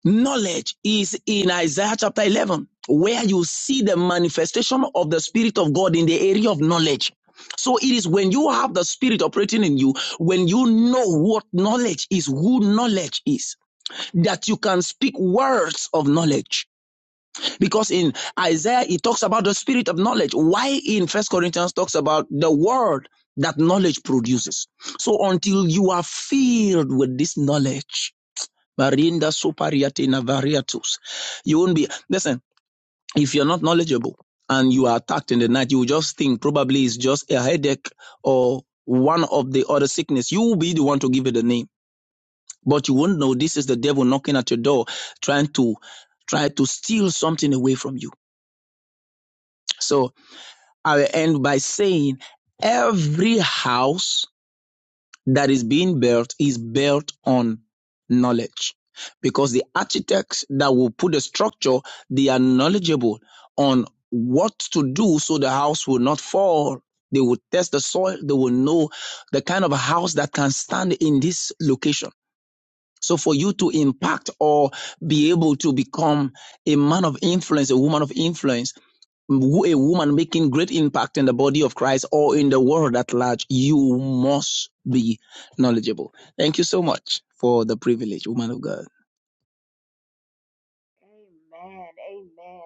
Knowledge is in Isaiah chapter 11, where you see the manifestation of the Spirit of God in the area of knowledge. So it is when you have the Spirit operating in you, when you know what knowledge is, who knowledge is, that you can speak words of knowledge. Because in Isaiah, it talks about the Spirit of knowledge. Why in First Corinthians talks about the word that knowledge produces. So until you are filled with this knowledge, Barinda supariatina navariatus. You won't be, listen, if you're not knowledgeable and you are attacked in the night, you will just think probably it's just a headache or one of the other sickness. You will be the one to give it a name, but you won't know this is the devil knocking at your door, trying to, try to steal something away from you. So I will end by saying every house that is being built is built on knowledge because the architects that will put the structure they are knowledgeable on what to do so the house will not fall they will test the soil they will know the kind of house that can stand in this location so for you to impact or be able to become a man of influence a woman of influence wo- a woman making great impact in the body of Christ or in the world at large, you must be knowledgeable. Thank you so much for the privilege, woman of God.
Amen. Amen.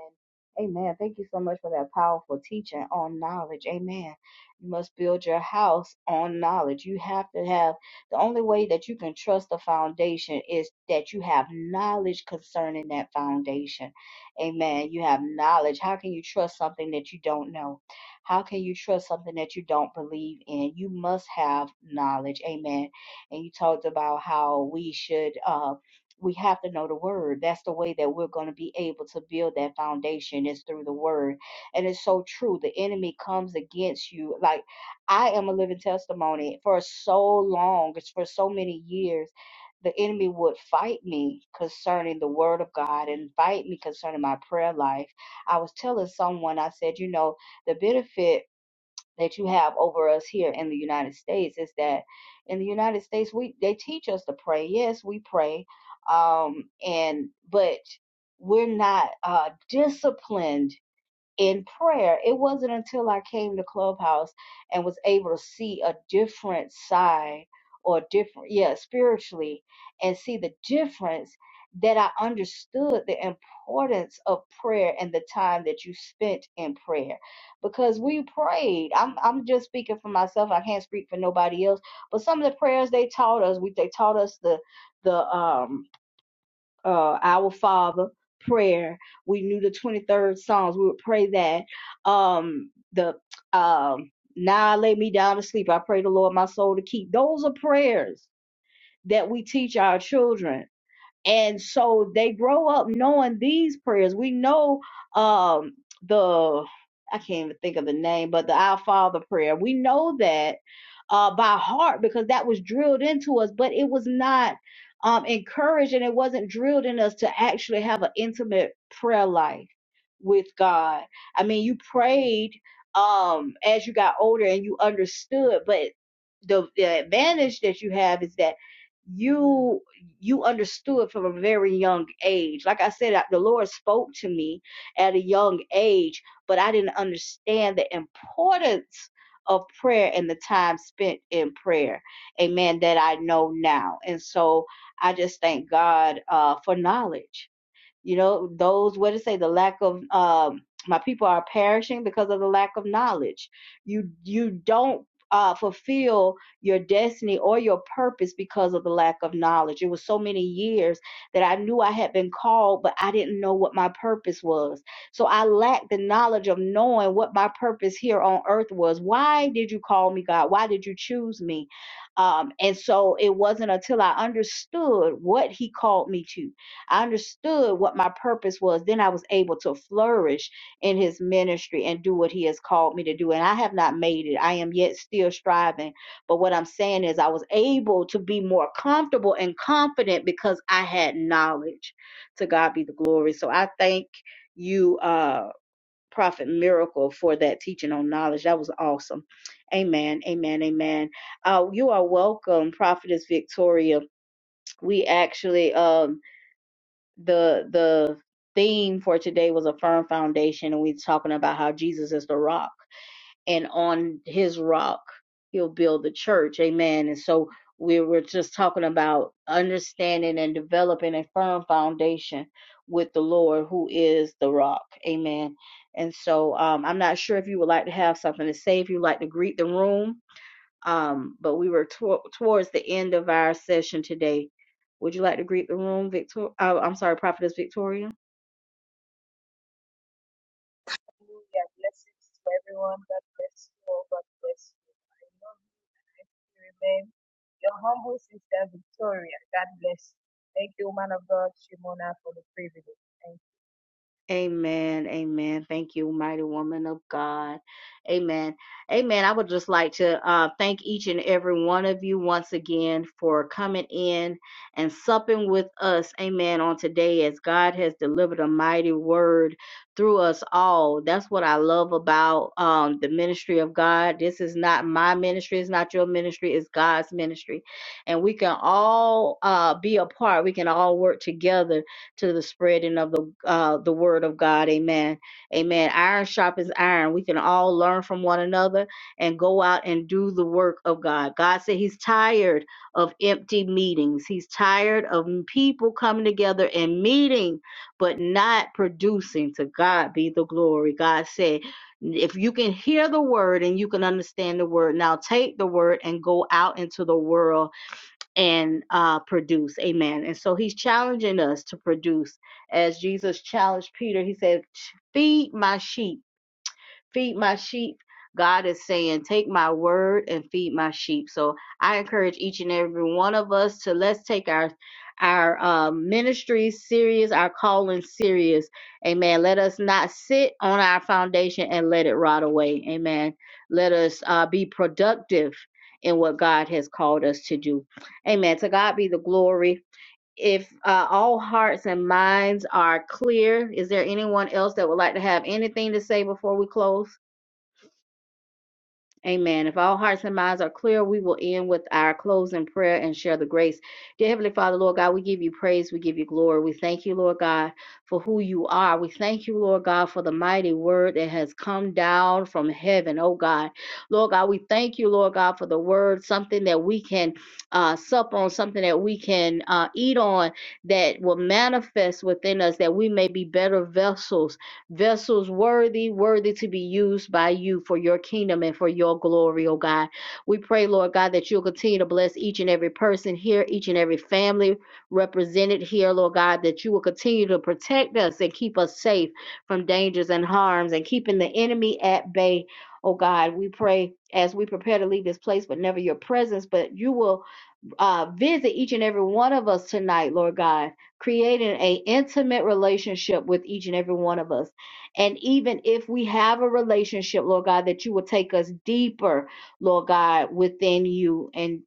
Amen. Thank you so much for that powerful teaching on knowledge. Amen. You must build your house on knowledge. You have to have the only way that you can trust the foundation is that you have knowledge concerning that foundation. Amen. You have knowledge. How can you trust something that you don't know? How can you trust something that you don't believe in? You must have knowledge. Amen. And you talked about how we should uh we have to know the word. That's the way that we're going to be able to build that foundation is through the word. And it's so true. The enemy comes against you. Like I am a living testimony for so long, it's for so many years. The enemy would fight me concerning the word of God and fight me concerning my prayer life. I was telling someone, I said, you know, the benefit that you have over us here in the United States is that in the United States we they teach us to pray. Yes, we pray, um, and but we're not uh, disciplined in prayer. It wasn't until I came to Clubhouse and was able to see a different side or different, yeah, spiritually, and see the difference that I understood the importance of prayer and the time that you spent in prayer. Because we prayed. I'm I'm just speaking for myself. I can't speak for nobody else. But some of the prayers they taught us, we they taught us the the um uh, Our Father prayer. We knew the 23rd Psalms. We would pray that. Um, the um, Now I lay me down to sleep. I pray the Lord my soul to keep. Those are prayers that we teach our children and so they grow up knowing these prayers we know um the i can't even think of the name but the our father prayer we know that uh by heart because that was drilled into us but it was not um encouraged and it wasn't drilled in us to actually have an intimate prayer life with God. I mean, you prayed um as you got older and you understood, but the the advantage that you have is that you you understood from a very young age. Like I said, I- the Lord spoke to me at a young age, but I didn't understand the importance of prayer and the time spent in prayer. Amen. That I know now. And so I just thank God uh, for knowledge you know those what it say the lack of um my people are perishing because of the lack of knowledge you you don't uh, fulfill your destiny or your purpose because of the lack of knowledge. It was so many years that I knew I had been called, but I didn't know what my purpose was. So I lacked the knowledge of knowing what my purpose here on earth was. Why did you call me, God? Why did you choose me? Um, and so it wasn't until I understood what He called me to I understood what my purpose was. Then I was able to flourish in his ministry and do what he has called me to do. And I have not made it. I am yet still striving. But what I'm saying is, I was able to be more comfortable and confident because I had knowledge. To God be the glory. So I thank you, uh, Prophet Miracle, for that teaching on knowledge. That was awesome. Amen. Amen. Amen. Uh, you are welcome, Prophetess Victoria. We actually. Um, the the theme for today was a firm foundation and we're talking about how jesus is the rock and on his rock he'll build the church amen and so we were just talking about understanding and developing a firm foundation with the lord who is the rock amen and so um, i'm not sure if you would like to have something to say if you'd like to greet the room um, but we were to- towards the end of our session today. Would you like to greet the room, Victor? Uh, I'm sorry, Prophetess Victoria.
Hallelujah. Blessings to everyone. God bless you all. God bless you. I know you remain your humble sister, Victoria. God bless you. Thank you, woman of God, Shimona, for the privilege.
Amen. Amen. Thank you, mighty woman of God. Amen. Amen. I would just like to uh, thank each and every one of you once again for coming in and supping with us. Amen. On today, as God has delivered a mighty word through us all. That's what I love about um, the ministry of God. This is not my ministry. It's not your ministry. It's God's ministry. And we can all uh, be a part. We can all work together to the spreading of the uh, the word of God. Amen. Amen. Iron sharpens iron. We can all learn from one another and go out and do the work of God. God said He's tired of empty meetings. He's tired of people coming together and meeting but not producing. To God be the glory. God said. If you can hear the word and you can understand the word, now take the word and go out into the world and uh, produce. Amen. And so he's challenging us to produce. As Jesus challenged Peter, he said, Feed my sheep feed my sheep. God is saying, take my word and feed my sheep. So I encourage each and every one of us to let's take our our um, ministry serious, our calling serious. Amen. Let us not sit on our foundation and let it rot away. Amen. Let us uh, be productive in what God has called us to do. Amen. To God be the glory. If uh, all hearts and minds are clear, is there anyone else that would like to have anything to say before we close? Amen. If all hearts and minds are clear, we will end with our closing prayer and share the grace. Dear Heavenly Father, Lord God, we give you praise. We give you glory. We thank you, Lord God, for who you are. We thank you, Lord God, for the mighty word that has come down from heaven, oh God. Lord God, we thank you, Lord God, for the word, something that we can uh, sup on, something that we can uh, eat on that will manifest within us that we may be better vessels vessels worthy, worthy to be used by you for your kingdom and for your glory, oh God. We pray, Lord God, that you'll continue to bless each and every person here, each and every family represented here, Lord God, that you will continue to protect us and keep us safe from dangers and harms and keeping the enemy at bay, oh God. We pray as we prepare to leave this place, but never your presence, but you will uh, visit each and every one of us tonight, Lord God, creating an intimate relationship with each and every one of us. And even if we have a relationship, Lord God, that you will take us deeper, Lord God, within you. and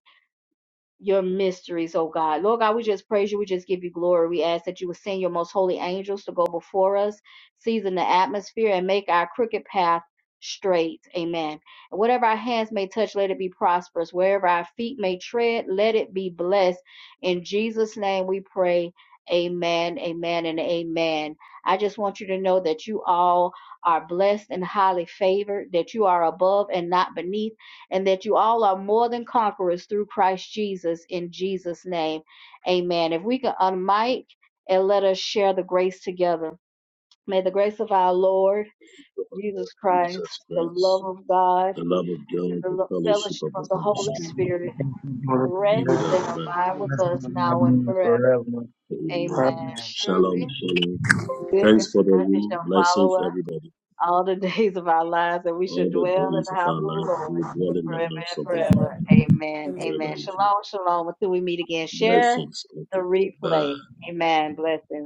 your mysteries, oh God. Lord God, we just praise you. We just give you glory. We ask that you would send your most holy angels to go before us, season the atmosphere, and make our crooked path straight. Amen. And whatever our hands may touch, let it be prosperous. Wherever our feet may tread, let it be blessed. In Jesus' name we pray. Amen, amen, and amen. I just want you to know that you all are blessed and highly favored, that you are above and not beneath and that you all are more than conquerors through Christ Jesus in Jesus' name. Amen. If we can unmic and let us share the grace together. May the grace of our Lord Jesus Christ,
Jesus
the
Christ.
love of God,
The love of
and
God,
the
the
lo-
fellowship
fellowship
of
of
the
the
Holy
Holy
Spirit
Spirit
be
rest
with us
and
now.
abide
and
with us now and forever.
forever.
Amen.
Amen.
Surely
Shalom, shalom. Thanks
goodness
for
and
the
mercy
room.
shall
Blessings,
follow us
everybody.
all the days of our lives, that we
All
should
the
dwell in
days
the
of
house
our
of the
life,
Lord
we will dwell in the
forever
house
and
of the Lord
forever. Amen.
forever
Amen.
in Jesus.
Shalom, shalom. Until we meet again, share
Blessings.
the
Okay. Bye.
replay. Amen. Blessings.